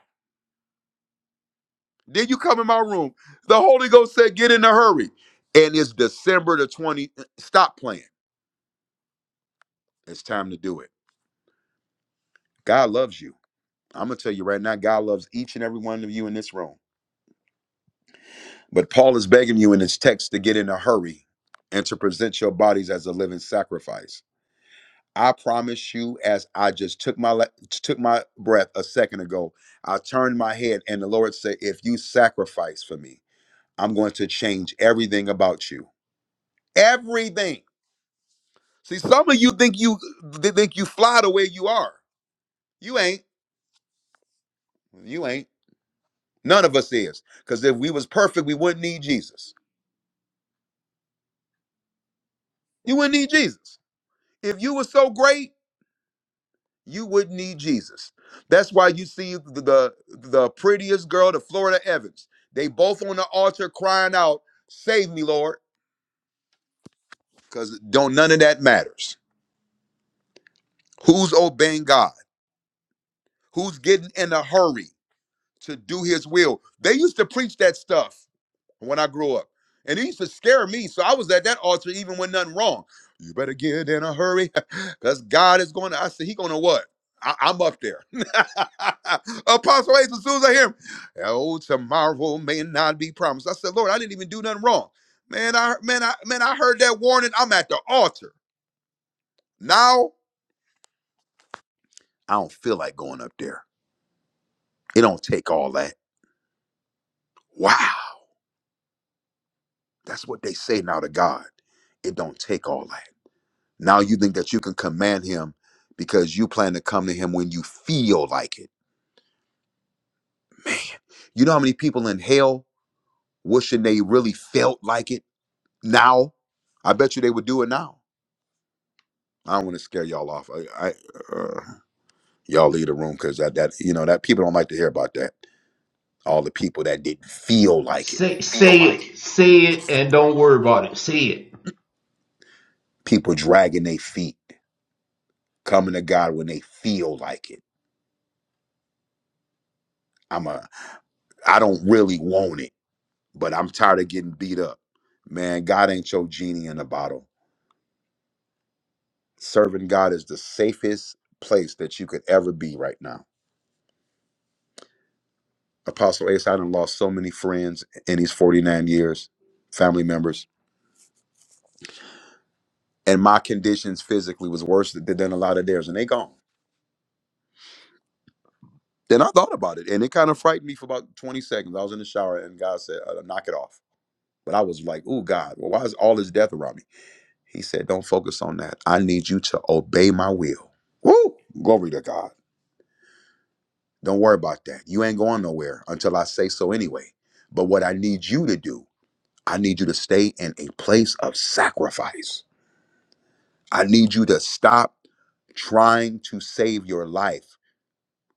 Speaker 1: Then you come in my room. The Holy Ghost said, get in a hurry. And it's December the 20th. Stop playing. It's time to do it. God loves you. I'm going to tell you right now, God loves each and every one of you in this room. But Paul is begging you in his text to get in a hurry and to present your bodies as a living sacrifice. I promise you, as I just took my le- took my breath a second ago, I turned my head and the Lord said, "If you sacrifice for me, I'm going to change everything about you. Everything. See, some of you think you th- think you fly to where you are. You ain't. You ain't. None of us is. Because if we was perfect, we wouldn't need Jesus. You wouldn't need Jesus. If you were so great, you wouldn't need Jesus. That's why you see the the, the prettiest girl, the Florida Evans. They both on the altar crying out, "Save me, Lord!" Because don't none of that matters. Who's obeying God? Who's getting in a hurry to do His will? They used to preach that stuff when I grew up. And he used to scare me. So I was at that altar even when nothing wrong. You better get in a hurry because God is going to, I said, he going to what? I, I'm up there. Apostle Ace, as soon as I hear him, oh, tomorrow may not be promised. I said, Lord, I didn't even do nothing wrong. Man, I man, I man, I heard that warning. I'm at the altar. Now I don't feel like going up there. It don't take all that. Wow. That's what they say now to God. It don't take all that. Now you think that you can command him because you plan to come to him when you feel like it. Man, you know how many people in hell wishing they really felt like it now? I bet you they would do it now. I don't want to scare y'all off. I, I uh, y'all leave the room because that, that you know that people don't like to hear about that. All the people that didn't feel like it,
Speaker 3: Say say it, say it, and don't worry about it. Say it.
Speaker 1: people dragging their feet, coming to God when they feel like it. I'm a, I don't really want it. but I'm tired of getting beat up. Man, God ain't your genie in a bottle. Serving God is the safest place that you could ever be right now. Apostle Ace, I done lost so many friends in these 49 years, family members, and my conditions physically was worse th- than a lot of theirs, and they gone. Then I thought about it, and it kind of frightened me for about 20 seconds. I was in the shower, and God said, uh, knock it off. But I was like, oh, God, well, why is all this death around me? He said, don't focus on that. I need you to obey my will. Woo! Glory to God. Don't worry about that. You ain't going nowhere until I say so anyway. But what I need you to do, I need you to stay in a place of sacrifice. I need you to stop trying to save your life.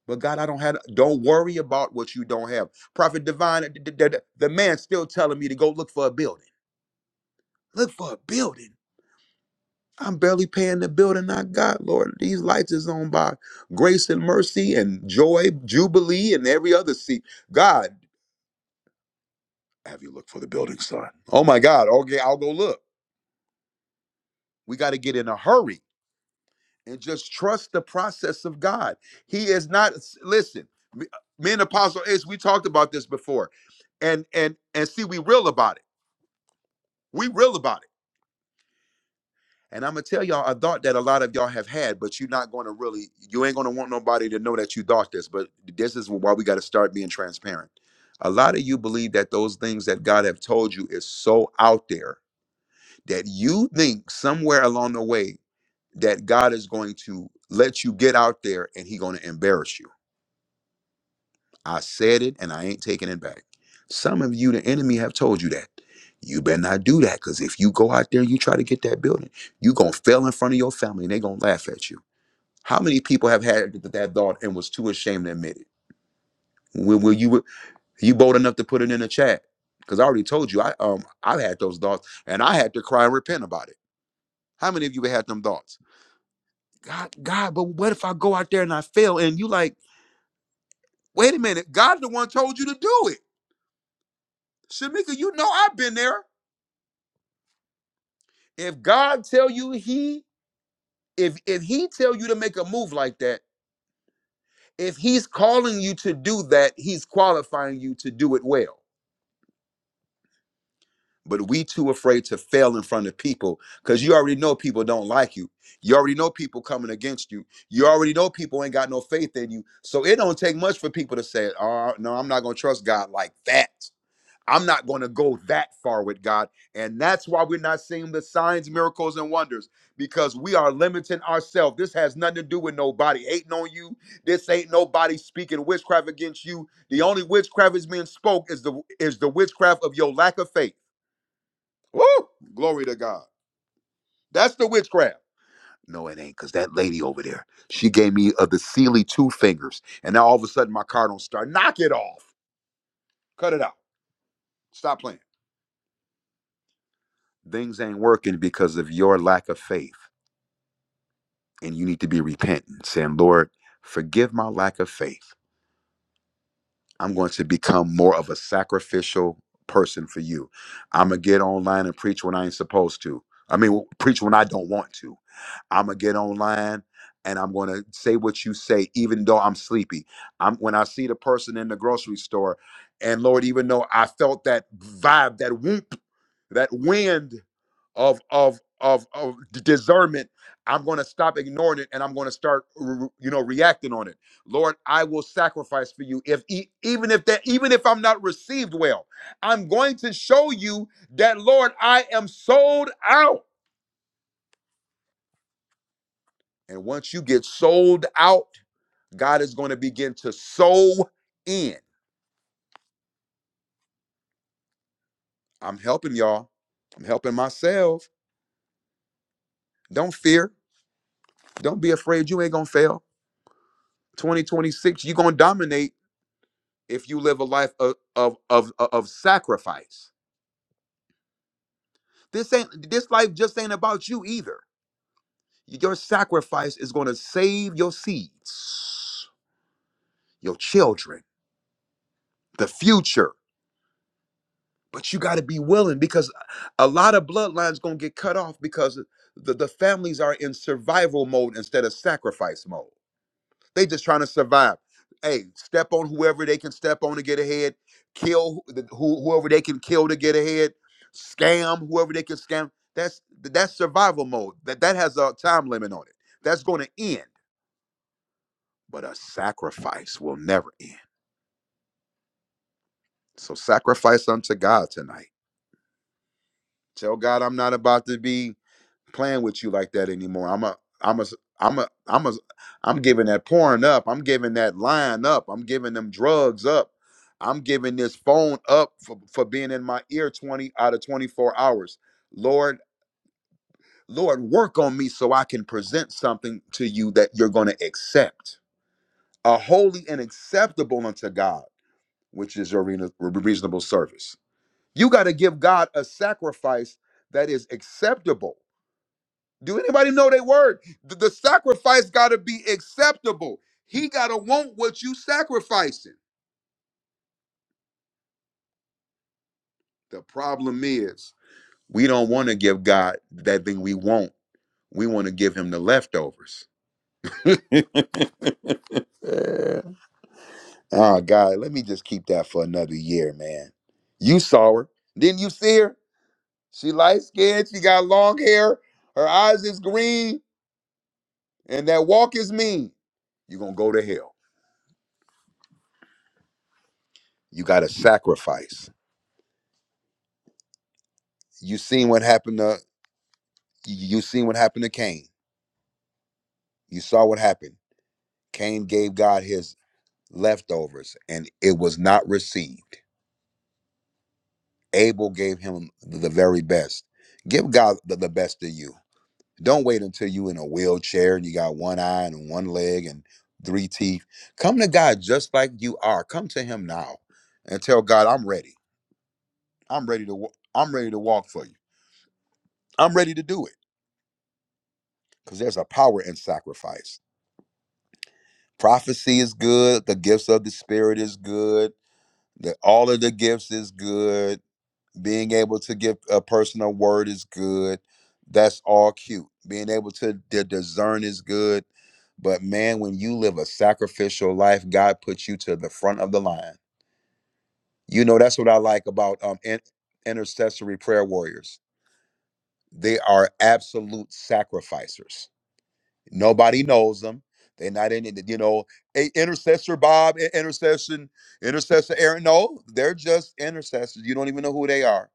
Speaker 1: But God, I don't have. Don't worry about what you don't have. Prophet Divine, the, the, the the man's still telling me to go look for a building. Look for a building. I'm barely paying the building I got, Lord. These lights is on by grace and mercy and joy, jubilee, and every other seat. God. Have you looked for the building sign? Oh my God. Okay, I'll go look. We got to get in a hurry and just trust the process of God. He is not listen, me, me and Apostle Ace, we talked about this before. And and and see, we real about it. We real about it. And I'm gonna tell y'all a thought that a lot of y'all have had, but you're not gonna really, you ain't gonna want nobody to know that you thought this. But this is why we gotta start being transparent. A lot of you believe that those things that God have told you is so out there that you think somewhere along the way that God is going to let you get out there and he going to embarrass you. I said it and I ain't taking it back. Some of you, the enemy, have told you that. You better not do that because if you go out there and you try to get that building, you going to fail in front of your family and they going to laugh at you. How many people have had th- that thought and was too ashamed to admit it? Will, will you you bold enough to put it in the chat? Because I already told you, I um I've had those thoughts and I had to cry and repent about it. How many of you have had them thoughts? God, God, but what if I go out there and I fail? And you like, wait a minute, God's the one told you to do it. Shamika, you know I've been there. If God tell you he, if if he tell you to make a move like that, if he's calling you to do that, he's qualifying you to do it well. But we too afraid to fail in front of people because you already know people don't like you. You already know people coming against you. You already know people ain't got no faith in you. So it don't take much for people to say, oh no, I'm not gonna trust God like that. I'm not going to go that far with God. And that's why we're not seeing the signs, miracles, and wonders because we are limiting ourselves. This has nothing to do with nobody hating on you. This ain't nobody speaking witchcraft against you. The only witchcraft is being spoke is the is the witchcraft of your lack of faith. Woo! Glory to God. That's the witchcraft. No, it ain't, because that lady over there, she gave me uh, the Sealy two fingers. And now all of a sudden my car don't start. Knock it off. Cut it out. Stop playing. things ain't working because of your lack of faith and you need to be repentant saying lord forgive my lack of faith I'm going to become more of a sacrificial person for you. I'm going to get online and preach when I ain't supposed to. I mean, preach when I don't want to. I'm gonna get online and I'm gonna say what you say, even though I'm sleepy. I'm when I see the person in the grocery store, and Lord, even though I felt that vibe, that whoop, that wind of of of, of d- discernment, I'm gonna stop ignoring it and I'm gonna start, r- r- you know, reacting on it. Lord, I will sacrifice for you. If e- even if that, even if I'm not received well, I'm going to show you that, Lord, I am sold out. And once you get sold out, God is going to begin to sow in. I'm helping y'all. I'm helping myself. Don't fear. Don't be afraid. You ain't gonna fail. 2026, you're gonna dominate if you live a life of of of, of sacrifice. This ain't this life just ain't about you either. Your sacrifice is going to save your seeds, your children, the future. But you got to be willing because a lot of bloodlines going to get cut off because the, the families are in survival mode instead of sacrifice mode. They just trying to survive. Hey, step on whoever they can step on to get ahead. Kill who, the- who- whoever they can kill to get ahead. Scam whoever they can scam. That's that's survival mode. That that has a time limit on it. That's going to end but a sacrifice will never end. So sacrifice unto God tonight. Tell God I'm not about to be playing with you like that anymore. I'm a I'm a I'm a I'm a I'm giving that porn up. I'm giving that lying up. I'm giving them drugs up. I'm giving this phone up for, for being in my ear 20 out of 24 hours. Lord, Lord, work on me so I can present something to you that you're going to accept. A holy and acceptable unto God, which is your reasonable service. You got to give God a sacrifice that is acceptable. Do anybody know that word? The, the sacrifice got to be acceptable. He got to want what you sacrificing. The problem is, we don't want to give God that thing we want. We want to give him the leftovers. oh, God, let me just keep that for another year, man. You saw her. Didn't you see her? She light skinned. She got long hair. Her eyes is green. And that walk is mean. You're gonna go to hell. You gotta sacrifice. You seen what happened to you seen what happened to Cain. You saw what happened. Cain gave God his leftovers and it was not received. Abel gave him the very best. Give God the, the best of you. Don't wait until you in a wheelchair and you got one eye and one leg and three teeth. Come to God just like you are. Come to him now and tell God, I'm ready. I'm ready to wa- I'm ready to walk for you. I'm ready to do it because there's a power in sacrifice. Prophecy is good. The gifts of the Spirit is good. The, all of the gifts is good. Being able to give a person a word is good. That's all cute. Being able to di- discern is good. But man, when you live a sacrificial life, God puts you to the front of the line. You know, that's what I like about um, in- intercessory prayer warriors. They are absolute sacrificers Nobody knows them. They're not in it. You know, a intercessor Bob, i- intercession, intercessor Aaron. No, they're just intercessors. You don't even know who they are.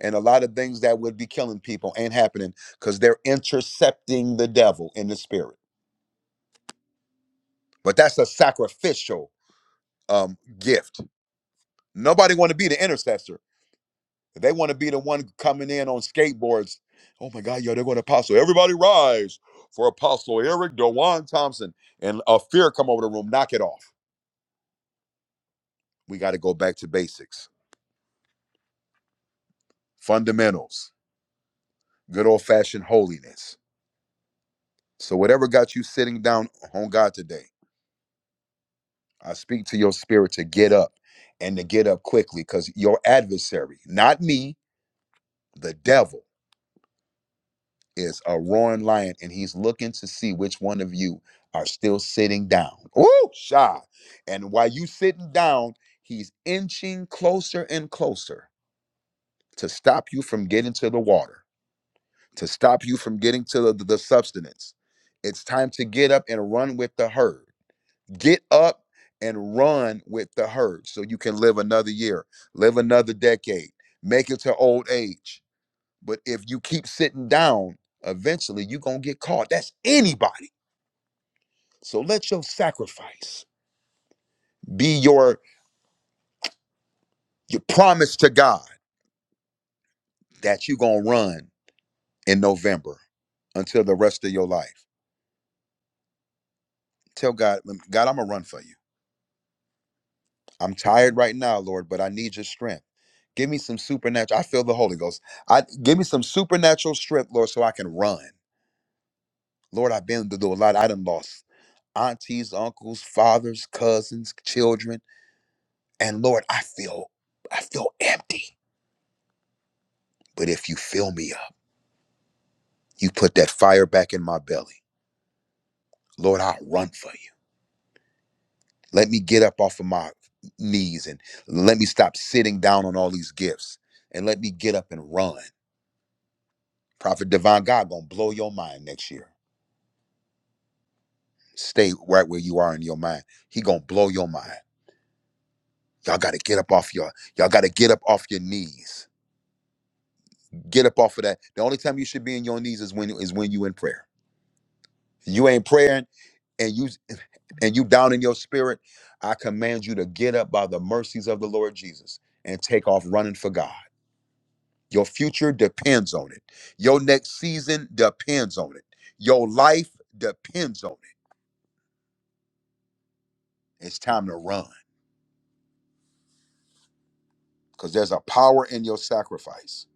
Speaker 1: And a lot of things that would be killing people ain't happening because they're intercepting the devil in the spirit. But that's a sacrificial um, gift. Nobody want to be the intercessor. They want to be the one coming in on skateboards. Oh my God, yo, they're going to apostle. Everybody rise for Apostle Eric Dewan Thompson. And a fear come over the room. Knock it off. we got to go back to basics, fundamentals, good old fashioned holiness. So, whatever got you sitting down on God today, I speak to your spirit to get up and to get up quickly because your adversary, not me, the devil, is a roaring lion and he's looking to see which one of you are still sitting down. Ooh, shy. And while you sitting down, he's inching closer and closer to stop you from getting to the water. to stop you from getting to the, the substance. It's time to get up and run with the herd. Get up and run with the herd so you can live another year, live another decade, make it to old age. But if you keep sitting down, eventually you're going to get caught. That's anybody. So let your sacrifice be your, your promise to God that you're going to run in November until the rest of your life. Tell God, God, I'm going to run for you. I'm tired right now, Lord, but I need your strength. Give me some supernatural. I feel the Holy Ghost. I give me some supernatural strength, Lord, so I can run. Lord, I've been through a lot. I done lost aunties, uncles, fathers, cousins, children. And Lord, I feel I feel empty. But if you fill me up, you put that fire back in my belly. Lord, I'll run for you. Let me get up off of my knees and let me stop sitting down on all these gifts. And let me get up and run. Prophet Devon God gonna blow your mind next year. Stay right where you are in your mind. He gonna blow your mind. Y'all gotta get up off your y'all gotta get up off your knees. Get up off of that. The only time you should be in your knees is when is when you in prayer. You ain't praying and you and you down in your spirit. I command you to get up by the mercies of the Lord Jesus and take off running for God. Your future depends on it. Your next season depends on it. Your life depends on it. It's time to run. because there's a power in your sacrifice.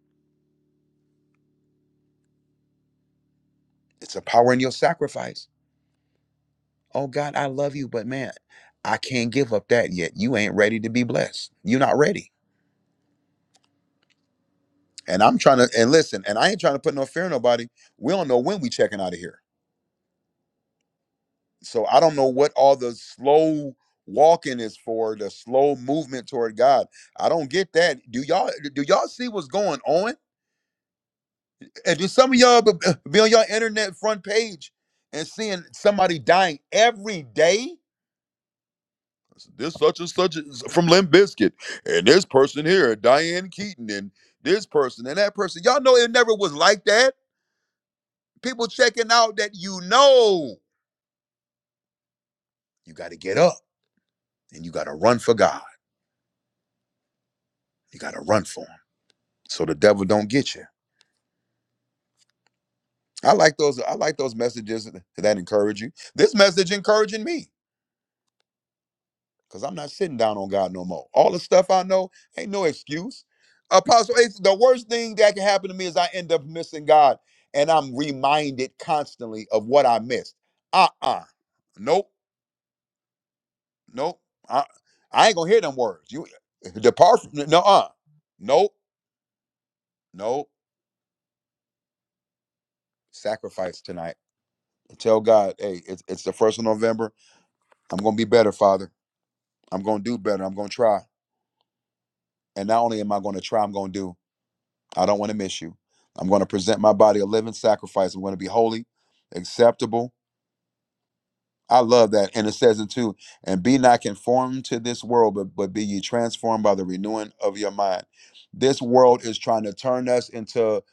Speaker 1: It's a power in your sacrifice. Oh God, I love you, but man, I can't give up that yet. You ain't ready to be blessed. You're not ready. And I'm trying to and listen, and I ain't trying to put no fear in nobody. We don't know when we checking out of here. So I don't know what all the slow walking is for, the slow movement toward God. I don't get that. Do y'all do y'all see what's going on? And do some of y'all be be on your internet front page and seeing somebody dying every day? this such and such is from Limp Bizkit, and this person here, Diane Keaton, and this person and that person. Y'all know it never was like that. People checking out that you know you got to get up and you got to run for God. You got to run for Him so the devil don't get you. I like those. I like those messages that encourage you. This message encouraging me. because I'm not sitting down on God no more. All the stuff I know ain't no excuse. Apostle Ace, the worst thing that can happen to me is I end up missing God and I'm reminded constantly of what I missed. Uh uh Nope. Nope. I, I ain't gonna hear them words. You eh, depart from no uh. Nope. Nope. Sacrifice tonight. Tell God, hey, it's, it's the first of November. I'm gonna be better, Father. I'm gonna do better. I'm gonna try. And not only am I gonna try, I'm gonna do. I don't want to miss you. I'm going to present my body a living sacrifice. I'm going to be holy, acceptable. I love that. And it says in two, and be not conformed to this world, but, but be ye transformed by the renewing of your mind. This world is trying to turn us into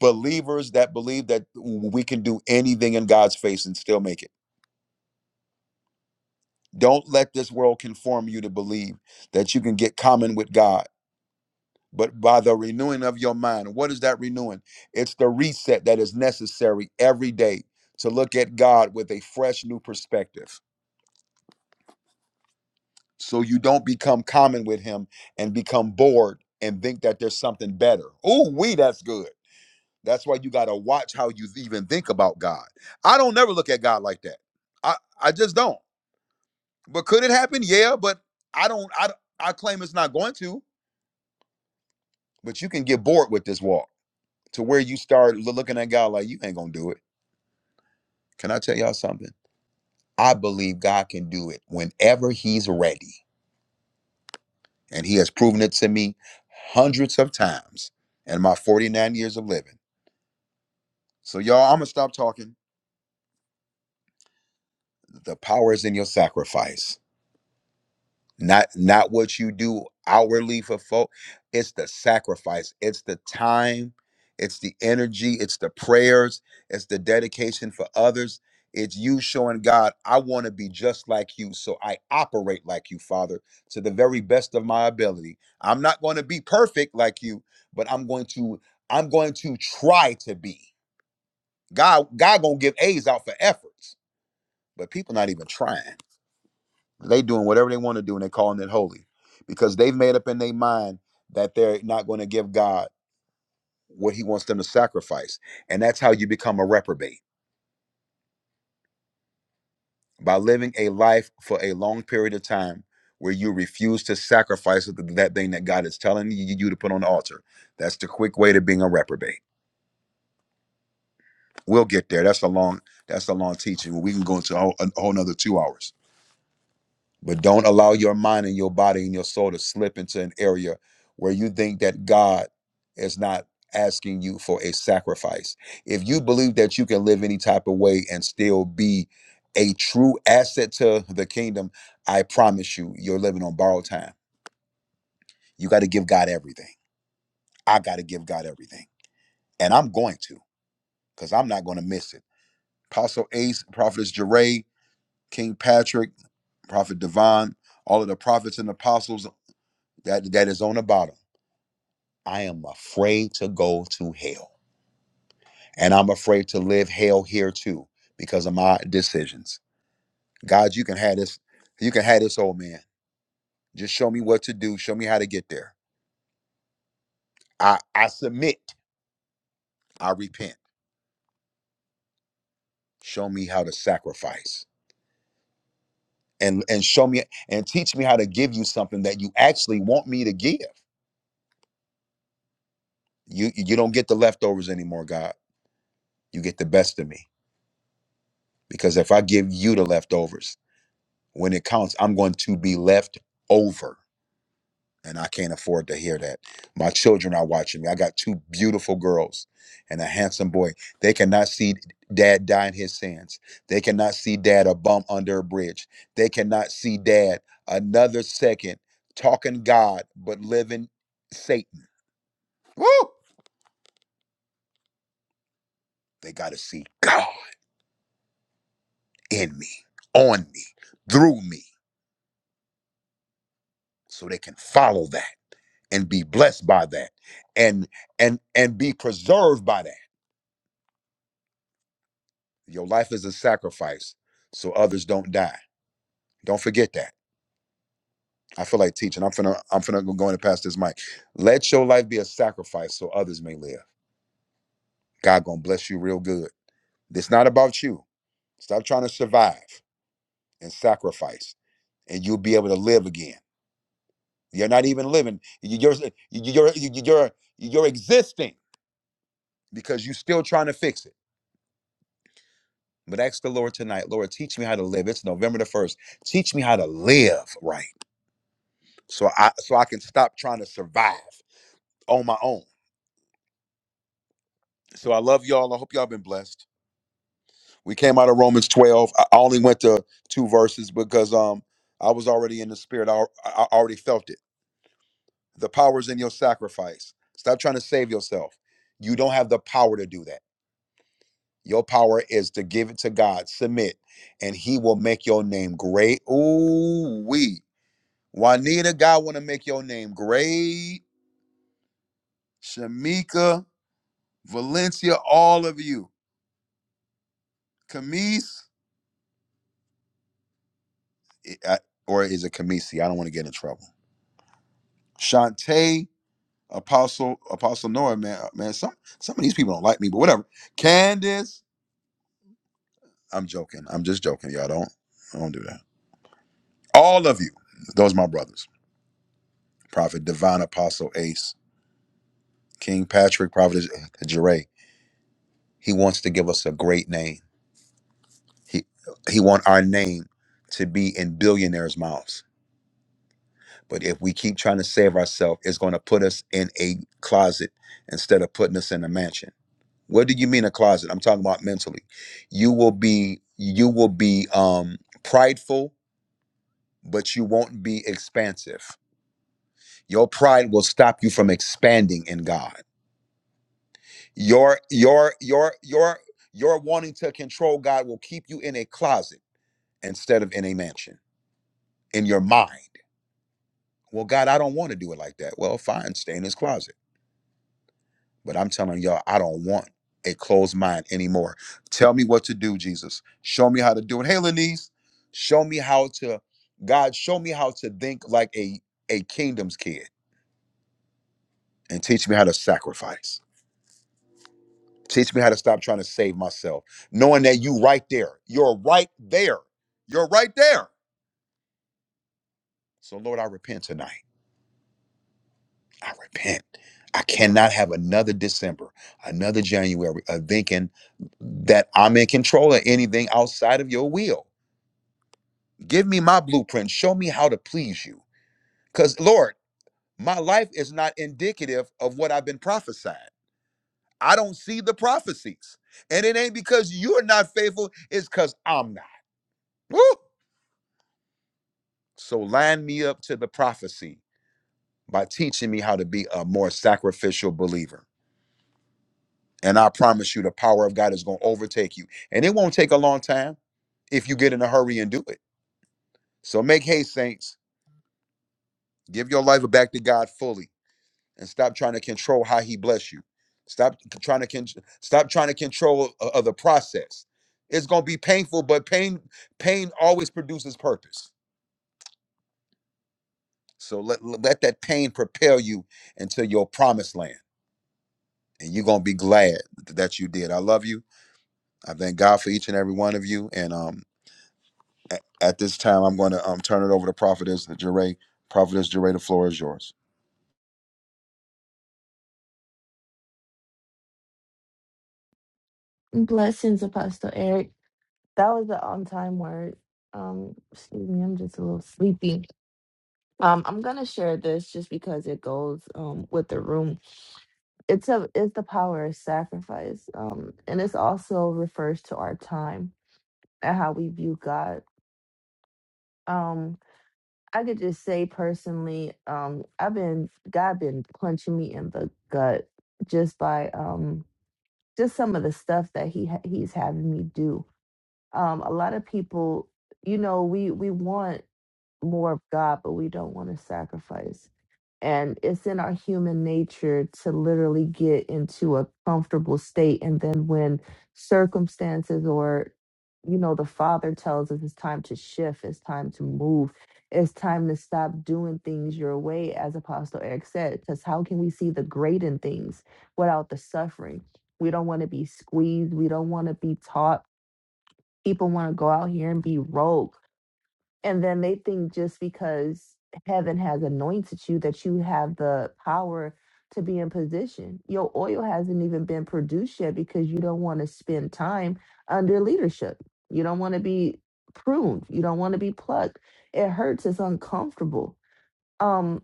Speaker 1: believers that believe that we can do anything in God's face and still make it. Don't let this world conform you to believe that you can get common with God but by the renewing of your mind. What is that renewing? It's the reset that is necessary every day to look at God with a fresh new perspective. So you don't become common with him and become bored and think that there's something better. Oh, we that's good. That's why you got to watch how you even think about God. I don't never look at God like that. I I just don't. But could it happen? Yeah, but I don't I I claim it's not going to, but you can get bored with this walk to where you start lo- looking at God like you ain't going to do it Can I tell y'all something? I believe God can do it whenever He's ready. And He has proven it to me hundreds of times in my 49 years of living. So, y'all, I'm going to stop talking. The power is in your sacrifice. not not what you do hourly for folk it's the sacrifice it's the time it's the energy it's the prayers it's the dedication for others it's you showing god i want to be just like you so i operate like you father to the very best of my ability i'm not going to be perfect like you but i'm going to i'm going to try to be god god gonna give a's out for efforts but people not even trying they doing whatever they want to do and they calling it holy because they've made up in their mind that they're not going to give god what he wants them to sacrifice and that's how you become a reprobate by living a life for a long period of time where you refuse to sacrifice that thing that god is telling you, you to put on the altar that's the quick way to being a reprobate we'll get there that's a long that's a long teaching we can go into a whole, a whole another two hours But don't allow your mind and your body and your soul to slip into an area where you think that God is not asking you for a sacrifice. If you believe that you can live any type of way and still be a true asset to the kingdom, I promise you, you're living on borrowed time. You got to give God everything. I got to give God everything. And I'm going to, because I'm not going to miss it. Apostle Ace, Prophetess Jeray, King Patrick, Prophet Devon, all of the prophets and apostles that that is on the bottom. I am afraid to go to hell. And I'm afraid to live hell here too because of my decisions. God, you can have this, you can have this old man. Just show me what to do. Show me how to get there. I, I submit. I repent. Show me how to sacrifice. And and show me and teach me how to give you something that you actually want me to give. You you don't get the leftovers anymore, God. You get the best of me. Because if I give you the leftovers, when it counts, I'm going to be left over. And I can't afford to hear that. My children are watching me. I got two beautiful girls and a handsome boy. They cannot see dad die in his sins. They cannot see dad a bump under a bridge. They cannot see dad another second talking God, but living Satan. Woo! They got to see God in me, on me, through me, so they can follow that. and be blessed by that and and and be preserved by that your life is a sacrifice so others don't die don't forget that i feel like teaching i'm finna i'm finna go in and pass this mic let your life be a sacrifice so others may live god gonna bless you real good it's not about you stop trying to survive and sacrifice and you'll be able to live again you're not even living You- you're you're you're, you're, you're existing because you're still trying to fix it But ask the Lord tonight, Lord, teach me how to live. It's November the first. Teach me how to live right, so I so I can stop trying to survive on my own. So I love y'all. I hope y'all been blessed. We came out of Romans twelve. I I only went to two verses because um I was already in the spirit. I, al- I already felt it. The power is in your sacrifice. Stop trying to save yourself. You don't have the power to do that. Your power is to give it to God, submit, and He will make your name great. Ooh, we. Juanita, God want to make your name great. Shamika, Valencia, all of you. Camise, or is it Camisi? I don't want to get in trouble. Shantae, Apostle, Apostle Nora, man, uh, man, some some of these people don't like me, but whatever. Candace, I'm joking. I'm just joking, y'all. Don't don't do that. All of you, those are my brothers. Prophet Divine Apostle Ace, King Patrick, Prophet Jere. He wants to give us a great name. He he want our name to be in billionaires' mouths. But if we keep trying to save ourselves, it's going to put us in a closet instead of putting us in a mansion. What do you mean a closet? I'm talking about mentally. You will be you will be um prideful, but you won't be expansive. Your pride will stop you from expanding in God. Your your your your your wanting to control God will keep you in a closet instead of in a mansion in your mind. Well, God, I don't want to do it like that. Well, fine, stay in his closet. But I'm telling y'all, I don't want a closed mind anymore. Tell me what to do, Jesus. Show me how to do it. Hey, Lenise, show me how to, God, show me how to think like a, a kingdom's kid and teach me how to sacrifice. Teach me how to stop trying to save myself, knowing that you right there. You're right there. You're right there. So, Lord, I repent tonight. I repent. I cannot have another December, another January of thinking that I'm in control of anything outside of your will. Give me my blueprint. Show me how to please you. Because, Lord, my life is not indicative of what I've been prophesying. I don't see the prophecies. And it ain't because you're not faithful, it's because I'm not. Woo! So line me up to the prophecy by teaching me how to be a more sacrificial believer. And I promise you, the power of God is going to overtake you. And it won't take a long time if you get in a hurry and do it. So make haste, saints. Give your life back to God fully and stop trying to control how He bless you. Stop trying to con- stop trying to control o- of the process. It's going to be painful, but pain pain always produces purpose. So let, let that pain propel you into your promised land. And you're going to be glad that you did. I love you. I thank God for each and every one of you. And um, at, at this time, I'm going to um, turn it over to Prophetess Jeray. Prophetess Jeray, the floor is yours.
Speaker 4: Blessings, Apostle Eric. That was an on-time word. Um, excuse me, I'm just a little sleepy. Um, I'm gonna share this just because it goes um with the room. It's a it's the power of sacrifice. Um, and it's also refers to our time and how we view God. Um, I could just say personally, um, I've been God been punching me in the gut just by um just some of the stuff that he ha- he's having me do um, a lot of people, you know, we we want more of God, but we don't want to sacrifice. And it's in our human nature to literally get into a comfortable state, and then when circumstances or you know the Father tells us it's time to shift, it's time to move, it's time to stop doing things your way, as Apostle Eric said. Because how can we see the great in things without the suffering? We don't want to be squeezed. We don't want to be taught people want to go out here and be rogue. And then they think just because heaven has anointed you that you have the power to be in position. Your oil hasn't even been produced yet because you don't want to spend time under leadership. You don't want to be pruned. You don't want to be plucked. It hurts. It's uncomfortable. Um,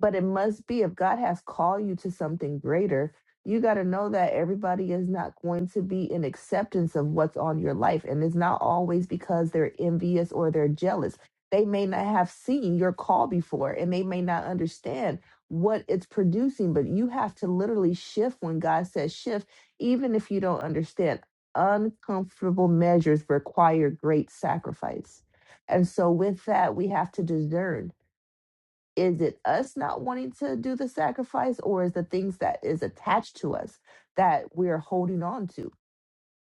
Speaker 4: but it must be if God has called you to something greater, you got to know that everybody is not going to be in acceptance of what's on your life. And it's not always because they're envious or they're jealous. They may not have seen your call before and they may not understand what it's producing, but you have to literally shift when God says shift, even if you don't understand. Uncomfortable measures require great sacrifice. And so, with that, we have to discern is it us not wanting to do the sacrifice or is the things that is attached to us that we're holding on to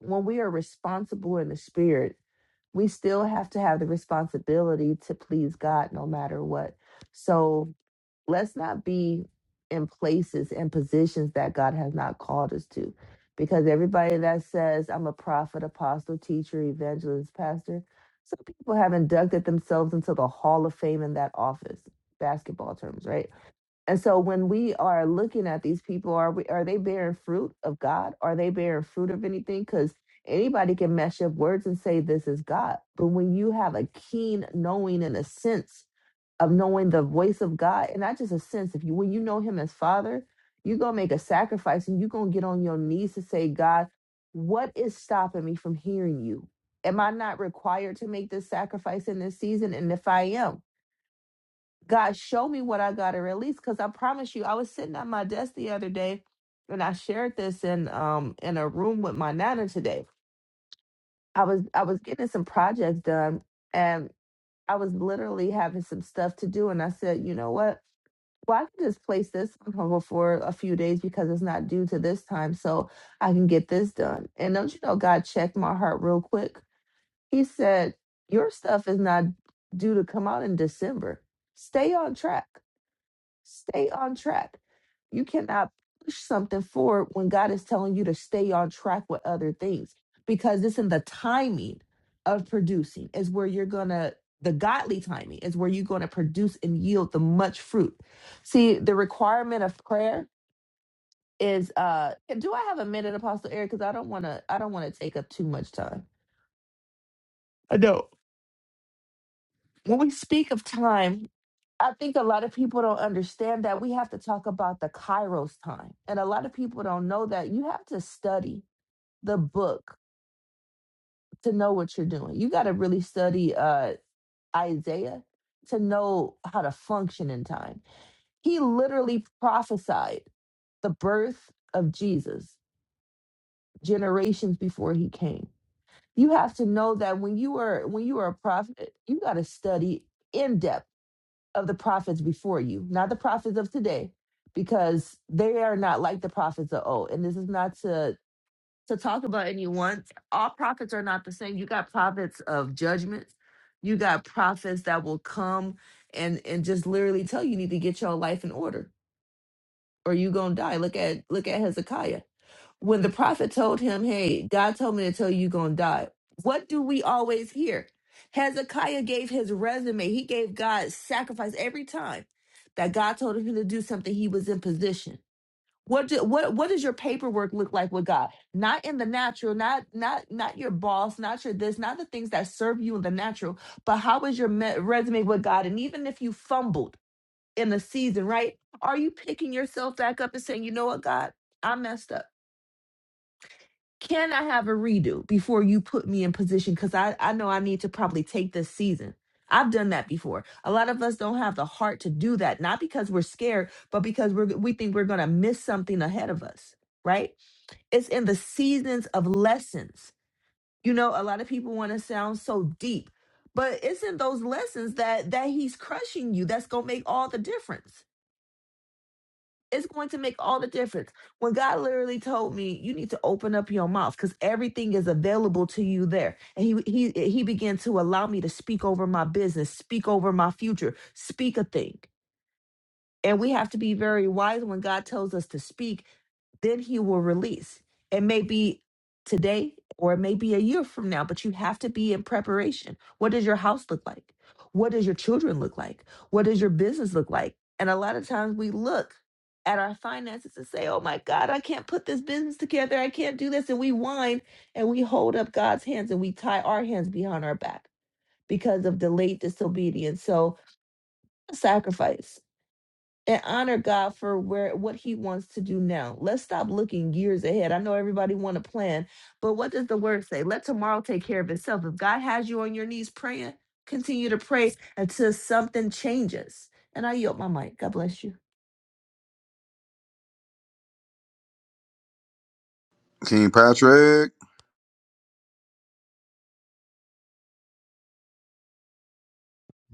Speaker 4: when we are responsible in the spirit we still have to have the responsibility to please god no matter what so let's not be in places and positions that god has not called us to because everybody that says i'm a prophet apostle teacher evangelist pastor some people have inducted themselves into the hall of fame in that office basketball terms right and so when we are looking at these people, are we are they bearing fruit of God? Are they bearing fruit of anything? Because anybody can mash up words and say this is God. But when you have a keen knowing and a sense of knowing the voice of God, and not just a sense, if you when you know him as father, you're gonna make a sacrifice and you're gonna get on your knees to say, God, what is stopping me from hearing you? Am I not required to make this sacrifice in this season? And if I am, God, show me what I got to release. Because I promise you, I was sitting at my desk the other day, and I shared this in um in a room with my nana today. I was I was getting some projects done, and I was literally having some stuff to do, and I said, you know what? Well, I can just place this on hold for a few days because it's not due to this time, so I can get this done. And don't you know, God checked my heart real quick. He said, your stuff is not due to come out in December. Stay on track Stay on track. You cannot push something forward when God is telling you to stay on track with other things because it's in the timing of producing is where you're going to the godly timing is where you're going to produce and yield the much fruit. See, the requirement of prayer is uh do I have a minute apostle Eric cuz I don't want to I don't want to take up too much time. I know. When we speak of time, I think a lot of people don't understand that we have to talk about the Kairos time. And a lot of people don't know that you have to study the book to know what you're doing. You got to really study uh, Isaiah to know how to function in time. He literally prophesied the birth of Jesus generations before he came. You have to know that when you are when you are a prophet, you got to study in depth of the prophets before you, not the prophets of today, because they are not like the prophets of old. And this is not to to talk about anyone. All prophets are not the same. You got prophets of judgments. You got prophets that will come and and just literally tell you, you need to get your life in order or you gonna die. Look at look at Hezekiah when the prophet told him, Hey, God told me to tell you you're gonna die, what do we always hear? Hezekiah gave his resume, he gave God sacrifice every time that God told him to do something, he was in position. What do, what what does your paperwork look like with God? Not in the natural, not not not your boss, not your this, not the things that serve you in the natural, but how is your me- resume with God? And even if you fumbled in the season, right? Are you picking yourself back up and saying, you know what, God, I messed up. Can I have a redo before you put me in position? Because I, I know I need to probably take this season. I've done that before. A lot of us don't have the heart to do that, not because we're scared, but because we're, we think we're going to miss something ahead of us, right? It's in the seasons of lessons. You know, a lot of people want to sound so deep, but it's in those lessons that that he's crushing you. That's going to make all the difference it's going to make all the difference. When God literally told me, you need to open up your mouth because everything is available to you there. And he he he began to allow me to speak over my business, speak over my future, speak a thing. And we have to be very wise when God tells us to speak then he will release. It may be today or it may be a year from now, but you have to be in preparation. What does your house look like? What does your children look like? What does your business look like? And a lot of times we look at our finances and say, oh my God, I can't put this business together. I can't do this. And we whine and we hold up God's hands and we tie our hands behind our back because of delayed disobedience. So, sacrifice and honor God for where what he wants to do now. Let's stop looking years ahead. I know everybody want to plan, but what does the word say? Let tomorrow take care of itself. If God has you on your knees praying, continue to pray until something changes. And I yield my mic. God bless you.
Speaker 1: King Patrick.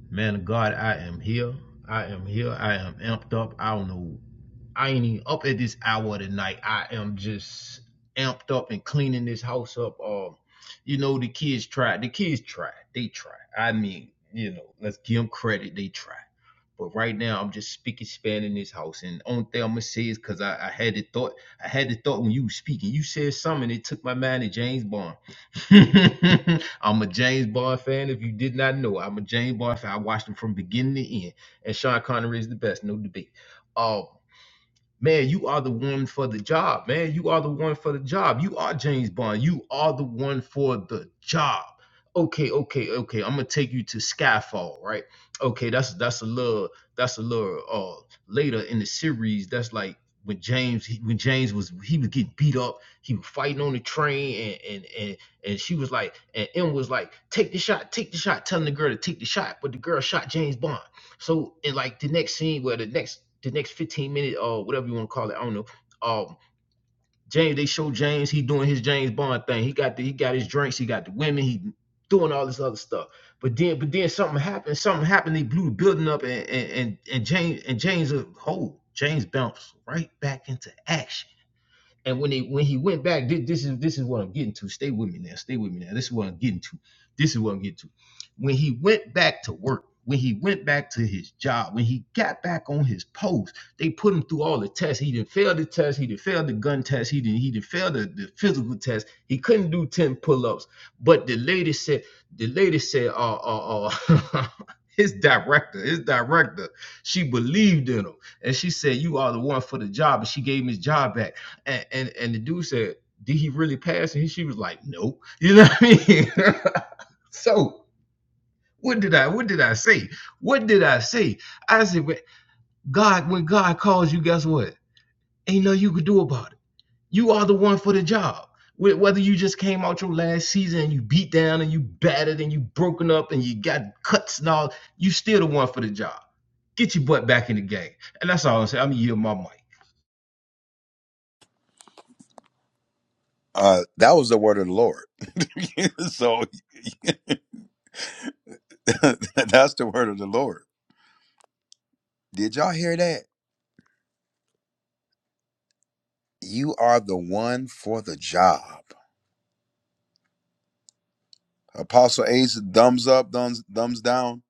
Speaker 3: Man, of God, I am here. I am here. I am amped up. I don't know. I ain't even up at this hour of the night. I am just amped up and cleaning this house up. Um, you know the kids tried. The kids tried. They tried. I mean, you know, let's give them credit. They tried. But right now, I'm just speaking span in this house. And only thing I'm gonna say is because I, I had the thought, I had the thought when you were speaking. You said something, it took my mind to James Bond. I'm a James Bond fan. If you did not know, I'm a James Bond fan. I watched him from beginning to end. And Sean Connery is the best, no debate. Um, Man, you are the one for the job. Man, you are the one for the job. You are James Bond. You are the one for the job. Okay, okay, okay. I'm gonna take you to Skyfall, right? Okay, that's that's a little that's a little uh later in the series. That's like when James he, when James was he was getting beat up. He was fighting on the train, and and and and she was like, and M was like, take the shot, take the shot, telling the girl to take the shot, but the girl shot James Bond. So in like the next scene, where well, the next the next 15 minute or uh, whatever you want to call it, I don't know. Um, James, they show James, he doing his James Bond thing. He got the he got his drinks, he got the women, he doing all this other stuff. But then but then something happened, something happened, they blew the building up and and and, and James and James a whole James bounced right back into action. And when they when he went back, this, this is this is what I'm getting to. Stay with me now. Stay with me now. This is what I'm getting to. This is what I'm getting to. When he went back to work, when he went back to his job, when he got back on his post, they put him through all the tests. He didn't fail the test. He didn't fail the gun test. He didn't he didn't fail the, the physical test. He couldn't do 10 pull-ups. But the lady said, the lady said, uh uh uh his director, his director, she believed in him. And she said, You are the one for the job. And she gave him his job back and and, and the dude said, Did he really pass? And she was like, Nope. You know what I mean? so what did I what did I say? What did I say? I said, "When- God, when God calls you, guess what? Ain't nothing you could do about it. You are the one for the job. Whether you just came out your last season and you beat down and you battered and you broken up and you got cuts and all, you still the one for the job. Get your butt back in the game. And that's all i say. I'm gonna yield my mic.
Speaker 1: Uh, that was the word of the Lord. so that's the word of the Lord. Did y'all hear that? You are the one for the job. Apostle Ace, thumbs up, thumbs thumbs down.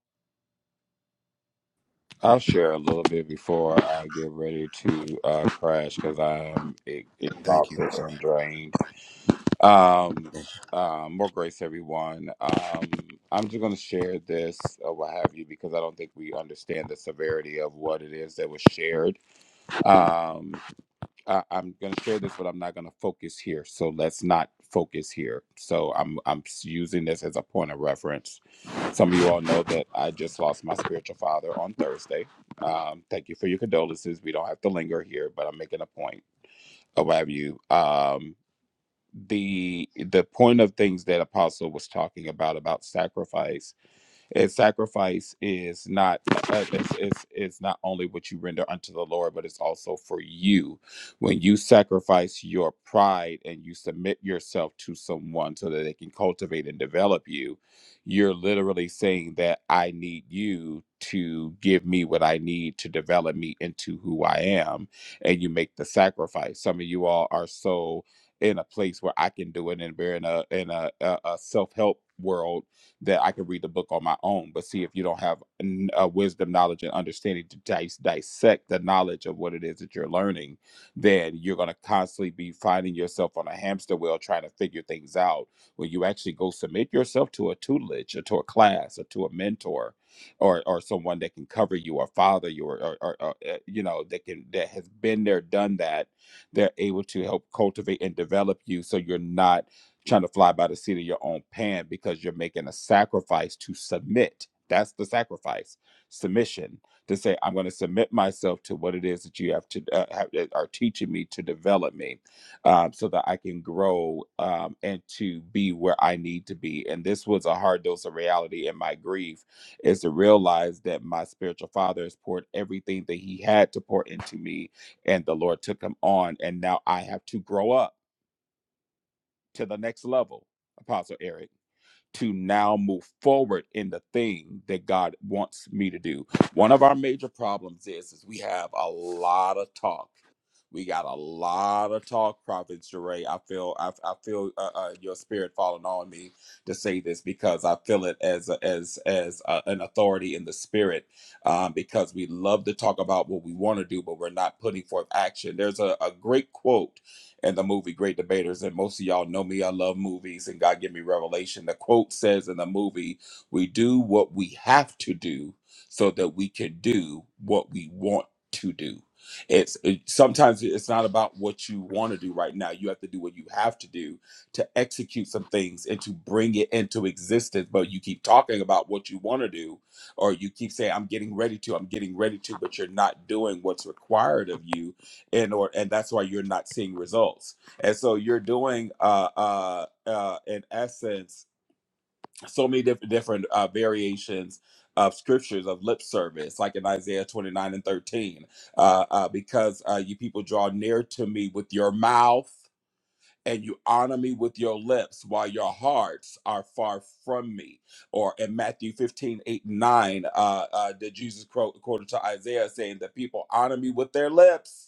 Speaker 5: I'll share a little bit before I get ready to uh, crash because I am e-
Speaker 1: Thank you.
Speaker 5: exhausted and drained. Um, um, more grace, everyone. Um, I'm just going to share this or what have you because I don't think we understand the severity of what it is that was shared. Um, I, I'm going to share this, but I'm not going to focus here. So let's not focus here. So I'm I'm s- using this as a point of reference. Some of you all know that I just lost my spiritual father on Thursday. Um, thank you for your condolences. We don't have to linger here, but I'm making a point of what have you. Um, the the point of things that Apostle was talking about about sacrifice and sacrifice is not uh, it's, it's, it's not only what you render unto the Lord, but it's also for you. When you sacrifice your pride and you submit yourself to someone so that they can cultivate and develop you, you're literally saying that I need you to give me what I need to develop me into who I am. And you make the sacrifice. Some of you all are so in a place where I can do it, and we're in a in a, a, a self help world that I could read the book on my own. But see, if you don't have n- uh, wisdom, knowledge, and understanding to dis- dissect the knowledge of what it is that you're learning, then you're going to constantly be finding yourself on a hamster wheel trying to figure things out. When you actually go submit yourself to a tutelage or to a class or to a mentor or or someone that can cover you or father you or, or, or, or uh, you know that can that has been there done that they're able to help cultivate and develop you so you're not trying to fly by the seat of your own pants because you're making a sacrifice to submit. That's the sacrifice, submission to say, I'm going to submit myself to what it is that you have to uh, have, are teaching me to develop me um, so that I can grow um, and to be where I need to be. And this was a hard dose of reality in my grief is to realize that my spiritual father has poured everything that he had to pour into me, and the Lord took him on. And now I have to grow up to the next level, Apostle Eric, to now move forward in the thing that God wants me to do. One of our major problems is, is we have a lot of talk. We got a lot of talk, Prophet Jeray. I feel, I, I feel uh, uh, your spirit falling on me to say this because I feel it as a, as as uh an authority in the spirit. Um, because we love to talk about what we want to do, but we're not putting forth action. There's a, a great quote and the movie Great Debaters. And most of y'all know me. I love movies and God give me revelation. The quote says in the movie, We do what we have to do so that we can do what we want to do. It's it, sometimes it's not about what you want to do right now. You have to do what you have to do to execute some things and to bring it into existence. But you keep talking about what you want to do, or you keep saying, I'm getting ready to, I'm getting ready to, but you're not doing what's required of you and or and that's why you're not seeing results and so you're doing uh uh, uh in essence so many diff- different uh variations of scriptures of lip service like in isaiah 29 and 13 uh, uh because uh you people draw near to me with your mouth and you honor me with your lips while your hearts are far from me or in matthew 158 and 9 uh uh did jesus quote quoted to isaiah saying that people honor me with their lips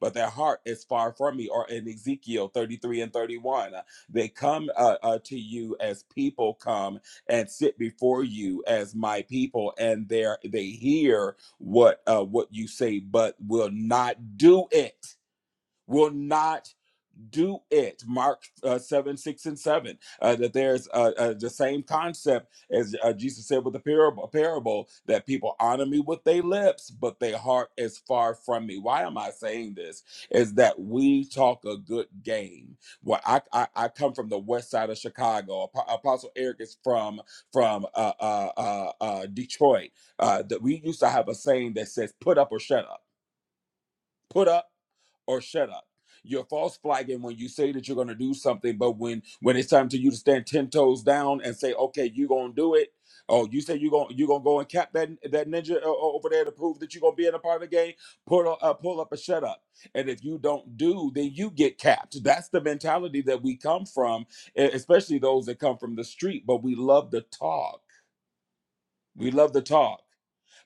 Speaker 5: but their heart is far from me. Or in Ezekiel 33 and 31, uh, they come uh, uh, to you as people come and sit before you as my people, and there they hear what uh, what you say, but will not do it. Will not do it mark uh, 7 6 and 7 uh, that there's uh, uh, the same concept as uh, jesus said with the parable, parable that people honor me with their lips but their heart is far from me why am i saying this is that we talk a good game well i i, I come from the west side of chicago Ap- apostle eric is from from uh, uh, uh, uh, detroit uh, that we used to have a saying that says put up or shut up put up or shut up. You're false flagging when you say that you're going to do something, but when when it's time to you to stand ten toes down and say, "Okay, you gonna do it," oh, you say you gonna you gonna go and cap that that ninja o- o- over there to prove that you're gonna be in a part of the game. Pull up, uh, pull up a shut up, and if you don't do, then you get capped. That's the mentality that we come from, e- especially those that come from the street. But we love to talk. We love to talk.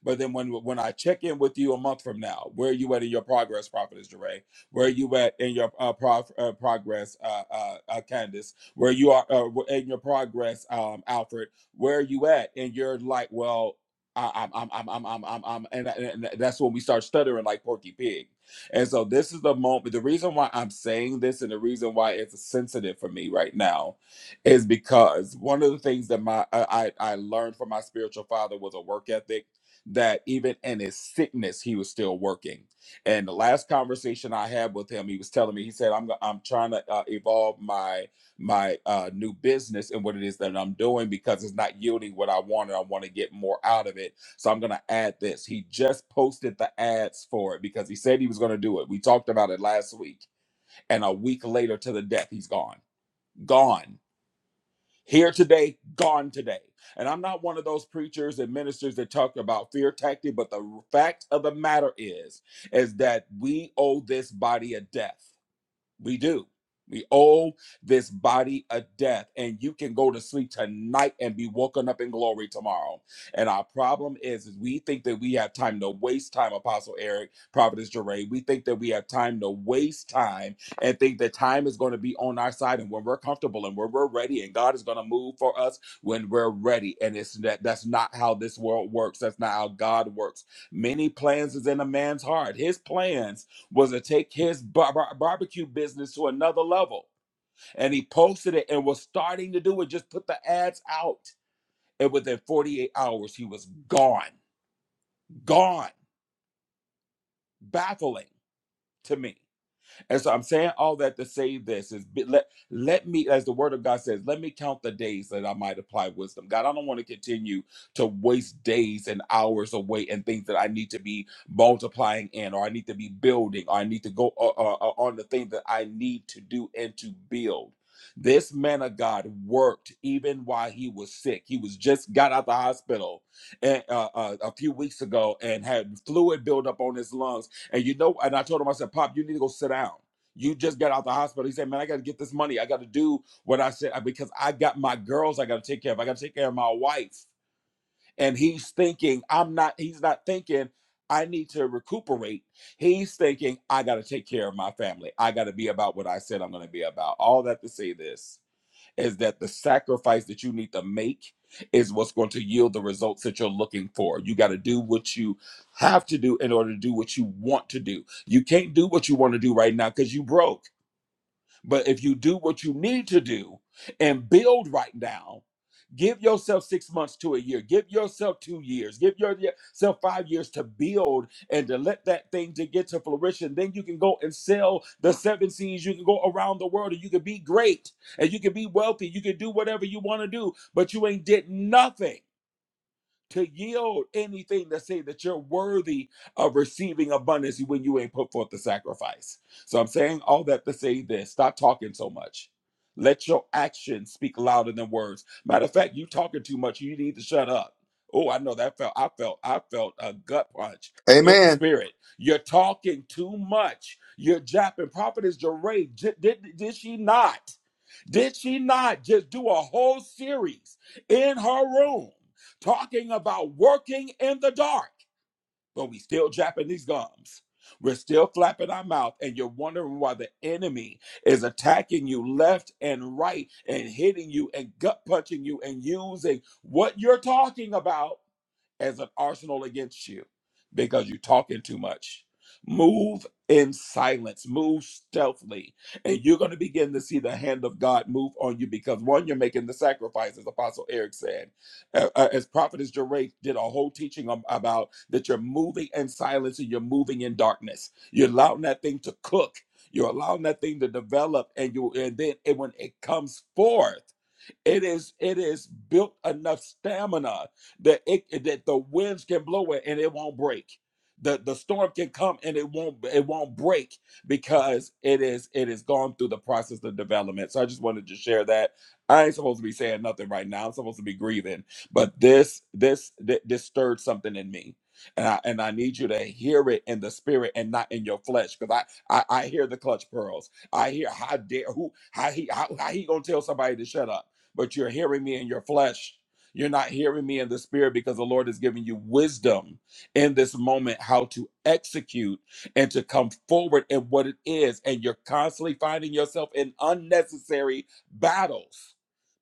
Speaker 5: But then when when I check in with you a month from now, where are you at in your progress, Prophetess Jeray? Where are you at in your uh, prof, uh, progress, uh, uh, uh, Candace? Where you are uh, in your progress, um, Alfred? Where are you at in your like? Well, I, I'm, I'm, I'm, I'm, I'm, I'm, and, and that's when we start stuttering like Porky Pig. And so this is the moment. The reason why I'm saying this, and the reason why it's sensitive for me right now, is because one of the things that my I I I learned from my spiritual father was a work ethic that even in his sickness he was still working and the last conversation i had with him he was telling me he said i'm i'm trying to uh, evolve my my uh, new business and what it is that i'm doing because it's not yielding what i wanted i want to get more out of it so i'm going to add this he just posted the ads for it because he said he was going to do it we talked about it last week and a week later to the death he's gone gone here today, gone today. And I'm not one of those preachers and ministers that talk about fear tactic, but the fact of the matter is, is that we owe this body a death. We do. We owe this body a death, and you can go to sleep tonight and be woken up in glory tomorrow. And our problem is, is we think that we have time to waste time, Apostle Eric, Providence Jeray. We think that we have time to waste time and think that time is going to be on our side and when we're comfortable and when we're ready, and God is going to move for us when we're ready. And it's that that's not how this world works. That's not how God works. Many plans is in a man's heart. His plans was to take his bar- bar- barbecue business to another level. And he posted it and was starting to do it, just put the ads out. And within 48 hours, he was gone, gone, baffling to me. And so I'm saying all that to say this is be- let let me, as the word of God says, let me count the days that I might apply wisdom. God, I don't want to continue to waste days and hours away and things that I need to be multiplying in, or I need to be building, or I need to go uh, uh, uh, on the thing that I need to do and to build. This man of God worked even while he was sick. He was just got out the hospital and, uh, uh, a few weeks ago and had fluid buildup on his lungs and you know, and I told him, I said, Pop, you need to go sit down. You just got out the hospital. He said, Man, I got to get this money. I got to do what I said because I got my girls I got to take care of. I got to take care of my wife. And he's thinking, I'm not, he's not thinking, I need to recuperate. He's thinking, I got to take care of my family. I got to be about what I said I'm going to be about. All that to say this is that the sacrifice that you need to make is what's going to yield the results that you're looking for. You got to do what you have to do in order to do what you want to do. You can't do what you want to do right now because you broke. But if you do what you need to do and build right now, give yourself six months to a year, give yourself two years, give yourself five years to build and to let that thing to get to fruition. Then you can go and sell the seven seas. You can go around the world and you can be great and you can be wealthy. You can do whatever you want to do, but you ain't did nothing to yield anything to say that you're worthy of receiving abundance when you ain't put forth the sacrifice. So I'm saying all that to say this stop talking so much. Let your actions speak louder than words. Matter of fact, you talking too much. You need to shut up. Oh, I know that felt, I felt, I felt a gut punch in the
Speaker 1: Amen.
Speaker 5: spirit. You're talking too much. You're japping. Prophetess Jeray, j- did, did she not? Did she not just do a whole series in her room? talking about working in the dark, but we still Japanese gums. We're still flapping our mouth, and you're wondering why the enemy is attacking you left and right and hitting you and gut punching you and using what you're talking about as an arsenal against you because you're talking too much. Move in silence, move stealthily, and you're going to begin to see the hand of God move on you because one, you're making the sacrifice, as Apostle Eric said, Uh, uh, as Prophetess Jeray did a whole teaching ab- about that you're moving in silence and you're moving in darkness. You're allowing that thing to cook. You're allowing that thing to develop, and you, and then it, when it comes forth. It is it is built enough stamina that it that the winds can blow it and it won't break. The the storm can come and it won't it won't break because it is it is gone through the process of development. So I just wanted to share that. I ain't supposed to be saying nothing right now. I'm supposed to be grieving, but this this thi- this stirred something in me. And I, and I need you to hear it in the spirit and not in your flesh because I, I I hear the clutch pearls I hear how dare who how he how, how he gonna tell somebody to shut up but you're hearing me in your flesh. You're not hearing me in the spirit because the Lord is giving you wisdom in this moment how to execute and to come forward in what it is. And you're constantly finding yourself in unnecessary battles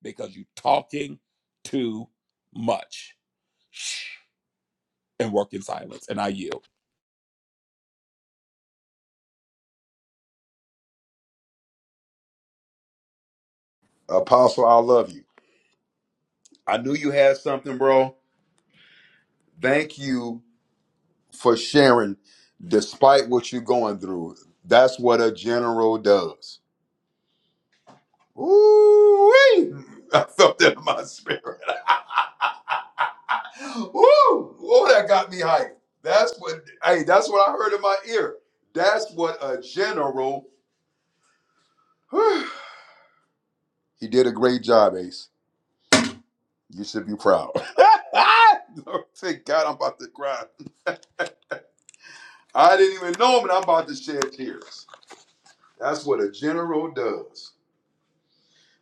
Speaker 5: because you're talking too much Shh, and work in silence. And I yield.
Speaker 1: Apostle, I love you. I knew you had something, bro. Thank you for sharing despite what you're going through. That's what a general does. Ooh, I felt that in my spirit. Woo! Oh, that got me hyped. That's what hey, that's what I heard in my ear. That's what a general. he did a great job, Ace. You should be proud. Lord, Thank God I'm about to cry. I didn't even know him and I'm about to shed tears. That's what a general does.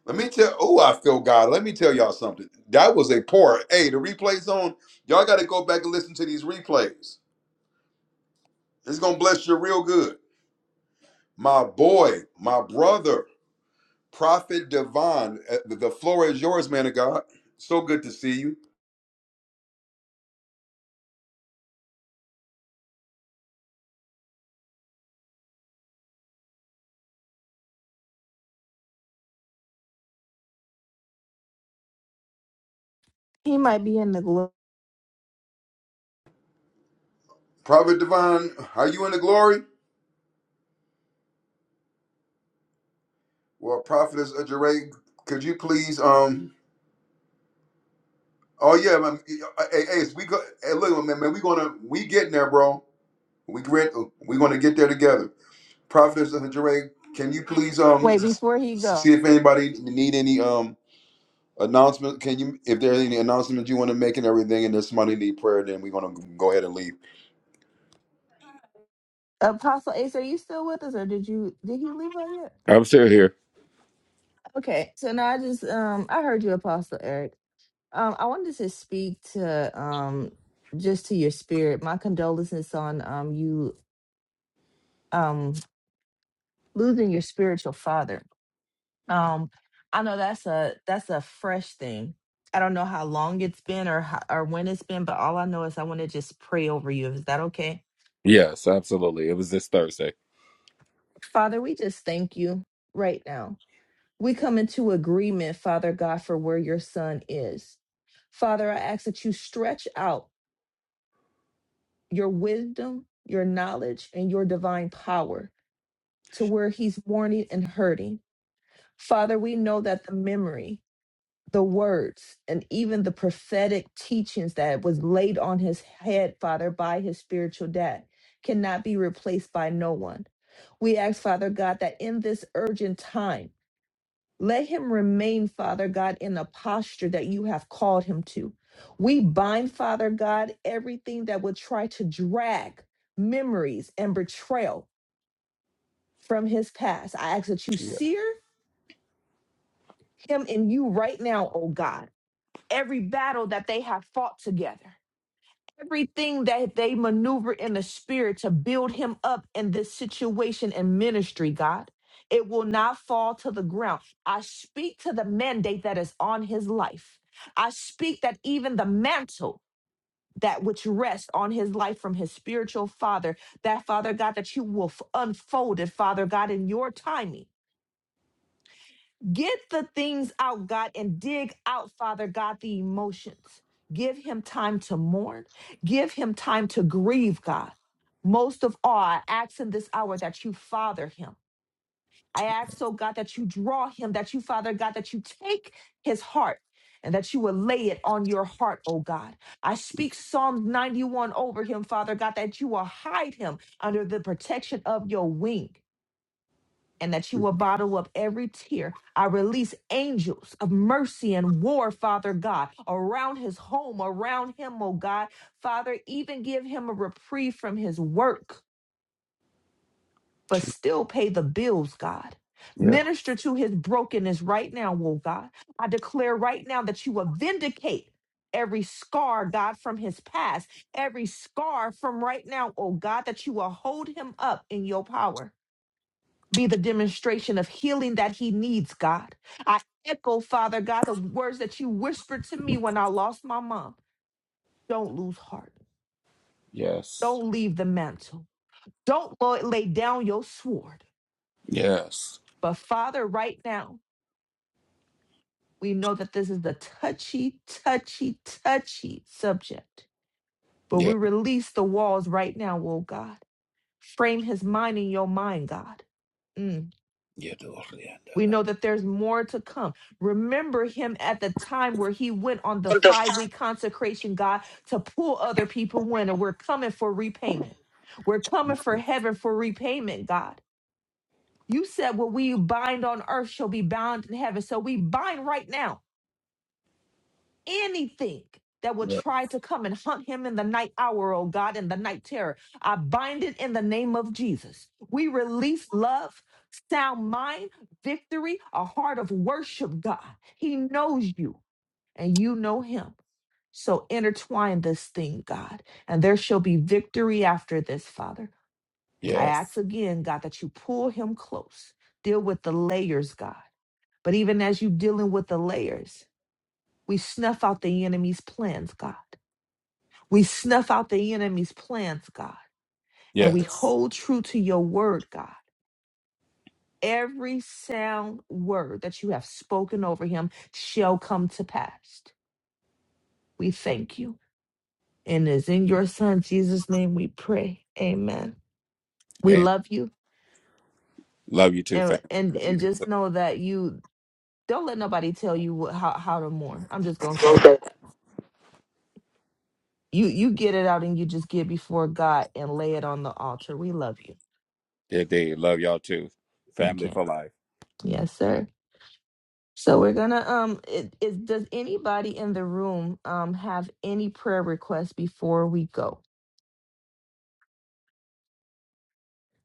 Speaker 1: Let me tell. Oh, I feel God. Let me tell y'all something. That was a pour. Hey, the replays on. Y'all got to go back and listen to these replays. It's gonna bless you real good. My boy, my brother, Prophet Devon. uh, The the floor is yours, man of God. So good to see you,
Speaker 4: He might be in the glo-
Speaker 1: Prophet Devon. Are you in the glory? Well, Prophetess Ajay, could you please? Um. Oh yeah, man. Hey, hey, we go. Hey, look, man, man. We gonna we getting there, bro. We get. We gonna get there together. Prophetess Dr. Jeray, can you please um
Speaker 4: Wait,
Speaker 1: s-
Speaker 4: before he go.
Speaker 1: see if anybody need any um announcement? Can you if there are any announcements you want to make and everything, and there's somebody need prayer, then we're gonna go ahead and leave.
Speaker 4: Apostle Ace, are you still with us or did you did he leave out yet?
Speaker 5: I'm still here.
Speaker 4: Okay. So now I just um I heard you, Apostle Eric. Um, I wanted to speak to um just to your spirit. My condolences on um you um losing your spiritual father. Um, I know that's a that's a fresh thing. I don't know how long it's been or how, or when it's been, but all I know is I want to just pray over you. Is that okay?
Speaker 5: Yes, absolutely. It was this Thursday.
Speaker 4: Father, we just thank you right now. We come into agreement, Father God, for where your son is. Father, I ask that you stretch out your wisdom, your knowledge, and your divine power to where he's mourning and hurting. Father, we know that the memory, the words, and even the prophetic teachings that was laid on his head, Father, by his spiritual dad cannot be replaced by no one. We ask, Father God, that in this urgent time, let him remain, Father God, in the posture that you have called him to. We bind, Father God, everything that would try to drag memories and betrayal from his past. I ask that you
Speaker 5: Yeah.
Speaker 4: sear him in you right now, oh God, every battle that they have fought together. everything that they maneuver in the spirit to build him up in this situation and ministry, God. It will not fall to the ground. I speak to the mandate that is on his life. I speak that even the mantle that which rests on his life from his spiritual father, that Father God, that you will f- unfold it, Father God, in your timing. Get the things out, God, and dig out, Father God, the emotions. Give him time to mourn. Give him time to grieve, God. Most of all, I ask in this hour that you father him. I ask, oh God, that you draw him, that you, Father God, that you take his heart and that you will lay it on your heart, oh God. I speak Psalm 91 over him, Father God, that you will hide him under the protection of your wing and that you will bottle up every tear. I release angels of mercy and war, Father God, around his home, around him, oh God. Father, even give him a reprieve from his work, but still pay the bills, God.
Speaker 5: Yeah.
Speaker 4: Minister to his brokenness right now, oh God. I declare right now that you will vindicate every scar, God, from his past, every scar from right now, oh God, that you will hold him up in your power be the demonstration of healing that he needs, God. I echo, Father God, the words that you whispered to me when I lost my mom. Don't lose heart.
Speaker 5: Yes.
Speaker 4: Don't leave the mantle. Don't lo- lay down your sword.
Speaker 5: Yes.
Speaker 4: But Father, right now, we know that this is the touchy, touchy, touchy subject. But
Speaker 5: Yeah.
Speaker 4: we release the walls right now, oh God. Frame his mind in your mind, God. Mm.
Speaker 5: Yeah.
Speaker 4: We know that there's more to come. Remember him at the time where he went on the
Speaker 5: Dorian.
Speaker 4: five week consecration, God, to pull other people in, and we're coming for repayment. We're coming for heaven for repayment, God. You said what we bind on earth shall be bound in heaven. So we bind right now anything that will try to come and hunt him in the night hour, oh God, in the night terror. I bind it in the name of Jesus. We release love, sound mind, victory, a heart of worship, God. He knows you and you know him. So intertwine this thing, God, and there shall be victory after this, Father. I ask
Speaker 5: Yes.
Speaker 4: again, God, that you pull him close, deal with the layers, God. But even as you dealing with the layers, we snuff out the enemy's plans, God. We snuff out the enemy's plans, God. And we
Speaker 5: Yes.
Speaker 4: hold true to your word, God. Every sound word that you have spoken over him shall come to pass. We thank you. And it's in your son Jesus' name we pray. Amen. We
Speaker 5: Amen.
Speaker 4: love you.
Speaker 5: Love you too, family.
Speaker 4: And and
Speaker 5: Love you
Speaker 4: and
Speaker 5: too. sis.
Speaker 4: just know that you don't let nobody tell you what, how, how to mourn. I'm just gonna say
Speaker 5: Okay.
Speaker 4: that. You you get it out and you just get before God and lay it on the altar. We love you.
Speaker 5: Indeed. Love y'all too. Family
Speaker 4: Okay.
Speaker 5: for life.
Speaker 4: Yes, sir. So we're gonna um it is does anybody in the room um have any prayer requests before we go?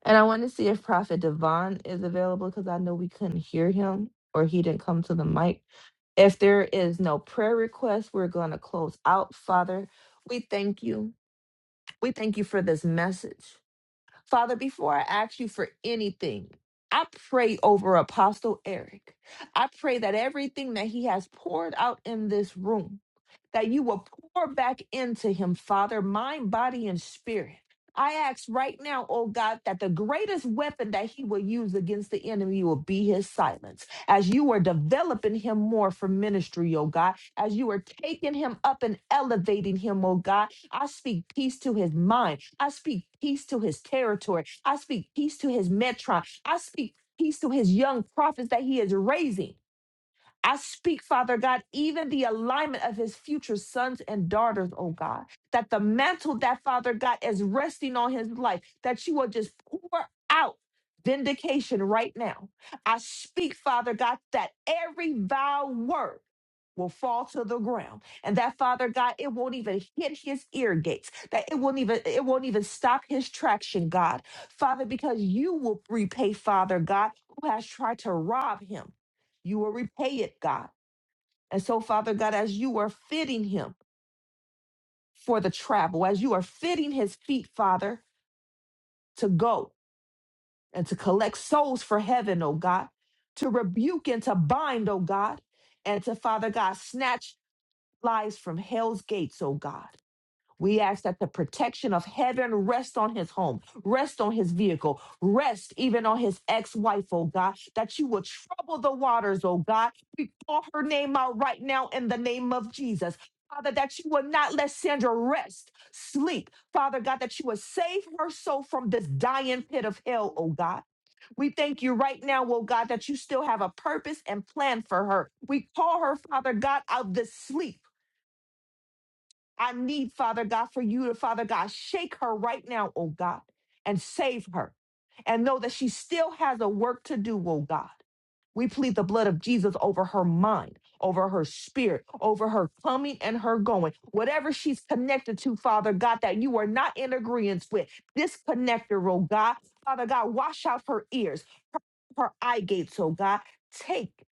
Speaker 4: And I want to see if Prophet Devon is available because I know we couldn't hear him or he didn't come to the mic. If there is no prayer request, we're gonna close out. Father, we thank you. We thank you for this message. Father, before I ask you for anything, I pray over Apostle Eric. I pray that everything that he has poured out in this room. that you will pour back into him, Father, mind, body, and spirit. I ask right now, oh God, that the greatest weapon that he will use against the enemy will be his silence. As you are developing him more for ministry, oh God, as you are taking him up and elevating him, oh God, I speak peace to his mind. I speak peace to his territory. I speak peace to his metron. I speak peace to his young prophets that he is raising. I speak, Father God, even the alignment of his future sons and daughters, oh God, that the mantle that, Father God, is resting on his life, that you will just pour out vindication right now. I speak, Father God, that every vile word will fall to the ground and that father god it won't even hit his ear gates that it won't even it won't even stop his traction god father because you will repay father god who has tried to rob him you will repay it, God. And so, Father God, as you are fitting him for the travel, as you are fitting his feet, Father, to go and to collect souls for heaven, oh God, to rebuke and to bind, oh God, and to, Father God, snatch lives from hell's gates, oh God. We ask that the protection of heaven rest on his home, rest on his vehicle, rest even on his ex wife, oh God, that you will trouble the waters, oh God. We call her name out right now in the name of Jesus. Father, that you will not let Sandra rest, sleep. Father God, that you will save her soul from this dying pit of hell, oh God. We thank you right now, oh God, that you still have a purpose and plan for her. We call her, Father God, out of this sleep. I need, Father God, for you to, Father God, shake her right now, oh God, and save her. And know that she still has a work to do, oh God. We plead the blood of Jesus over her mind, over her spirit, over her coming and her going. Whatever she's connected to, Father God, that you are not in agreement with, disconnect her, oh God. Father God, wash out her ears, her eye gates, oh God. Take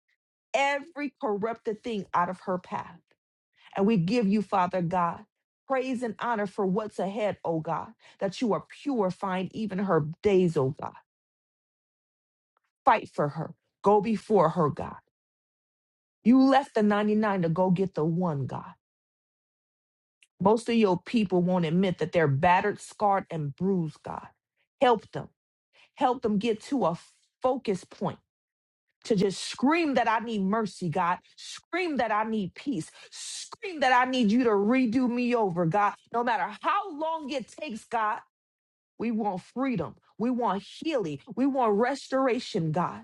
Speaker 4: every corrupted thing out of her path. And we give you, Father God, praise and honor for what's ahead, oh God, that you are purifying even her days, oh God. Fight for her. Go before her, God. You left the 99 to go get the one, God. Most of your people won't admit that they're battered, scarred, and bruised, God. Help them. Help them get to a focus point to just scream that I need mercy, God. Scream that I need peace. Scream that I need you to redo me over, God. No matter how long it takes, God. We want freedom. We want healing. We want restoration, God.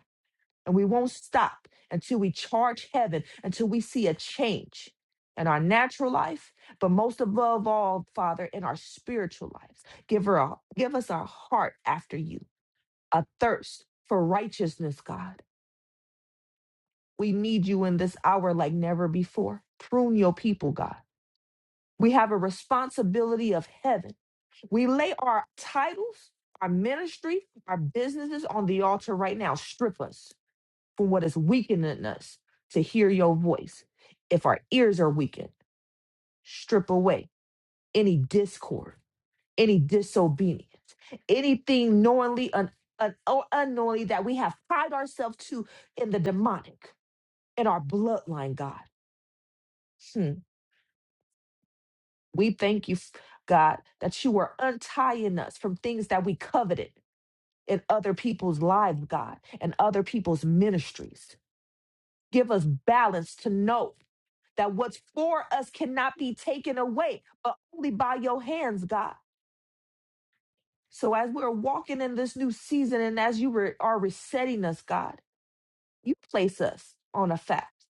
Speaker 4: And we won't stop until we charge heaven, until we see a change in our natural life, but most above all, Father, in our spiritual lives. Give, her a, give us our heart after you, a thirst for righteousness, God. We need you in this hour like never before. Prune your people, God. We have a responsibility of heaven We lay our titles, our ministry, our businesses on the altar right now. Strip us from what is weakening us to hear your voice. If our ears are weakened, strip away any discord, any disobedience, anything knowingly un- un- or unknowingly that we have tied ourselves to in the demonic, in our bloodline, God. Hmm. We thank you, God, that you are untying us from things that we coveted in other people's lives, God, and other people's ministries. Give us balance to know that what's for us cannot be taken away, but only by your hands, God. So as we're walking in this new season and as you re- are resetting us, God, you place us on a fast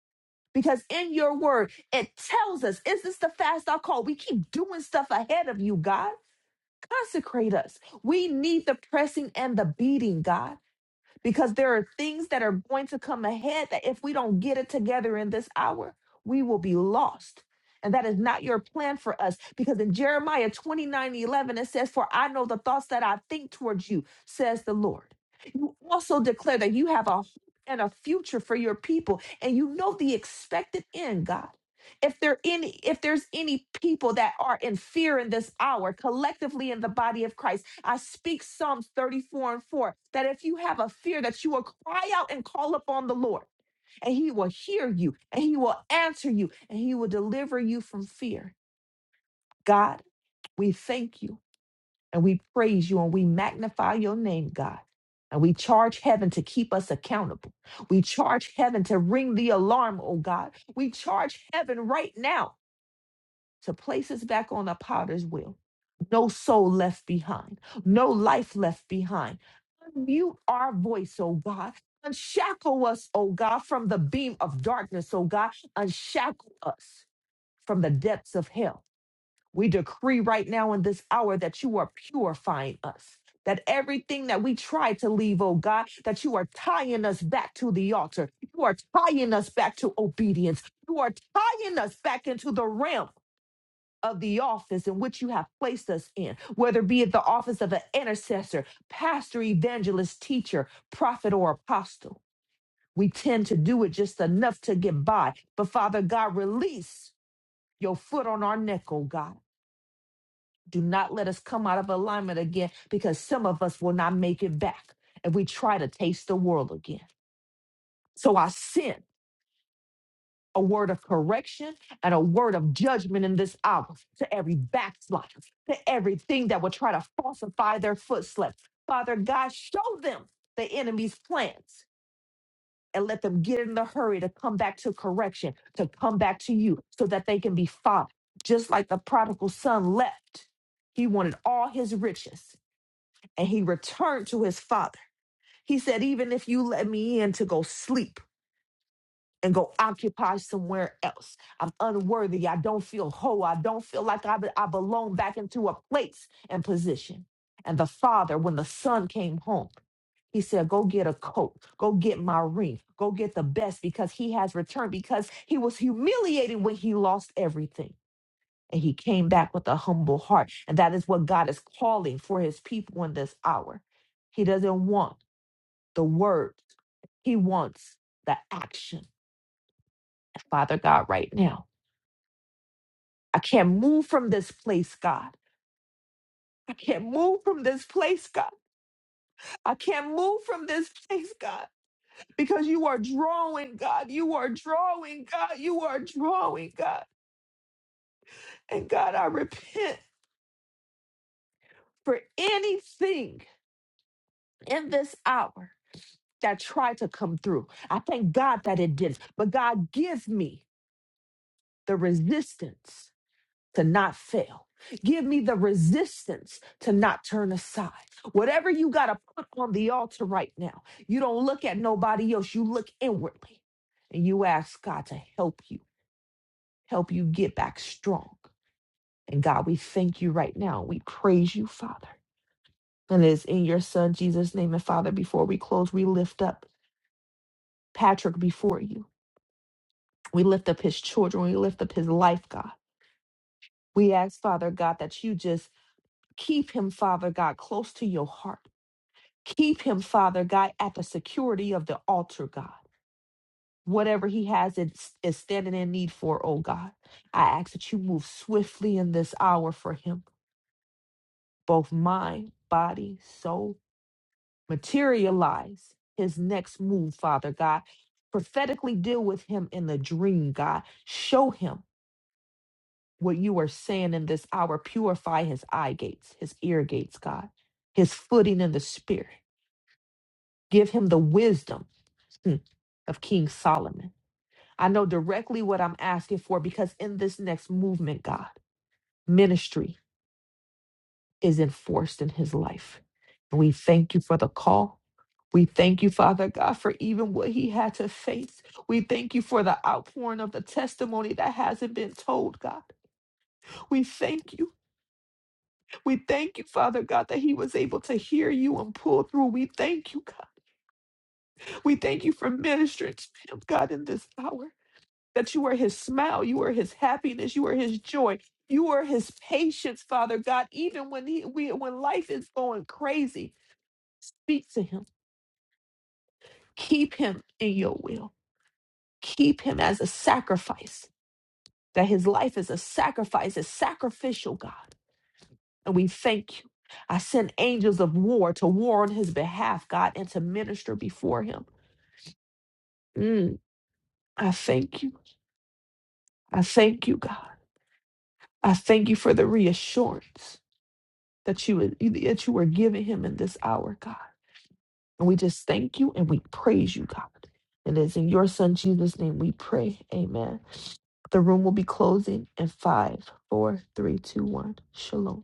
Speaker 4: Because in your word, it tells us, is this the fast I call? We keep doing stuff ahead of you, God. Consecrate us. We need the pressing and the beating, God. because there are things that are going to come ahead that if we don't get it together in this hour, we will be lost. And that is not your plan for us because in Jeremiah 29 11 it says, For I know the thoughts that I think towards you, says the Lord. You also declare that you have a hope and a future for your people, and you know the expected end, God. If there any if there's any people that are in fear in this hour collectively in the body of Christ I speak Psalms 34 and 4 that if you have a fear, that you will cry out and call upon the Lord, and he will hear you, and he will answer you, and he will deliver you from fear. God, we thank you and we praise you and we magnify your name, God. And we charge heaven to keep us accountable. We charge heaven to ring the alarm, oh God. We charge heaven right now to place us back on the potter's wheel. No soul left behind, no life left behind. Unmute our voice, oh God. Unshackle us, oh God, from the beam of darkness, oh God. Unshackle us from the depths of hell. We decree right now in this hour that you are purifying us. That everything that we try to leave, oh God, that you are tying us back to the altar. You are tying us back to obedience. You are tying us back into the realm of the office in which you have placed us in, whether be it the office of an intercessor, pastor, evangelist, teacher, prophet, or apostle. We tend to do it just enough to get by. But Father God, release your foot on our neck, oh God. Do not let us come out of alignment again because some of us will not make it back if we try to taste the world again. So I sin a word of correction and a word of judgment in this hour to every backslider, to everything that will try to falsify their footsteps. Father God, show them the enemy's plans and let them get in the hurry to come back to correction, to come back to you so that they can be found. Just like the prodigal son left, he wanted all his riches and he returned to his father. He said, Even if you let me in to go sleep, and go occupy somewhere else. I'm unworthy. I don't feel whole. I don't feel like I, be- I belong back into a place and position. And the father, when the son came home, he said, Go get a coat. Go get my ring. Go get the best because he has returned, because he was humiliated when he lost everything. And he came back with a humble heart. And that is what God is calling for his people in this hour. He doesn't want the words, he wants the action. Father God, right now. I can't move from this place, God. I can't move from this place, God. I can't move from this place, God, because you are drawing, God. You are drawing, God. You are drawing, God. And God, I repent for anything in this hour that tried to come through. I thank God that it did. But God, give me the resistance to not fail. Give me the resistance to not turn aside. Whatever you got to put on the altar right now, you don't look at nobody else. You look inwardly and you ask God to help you, help you get back strong. And God, we thank you right now. We praise you, Father. And it is in your Son, Jesus' name. And Father, before we close, we lift up Patrick before you. We lift up his children. We lift up his life, God. We ask, Father God, that you just keep him, Father God, close to your heart. Keep him, Father God, at the security of the altar, God. Whatever he has and is standing in need for, oh God, I ask that you move swiftly in this hour for him, both mind, body, soul. Materialize his next move, Father God. Prophetically deal with him in the dream, God. Show him what you are saying in this hour. Purify his eye gates, his ear gates, God, his footing in the spirit. Give him the wisdom hmm, of King Solomon I know directly what I'm asking for because in this next movement, God, ministry is enforced in his life. And we thank you for the call. We thank you, Father God, for even what he had to face. We thank you for the outpouring of the testimony that hasn't been told, God. We thank you. We thank you, Father God, that he was able to hear you and pull through. We thank you, God. We thank you for ministering to him, God, in this hour. that you are his smile, you are his happiness, you are his joy, you are his patience, Father God. Even when he we, when life is going crazy, speak to him. Keep him in your will. Keep him as a sacrifice. That his life is a sacrifice, is sacrificial, God. And we thank you. I send angels of war to war on his behalf, God, and to minister before him. Mm, I thank you. I thank you, God. I thank you for the reassurance. that you would that you are giving him in this hour, God. And we just thank you and we praise you, God. And it's in your son Jesus' name we pray. Amen. The room will be closing in five, four, three, two, one. Shalom.